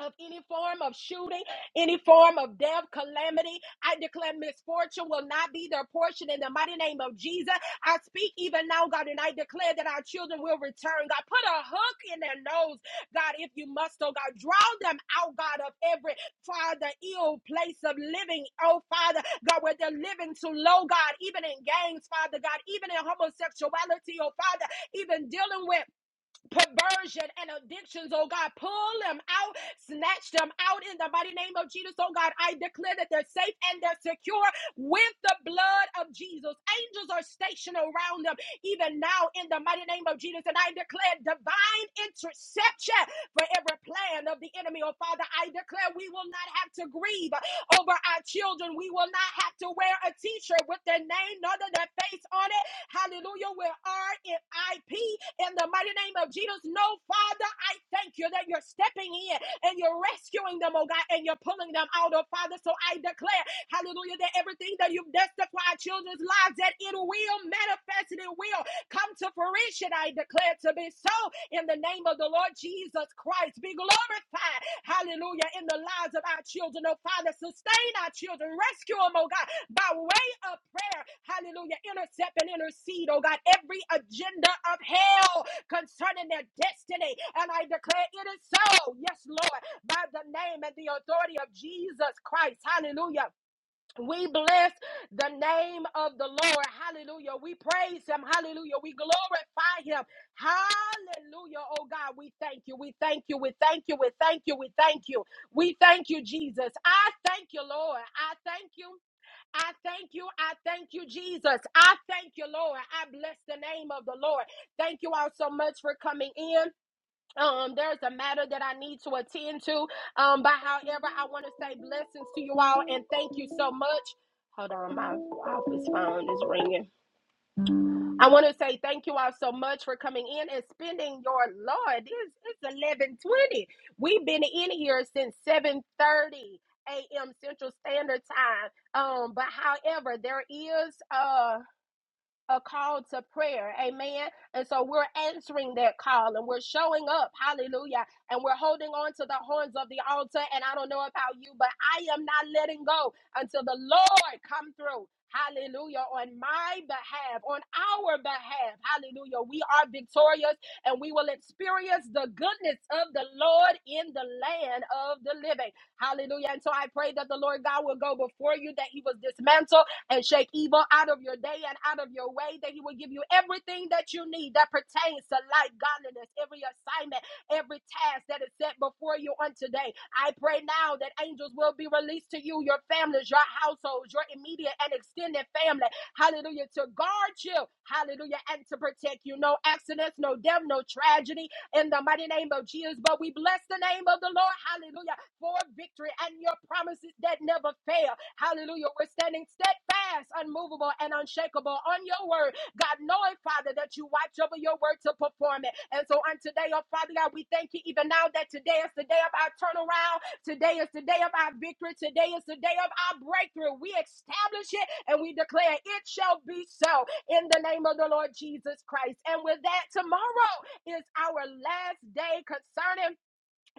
[SPEAKER 1] of any form of shooting, any form of death, calamity. I declare misfortune will not be their portion in the mighty name of Jesus. I speak even now, God, and I declare that our children will return. God, put a hook in their nose, God, if you must, oh God. Draw them out, God, of every, Father, ill place of living, oh Father, God, where they're living too low, God, even in gangs, Father, God, even in homosexuality, oh Father, even dealing with perversion and addictions, oh God. Pull them out, snatch them out in the mighty name of Jesus, oh God. I declare that they're safe and they're secure with the blood of Jesus. Angels are stationed around them even now in the mighty name of Jesus. And I declare divine interception for every plan of the enemy, oh Father. I declare we will not have to grieve over our children. We will not have to wear a t shirt with their name nor their face on it Hallelujah. We are in IP in the mighty name of Jesus. No, Father, I thank you that you're stepping in and you're rescuing them, oh God, and you're pulling them out, oh Father. So I declare, hallelujah, that everything that you've destined for our children's lives, that it will manifest and it will come to fruition. I declare to be so in the name of the Lord Jesus Christ. Be glorified, hallelujah, in the lives of our children. Oh, Father, sustain our children, rescue them, oh God, by way of prayer, hallelujah, intercept and intercede, oh God, every agenda of hell concerning their destiny. And I declare it is so, yes, Lord, by the name and the authority of Jesus Christ, hallelujah. We bless the name of the Lord. Hallelujah. We praise him. Hallelujah. We glorify him. Hallelujah. Oh God, we thank you. We thank you. We thank you. We thank you. We thank you. We thank you, Jesus. I thank you, Lord. I thank you. I thank you. I thank you, Jesus. I thank you, Lord. I bless the name of the Lord. Thank you all so much for coming in um, there's a matter that I need to attend to. Um, but however, I want to say blessings to you all and thank you so much. Hold on, my office phone is ringing. I want to say thank you all so much for coming in and spending your Lord. It's it's eleven twenty. We've been in here since seven thirty a.m. Central Standard Time. Um, but however, there is uh a call to prayer. Amen. And so we're answering that call and we're showing up. Hallelujah. And we're holding on to the horns of the altar. And I don't know about you, but I am not letting go until the Lord come through. Hallelujah. On my behalf, on our behalf. Hallelujah. We are victorious and we will experience the goodness of the Lord in the land of the living. Hallelujah. And so I pray that the Lord God will go before you, that he will dismantle and shake evil out of your day and out of your way, that He will give you everything that you need that pertains to life, godliness, every assignment, every task that is set before you on today. I pray now that angels will be released to you, your families, your households, your immediate and extended family. Hallelujah. To guard you, hallelujah, and to protect you. No accidents, no death, no tragedy in the mighty name of Jesus. But we bless the name of the Lord. Hallelujah for victory and your promises that never fail. Hallelujah. We're standing steadfast, unmovable, and unshakable on your word. God, knowing, Father, that you watch over your word to perform it. And so on today, oh Father God, we thank you even now that today is the day of our turnaround. Today is the day of our victory. Today is the day of our breakthrough. We establish it and we declare it shall be so in the name of the Lord Jesus Christ. And with that, tomorrow is our last day concerning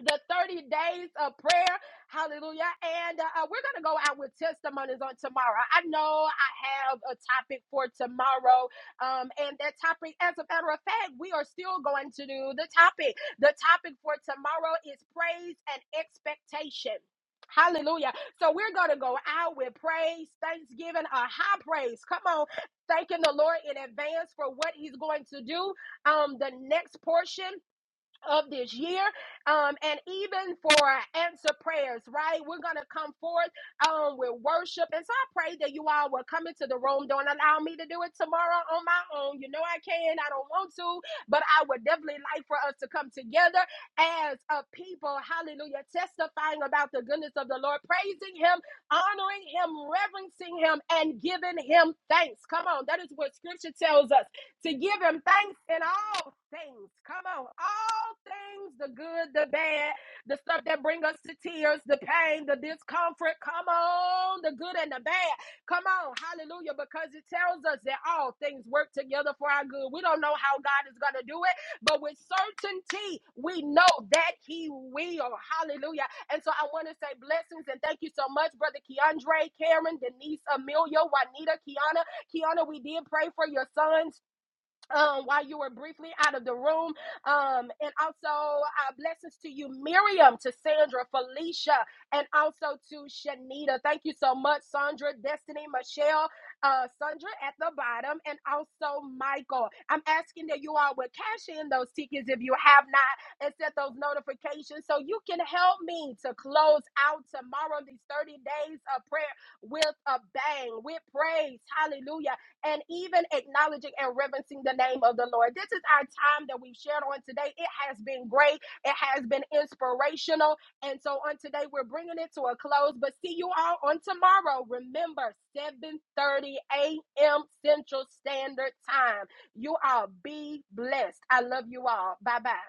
[SPEAKER 1] the 30 days of prayer. Hallelujah. And uh, uh, we're going to go out with testimonies on tomorrow. I know I have a topic for tomorrow. Um, and that topic, as a matter of fact, we are still going to do the topic. The topic for tomorrow is praise and expectation. Hallelujah. So we're going to go out with praise, thanksgiving, a high praise. Come on. Thanking the Lord in advance for what he's going to do. Um, the next portion of this year um, and even for our answer prayers right we're gonna come forth um, with worship and so i pray that you all will come into the room don't allow me to do it tomorrow on my own you know i can i don't want to but i would definitely like for us to come together as a people hallelujah testifying about the goodness of the lord praising him honoring him reverencing him and giving him thanks come on that is what scripture tells us to give him thanks in all things. Come on, all things, the good, the bad, the stuff that bring us to tears, the pain, the discomfort. Come on, the good and the bad. Come on, hallelujah, because it tells us that all things work together for our good. We don't know how God is going to do it, but with certainty, we know that He will. Hallelujah. And so I want to say blessings and thank you so much, Brother Keandre, Karen, Denise, Amelia, Juanita, Kiana. Kiana, we did pray for your sons um, while you were briefly out of the room. Um, and also, uh, blessings to you, Miriam, to Sandra, Felicia, and also to Shanita. Thank you so much, Sandra, Destiny, Michelle, uh, Sandra at the bottom, and also Michael. I'm asking that you all would cash in those tickets if you have not and set those notifications so you can help me to close out tomorrow these 30 days of prayer with a bang, with praise. Hallelujah and even acknowledging and reverencing the name of the Lord. This is our time that we've shared on today. It has been great, it has been inspirational. And so on today, we're bringing it to a close, but see you all on tomorrow. Remember, 7:30 a.m. Central Standard Time. You all be blessed. I love you all. Bye bye.